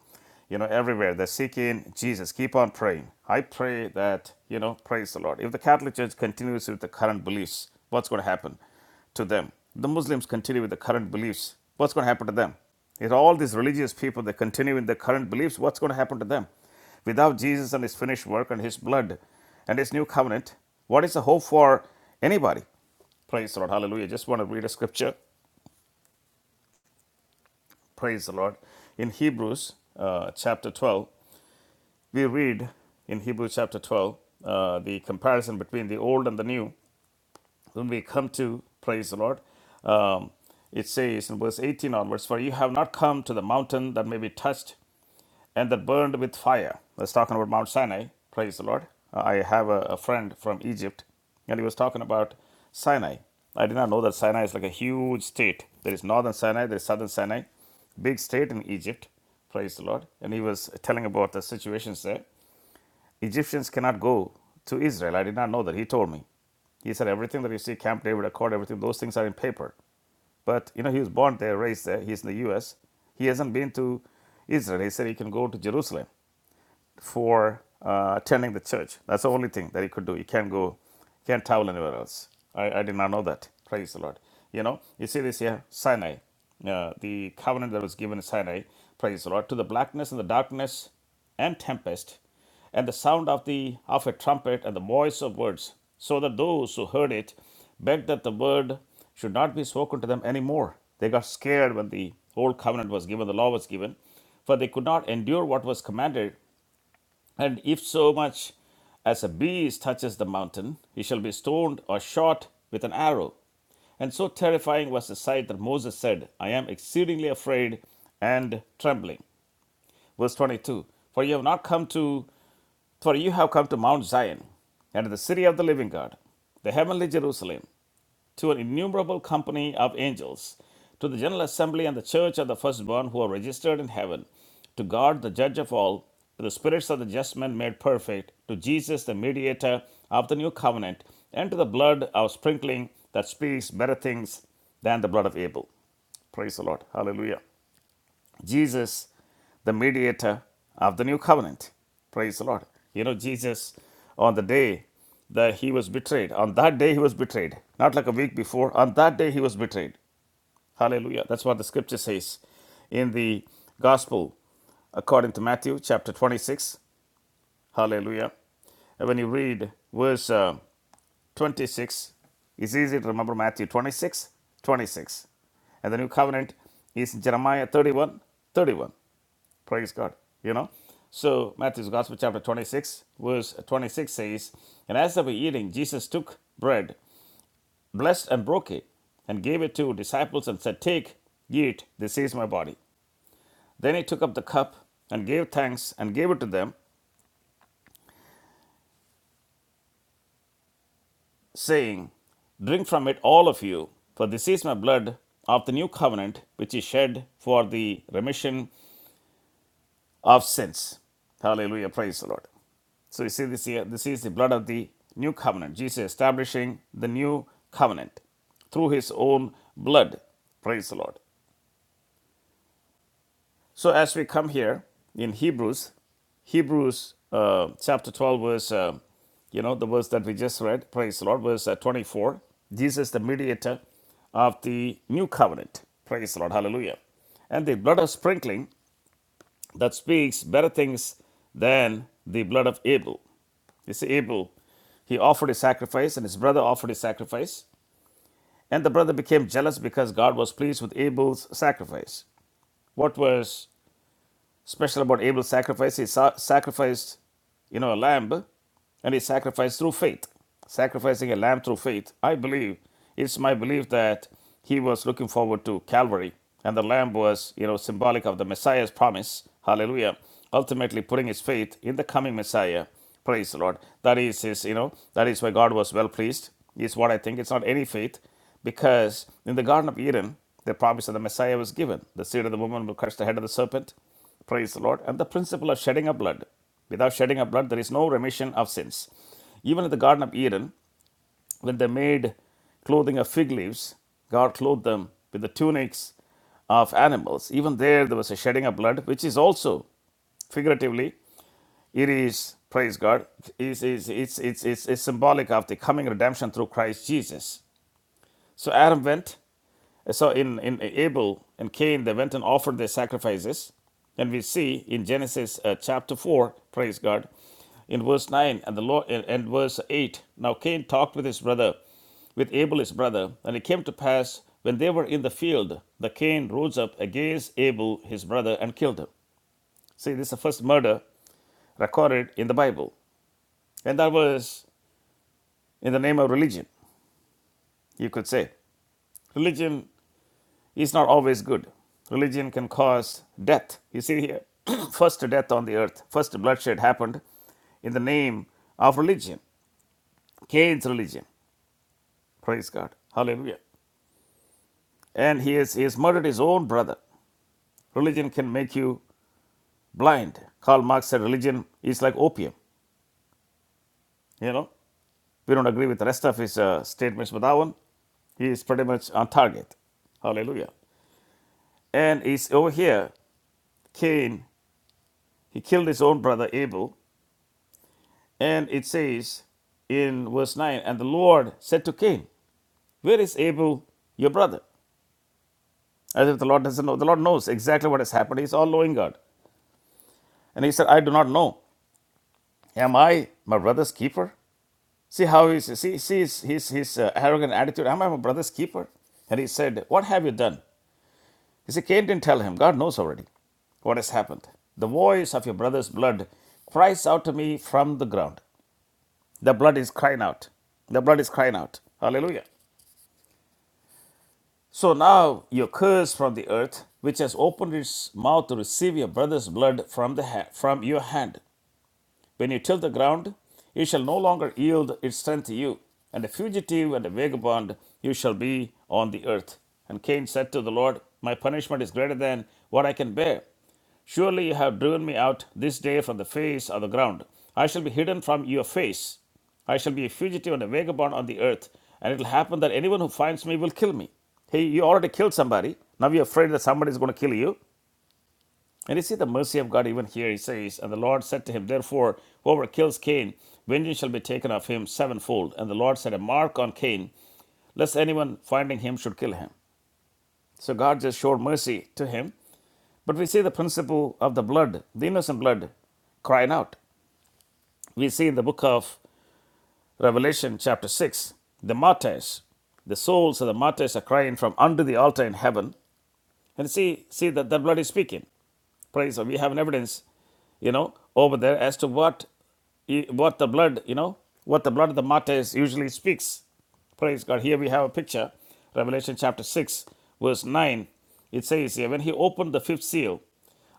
you know, everywhere, they're seeking Jesus. Keep on praying. I pray that, you know, praise the Lord. If the Catholic Church continues with the current beliefs, what's going to happen to them? The Muslims continue with the current beliefs, what's going to happen to them? If all these religious people, they continue in their current beliefs, what's going to happen to them? Without Jesus and his finished work and his blood and his new covenant, what is the hope for anybody? Praise the Lord. Hallelujah. Just want to read a scripture. Praise the Lord. In Hebrews uh, chapter 12, we read in Hebrews chapter 12 uh, the comparison between the old and the new. When we come to, praise the Lord, um, it says in verse 18 onwards, For you have not come to the mountain that may be touched and that burned with fire. That's talking about Mount Sinai. Praise the Lord. Uh, I have a, a friend from Egypt, and he was talking about Sinai. I did not know that Sinai is like a huge state. There is northern Sinai, there is southern Sinai, big state in Egypt. Praise the Lord. And he was telling about the situations there. Egyptians cannot go to Israel. I did not know that. He told me. He said everything that you see, Camp David Accord, everything, those things are in paper. But you know, he was born there, raised there. He's in the U.S. He hasn't been to Israel. He said he can go to Jerusalem for uh, attending the church. That's the only thing that he could do. He can't go, can't travel anywhere else. I, I did not know that. Praise the Lord. You know, you see this here, Sinai, uh, the covenant that was given in Sinai, praise the Lord, to the blackness and the darkness and tempest, and the sound of the of a trumpet and the voice of words, so that those who heard it begged that the word should not be spoken to them anymore. They got scared when the old covenant was given, the law was given, for they could not endure what was commanded, and if so much as a beast touches the mountain, he shall be stoned or shot with an arrow. And so terrifying was the sight that Moses said, I am exceedingly afraid and trembling. Verse 22 For you have not come to for you have come to Mount Zion, and to the city of the living God, the heavenly Jerusalem, to an innumerable company of angels, to the general assembly and the church of the firstborn who are registered in heaven, to God, the judge of all, to the spirits of the just men made perfect, to Jesus, the mediator of the new covenant, and to the blood of sprinkling that speaks better things than the blood of Abel. Praise the Lord. Hallelujah. Jesus, the mediator of the new covenant. Praise the Lord. You know, Jesus, on the day that he was betrayed, on that day he was betrayed, not like a week before, on that day he was betrayed. Hallelujah. That's what the scripture says in the gospel according to Matthew chapter 26. Hallelujah. And when you read verse uh, 26, it's easy to remember Matthew 26, 26, And the new covenant is Jeremiah 31, 31. Praise God. You know? So Matthew's Gospel chapter 26, verse 26 says, And as they were eating, Jesus took bread, blessed and broke it, and gave it to disciples and said, Take, eat, this is my body. Then he took up the cup and gave thanks and gave it to them, saying, Drink from it, all of you, for this is my blood of the new covenant, which is shed for the remission of sins. Hallelujah. Praise the Lord. So you see this here, this is the blood of the new covenant. Jesus establishing the new covenant through his own blood. Praise the Lord. So as we come here in Hebrews, Hebrews uh, chapter 12, verse, uh, you know, the verse that we just read, praise the Lord, verse uh, 24, Jesus the mediator of the new covenant. Praise the Lord. Hallelujah. And the blood of sprinkling that speaks better things than the blood of Abel. You see, Abel, he offered a sacrifice, and his brother offered a sacrifice, and the brother became jealous because God was pleased with Abel's sacrifice. What was Special about Abel's sacrifice, he sa- sacrificed, you know, a lamb, and he sacrificed through faith. Sacrificing a lamb through faith, I believe, it's my belief that he was looking forward to Calvary, and the lamb was, you know, symbolic of the Messiah's promise. Hallelujah. Ultimately, putting his faith in the coming Messiah. Praise the Lord. That is his, you know, that is why God was well pleased, is what I think. It's not any faith, because in the Garden of Eden, the promise of the Messiah was given. The seed of the woman will crush the head of the serpent. Praise the Lord. And the principle of shedding of blood. Without shedding of blood, there is no remission of sins. Even in the Garden of Eden, when they made clothing of fig leaves, God clothed them with the tunics of animals. Even there, there was a shedding of blood, which is also figuratively it is praise god is is it's it's it's it's symbolic of the coming redemption through christ jesus so adam went so in, in Abel and Cain, they went and offered their sacrifices. And we see in Genesis uh, chapter 4, praise God, in verse 9 and the Lord and verse 8. Now Cain talked with his brother, with Abel his brother, and it came to pass when they were in the field, that Cain rose up against Abel his brother and killed him. See, this is the first murder recorded in the Bible. And that was in the name of religion, you could say. Religion is not always good. Religion can cause death. You see here, <clears throat> first death on the earth, first bloodshed happened in the name of religion, Cain's religion. Praise God. Hallelujah. And he has, he has murdered his own brother. Religion can make you blind. Karl Marx said religion is like opium. You know, we don't agree with the rest of his uh, statements, but that one, he is pretty much on target. Hallelujah. And he's over here, Cain, he killed his own brother Abel And it says in verse 9, and the Lord said to Cain, Where is Abel, your brother? As if the Lord doesn't know. The Lord knows exactly what has happened. He's all knowing God. And he said, I do not know. Am I my brother's keeper? See how he's, see, see his, his, his uh, arrogant attitude. Am I my brother's keeper? And he said, What have you done? He said, Cain didn't tell him. God knows already what has happened. The voice of your brother's blood cries out to me from the ground. The blood is crying out. The blood is crying out. Hallelujah. So now you curse from the earth, which has opened its mouth to receive your brother's blood from the ha- from your hand. When you till the ground, you shall no longer yield its strength to you, and a fugitive and a vagabond you shall be on the earth. And Cain said to the Lord, My punishment is greater than what I can bear. Surely you have driven me out this day from the face of the ground. I shall be hidden from your face. I shall be a fugitive and a vagabond on the earth, and it will happen that anyone who finds me will kill me. Hey, you already killed somebody. Now you're afraid that somebody is going to kill you. And you see the mercy of God even here. He says, And the Lord said to him, Therefore, whoever kills Cain, vengeance shall be taken of him sevenfold. And the Lord set a mark on Cain, lest anyone finding him should kill him. So God just showed mercy to him. But we see the principle of the blood, the innocent blood, crying out. We see in the book of Revelation, chapter 6, the martyrs, the souls of the martyrs are crying from under the altar in heaven. And see, see that the blood is speaking. praise God. We have an evidence, you know, over there as to what, what the blood, you know, what the blood of the martyrs usually speaks. Praise God. Here we have a picture, Revelation chapter 6, verse 9. It says here, When he opened the fifth seal,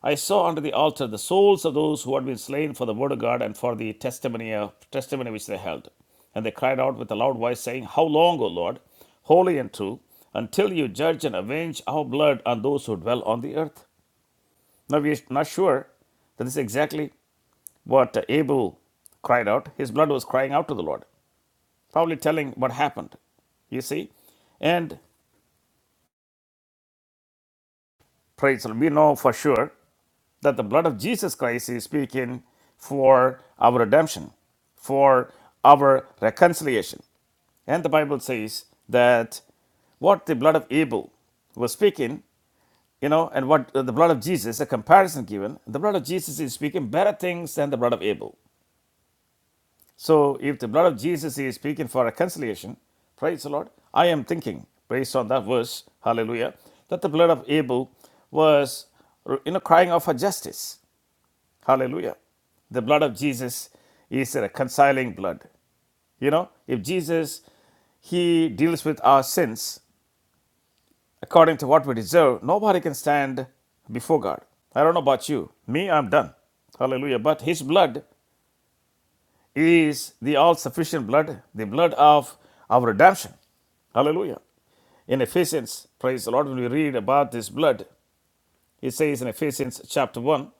I saw under the altar the souls of those who had been slain for the word of God and for the testimony, uh, testimony which they held. And they cried out with a loud voice, saying, How long, O Lord, holy and true, until you judge and avenge our blood on those who dwell on the earth? Now we are not sure that this is exactly what uh, Abel cried out. His blood was crying out to the Lord, probably telling what happened. You see? And praise the Lord. We know for sure that the blood of Jesus Christ is speaking for our redemption, for our reconciliation. And the Bible says that what the blood of Abel was speaking, you know, and what the blood of Jesus, a comparison given, the blood of Jesus is speaking better things than the blood of Abel. So, if the blood of Jesus is speaking for reconciliation, praise the Lord, I am thinking, based on that verse, hallelujah, that the blood of Abel was, you know, crying out for justice, hallelujah. The blood of Jesus is a reconciling blood. You know, if Jesus, he deals with our sins according to what we deserve, nobody can stand before God. I don't know about you. Me, I'm done. Hallelujah. But his blood is the all sufficient blood, the blood of our redemption. Hallelujah. In Ephesians, praise the Lord, when we read about this blood, it says in Ephesians chapter 1,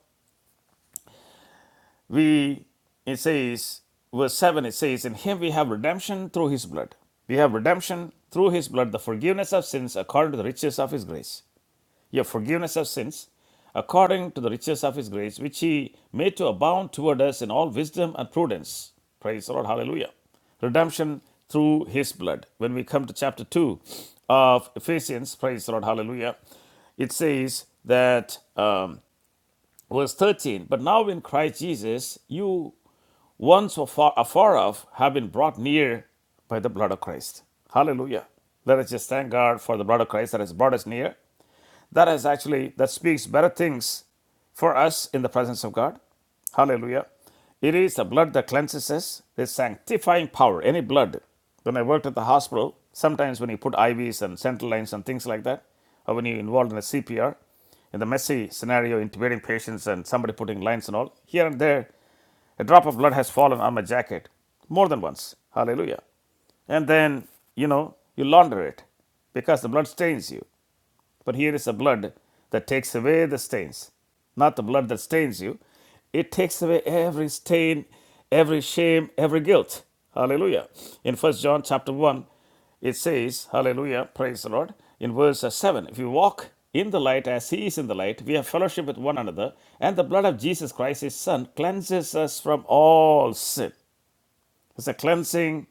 we it says, verse 7, it says, In him we have redemption through his blood. We have redemption through his blood, the forgiveness of sins according to the riches of his grace. a forgiveness of sins, according to the riches of his grace, which he made to abound toward us in all wisdom and prudence. Praise the Lord, hallelujah. Redemption through his blood. When we come to chapter 2 of Ephesians, praise the Lord, hallelujah, it says that, um, verse 13, but now in Christ Jesus, you once were far, afar off have been brought near by the blood of Christ. Hallelujah. Let us just thank God for the blood of Christ that has brought us near that is actually that speaks better things for us in the presence of god hallelujah it is the blood that cleanses us the sanctifying power any blood when i worked at the hospital sometimes when you put ivs and central lines and things like that or when you're involved in a cpr in the messy scenario intubating patients and somebody putting lines and all here and there a drop of blood has fallen on my jacket more than once hallelujah and then you know you launder it because the blood stains you but here is the blood that takes away the stains, not the blood that stains you. It takes away every stain, every shame, every guilt. Hallelujah. In First John chapter 1, it says, Hallelujah, praise the Lord. In verse uh, 7, if you walk in the light as he is in the light, we have fellowship with one another, and the blood of Jesus Christ, his son, cleanses us from all sin. It's a cleansing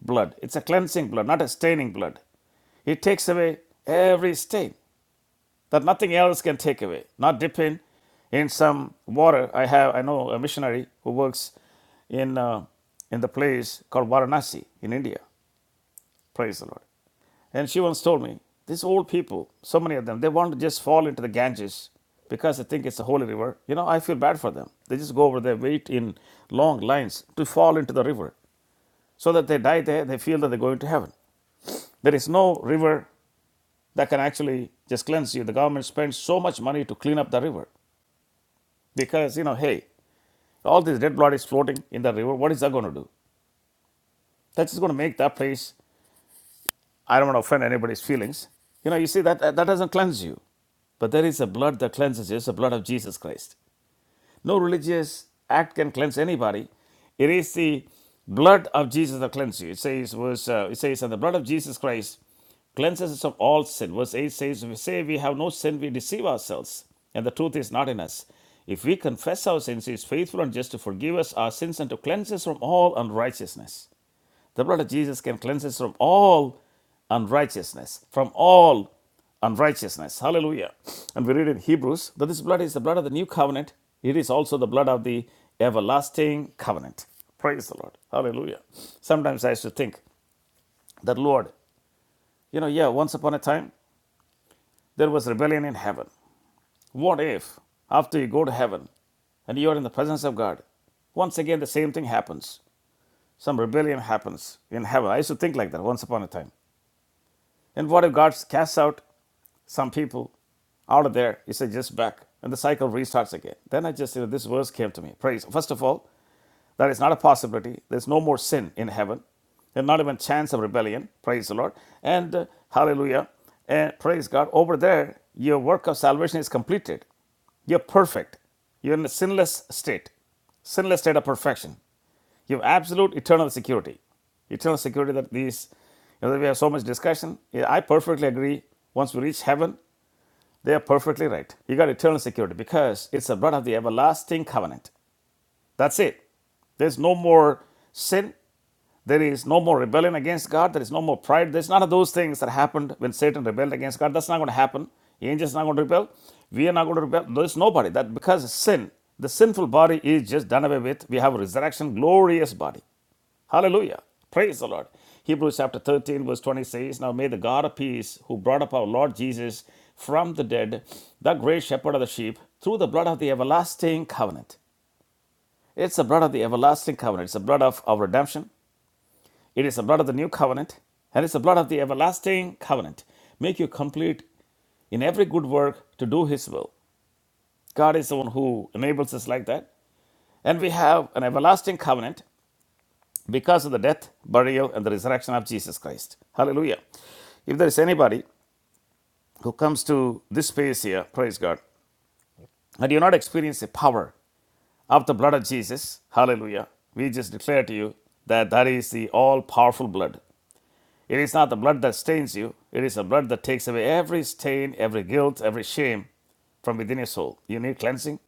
blood. It's a cleansing blood, not a staining blood. It takes away every stain that nothing else can take away. Not dipping in some water. I have, I know a missionary who works in, uh, in the place called Varanasi in India. Praise the Lord. And she once told me, these old people, so many of them, they want to just fall into the Ganges because they think it's a holy river. You know, I feel bad for them. They just go over there, wait in long lines to fall into the river so that they die there, they feel that they're going to heaven. There is no river that can actually just cleanse you. The government spends so much money to clean up the river. Because, you know, hey, all this dead blood is floating in the river. What is that going to do? That's just going to make that place, I don't want to offend anybody's feelings. You know, you see, that, that doesn't cleanse you. But there is a blood that cleanses you. It's the blood of Jesus Christ. No religious act can cleanse anybody. It is the blood of Jesus that cleanses you. It says, verse, uh, it says, and the blood of Jesus Christ cleanses us of all sin. Verse 8 says, if we say we have no sin, we deceive ourselves, and the truth is not in us. If we confess our sins, he is faithful and just to forgive us our sins and to cleanse us from all unrighteousness. The blood of Jesus can cleanse us from all unrighteousness, from all unrighteousness. Hallelujah. And we read in Hebrews that this blood is the blood of the new covenant. It is also the blood of the everlasting covenant. Praise the Lord. Hallelujah. Sometimes I used to think that, Lord, you know, yeah, once upon a time there was rebellion in heaven. What if after you go to heaven and you are in the presence of God, once again the same thing happens? Some rebellion happens in heaven. I used to think like that once upon a time. And what if God casts out some people out of there? He said, just back. And the cycle restarts again. Then I just, you know, this verse came to me. Praise. First of all, that is not a possibility. There's no more sin in heaven. There's not even chance of rebellion. Praise the Lord. And uh, hallelujah. And praise God. Over there, your work of salvation is completed. You're perfect. You're in a sinless state. Sinless state of perfection. You have absolute eternal security. Eternal security that these, you know, we have so much discussion. Yeah, I perfectly agree. Once we reach heaven, they are perfectly right. You got eternal security because it's the blood of the everlasting covenant. That's it. There's no more sin. There is no more rebellion against God. There is no more pride. There's none of those things that happened when Satan rebelled against God. That's not going to happen. Angels are not going to rebel. We are not going to rebel. There's nobody. That because sin, the sinful body is just done away with. We have a resurrection, glorious body. Hallelujah. Praise the Lord. Hebrews chapter 13, verse 20 says, Now may the God of peace, who brought up our Lord Jesus from the dead, the great shepherd of the sheep, through the blood of the everlasting covenant. It's the blood of the everlasting covenant. It's the blood of our redemption. It is the blood of the new covenant. And it's the blood of the everlasting covenant. Make you complete in every good work to do his will. God is the one who enables us like that. And we have an everlasting covenant because of the death, burial, and the resurrection of Jesus Christ. Hallelujah. If there is anybody who comes to this space here, praise God, and you not experience the power of the blood of Jesus, hallelujah, we just declare to you that that is the all powerful blood. It is not the blood that stains you, it is the blood that takes away every stain, every guilt, every shame from within your soul. You need cleansing?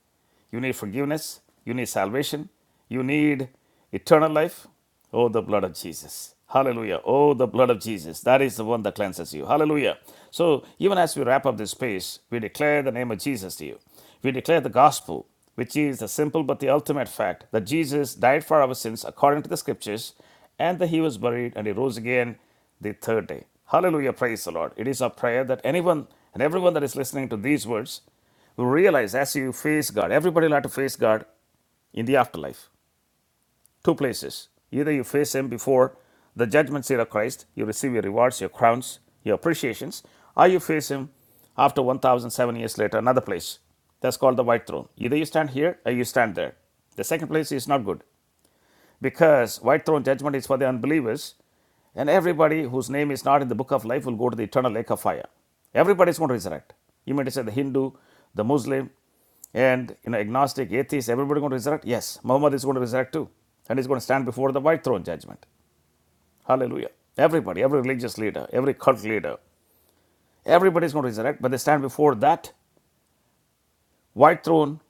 You need forgiveness. You need salvation. You need eternal life. Oh, the blood of Jesus. Hallelujah. Oh, the blood of Jesus. That is the one that cleanses you. Hallelujah. So, even as we wrap up this space, we declare the name of Jesus to you. We declare the gospel, which is the simple but the ultimate fact that Jesus died for our sins according to the scriptures, and that he was buried and he rose again the third day. Hallelujah. Praise the Lord. It is our prayer that anyone and everyone that is listening to these words you Realize as you face God, everybody will have to face God in the afterlife. Two places. Either you face Him before the judgment seat of Christ, you receive your rewards, your crowns, your appreciations, or you face Him after 1,007 years later, another place. That's called the white throne. Either you stand here or you stand there. The second place is not good because white throne judgment is for the unbelievers and everybody whose name is not in the book of life will go to the eternal lake of fire everybody is going to resurrect you mean to say the hindu the muslim and you know agnostic atheist everybody going to resurrect yes muhammad is going to resurrect too and he's going to stand before the white throne judgment hallelujah everybody every religious leader every cult leader everybody is going to resurrect but they stand before that white throne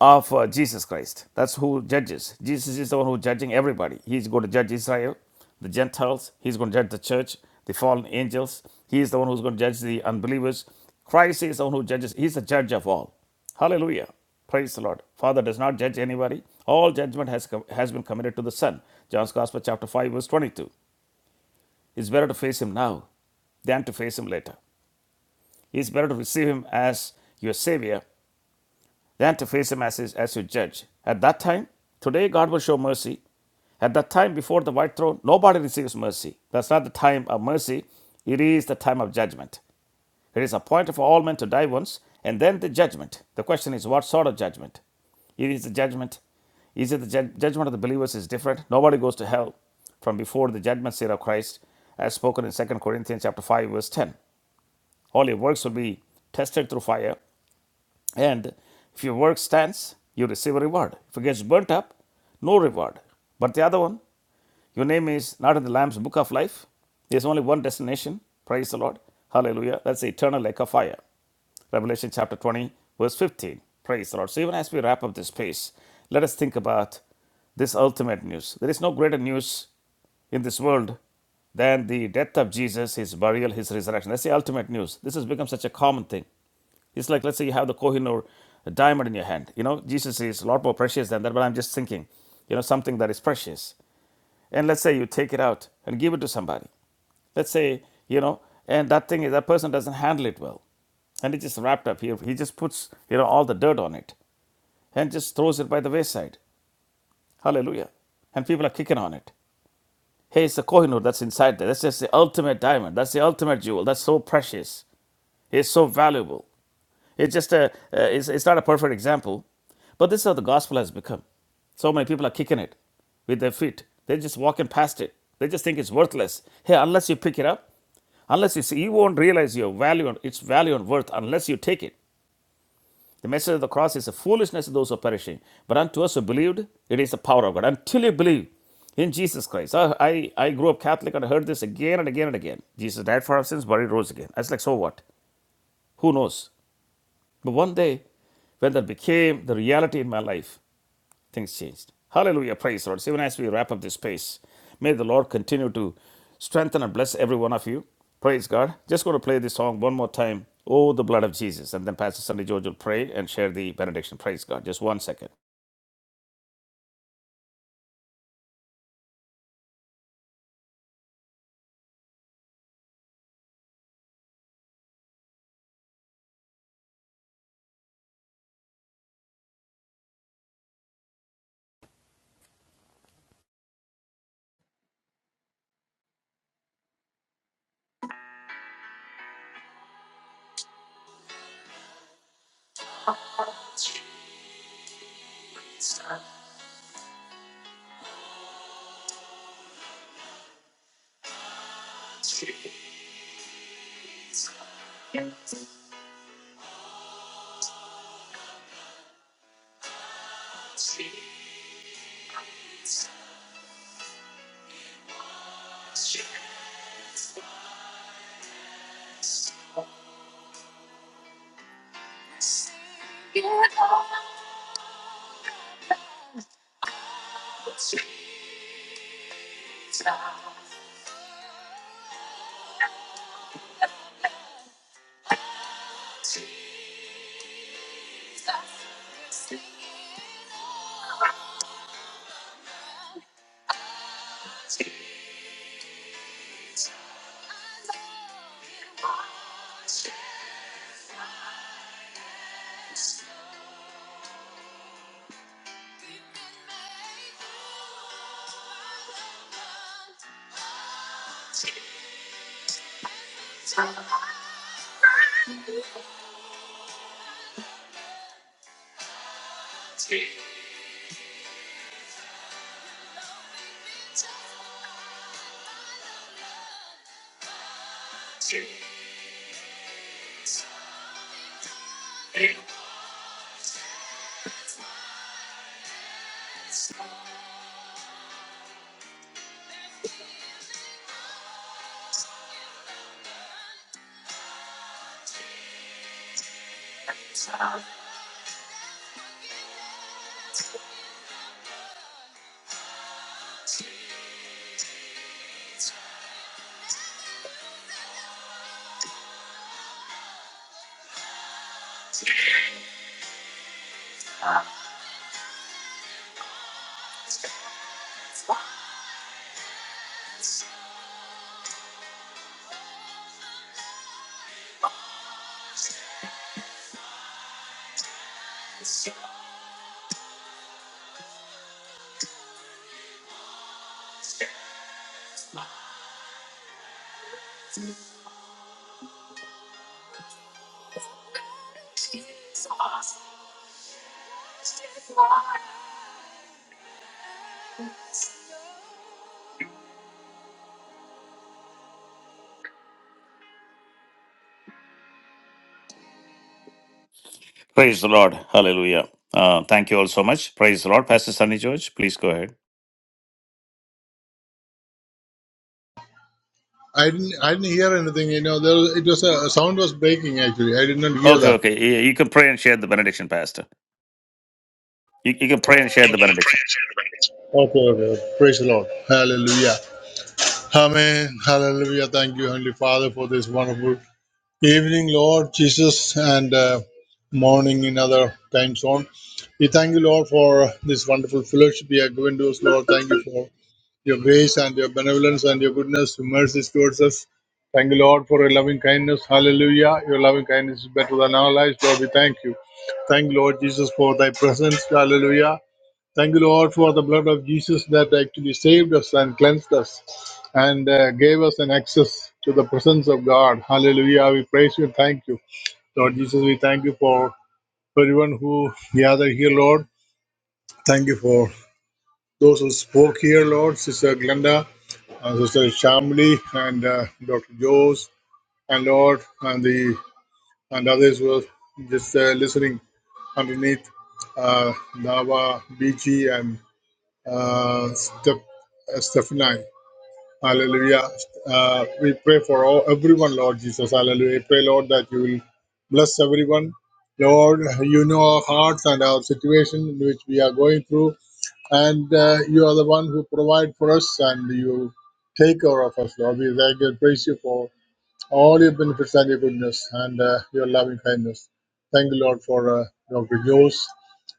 of uh, Jesus Christ. That's who judges. Jesus is the one who's judging everybody. He's going to judge Israel, the Gentiles. He's going to judge the church, the fallen angels. He is the one who's going to judge the unbelievers. Christ is the one who judges. He's the judge of all. Hallelujah. Praise the Lord. Father does not judge anybody. All judgment has, com- has been committed to the Son. John's Gospel, chapter 5, verse 22. It's better to face him now than to face him later. It's better to receive him as your Savior than to face him as, his, as your judge. At that time, today God will show mercy. At that time before the white throne, nobody receives mercy. That's not the time of mercy, it is the time of judgment. It is appointed for all men to die once, and then the judgment. The question is, what sort of judgment? It is the judgment. Is it the ju- judgment of the believers is different? Nobody goes to hell from before the judgment seat of Christ, as spoken in Second Corinthians chapter 5, verse 10. All your works will be tested through fire. And if your work stands, you receive a reward. If it gets burnt up, no reward. But the other one, your name is not in the Lamb's book of life. There's only one destination. Praise the Lord. Hallelujah. That's the eternal lake of fire. Revelation chapter 20, verse 15. Praise the Lord. So, even as we wrap up this piece, let us think about this ultimate news. There is no greater news in this world than the death of Jesus, his burial, his resurrection. That's the ultimate news. This has become such a common thing. It's like, let's say you have the Kohinoor diamond in your hand. You know, Jesus is a lot more precious than that, but I'm just thinking, you know, something that is precious. And let's say you take it out and give it to somebody. Let's say, you know, and that thing is, that person doesn't handle it well. And it's just wrapped up here. He just puts, you know, all the dirt on it and just throws it by the wayside. Hallelujah. And people are kicking on it. Hey, it's the Kohinoor that's inside there. That's just the ultimate diamond. That's the ultimate jewel. That's so precious. It's so valuable. It's just a, uh, it's, it's not a perfect example, but this is how the gospel has become. So many people are kicking it with their feet. They're just walking past it. They just think it's worthless. Hey, unless you pick it up, unless you see, you won't realize your value, and its value and worth unless you take it. The message of the cross is a foolishness to those who are perishing, but unto us who believed, it is the power of God. Until you believe in Jesus Christ. I, I, I grew up Catholic and I heard this again and again and again. Jesus died for our sins, but he rose again. I was like, so what? Who knows? But one day, when that became the reality in my life, things changed. Hallelujah. Praise the Lord. So even as we wrap up this space, may the Lord continue to strengthen and bless every one of you. Praise God. Just going to play this song one more time. Oh, the blood of Jesus. And then Pastor Sunday George will pray and share the benediction. Praise God. Just one second. <laughs> Praise the Lord. Hallelujah. Uh, thank you all so much. Praise the Lord. Pastor Sunny George, please go ahead.
I didn't. I didn't hear anything. You know, there was, it was a, a sound was breaking. Actually, I did not hear
Okay,
that.
okay. You you can pray and share the benediction, Pastor. You, you can pray and share
Okay.
the benediction.
Okay, okay. okay. Praise the Lord. Hallelujah. Amen. Hallelujah. Thank you, Heavenly Father, for this wonderful Evening, Lord Jesus, and uh, morning in other time zone. We thank you, Lord, for this wonderful fellowship you have given to us, Lord. Thank you for your grace and your benevolence and your goodness, your mercies towards us. Thank you, Lord, for your loving kindness. Hallelujah. Your loving kindness is better than our lives, Lord. We thank you. Thank you, Lord Jesus, for thy presence. Hallelujah. Thank you, Lord, for the blood of Jesus that actually saved us and cleansed us and uh, gave us an access to the presence of God. Hallelujah. We praise you and thank you. Lord Jesus, we thank you for everyone who gathered here, Lord. Thank you for those who spoke here, Lord. Sister Glenda, uh, Sister Shamli, and uh, Dr. Joes, and Lord, and the and others who were just uh, listening underneath uh, Nava, BG, and uh, Steph, uh, Stephanie. Hallelujah. Uh, we pray for all, everyone, Lord Jesus. Hallelujah. We pray, Lord, that you will bless everyone. Lord, you know our hearts and our situation in which we are going through, and uh, you are the one who provide for us, and you take care of us, Lord. We thank you and praise you for all your benefits and your goodness and uh, your loving kindness. Thank you, Lord, for uh, Dr. Jose.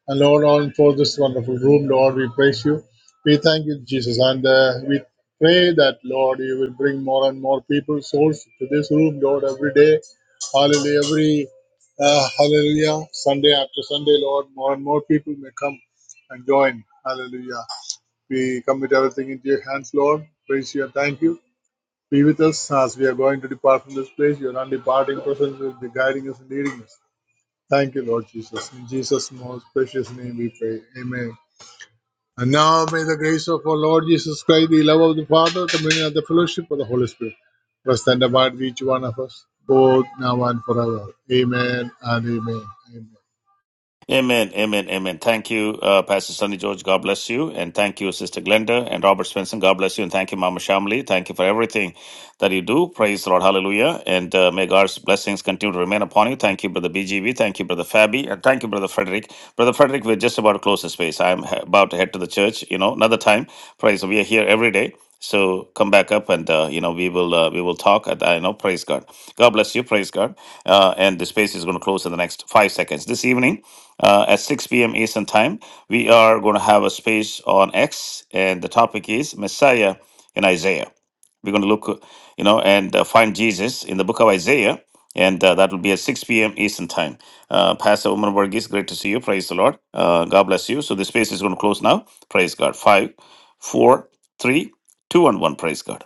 And Lord, all for this wonderful room, Lord, we praise you. We thank you, Jesus. And uh, we pray that, Lord, you will bring more and more people, souls to this room, Lord, every day. Hallelujah. Every uh, hallelujah. Sunday after Sunday, Lord, more and more people may come and join. Hallelujah. We commit everything into your hands, Lord. Praise you and thank you. Be with us as we are going to depart from this place. Your non-departing presence will be guiding us and leading us. Thank you, Lord Jesus. In Jesus' most precious name we pray. Amen. And now may the grace of our Lord Jesus Christ, the love of the Father, communion of the fellowship of the Holy Spirit rest and abide with each one of us, both now and forever. Amen and amen. Amen.
Amen, amen, amen. Thank you, uh, Pastor Sonny George. God bless you. And thank you, Sister Glenda and Robert Swenson. God bless you. And thank you, Mama Shamli. Thank you for everything that you do. Praise the Lord. Hallelujah. And uh, may God's blessings continue to remain upon you. Thank you, Brother BGV. Thank you, Brother Fabi. And thank you, Brother Frederick. Brother Frederick, we're just about to close the space. I'm he- about to head to the church, you know, another time. Praise. We are here every day. So come back up and, uh, you know, we will uh, we will talk. At, I know. Praise God. God bless you. Praise God. Uh, and the space is going to close in the next five seconds. This evening, uh, at 6 p.m. Eastern Time. We are going to have a space on X, and the topic is Messiah in Isaiah. We're going to look, uh, you know, and uh, find Jesus in the book of Isaiah, and uh, that will be at 6 p.m. Eastern Time. Uh, Pastor Woman Varghese, great to see you. Praise the Lord. Uh, God bless you. So the space is going to close now. Praise God. Five, four, three, two, and one. Praise God.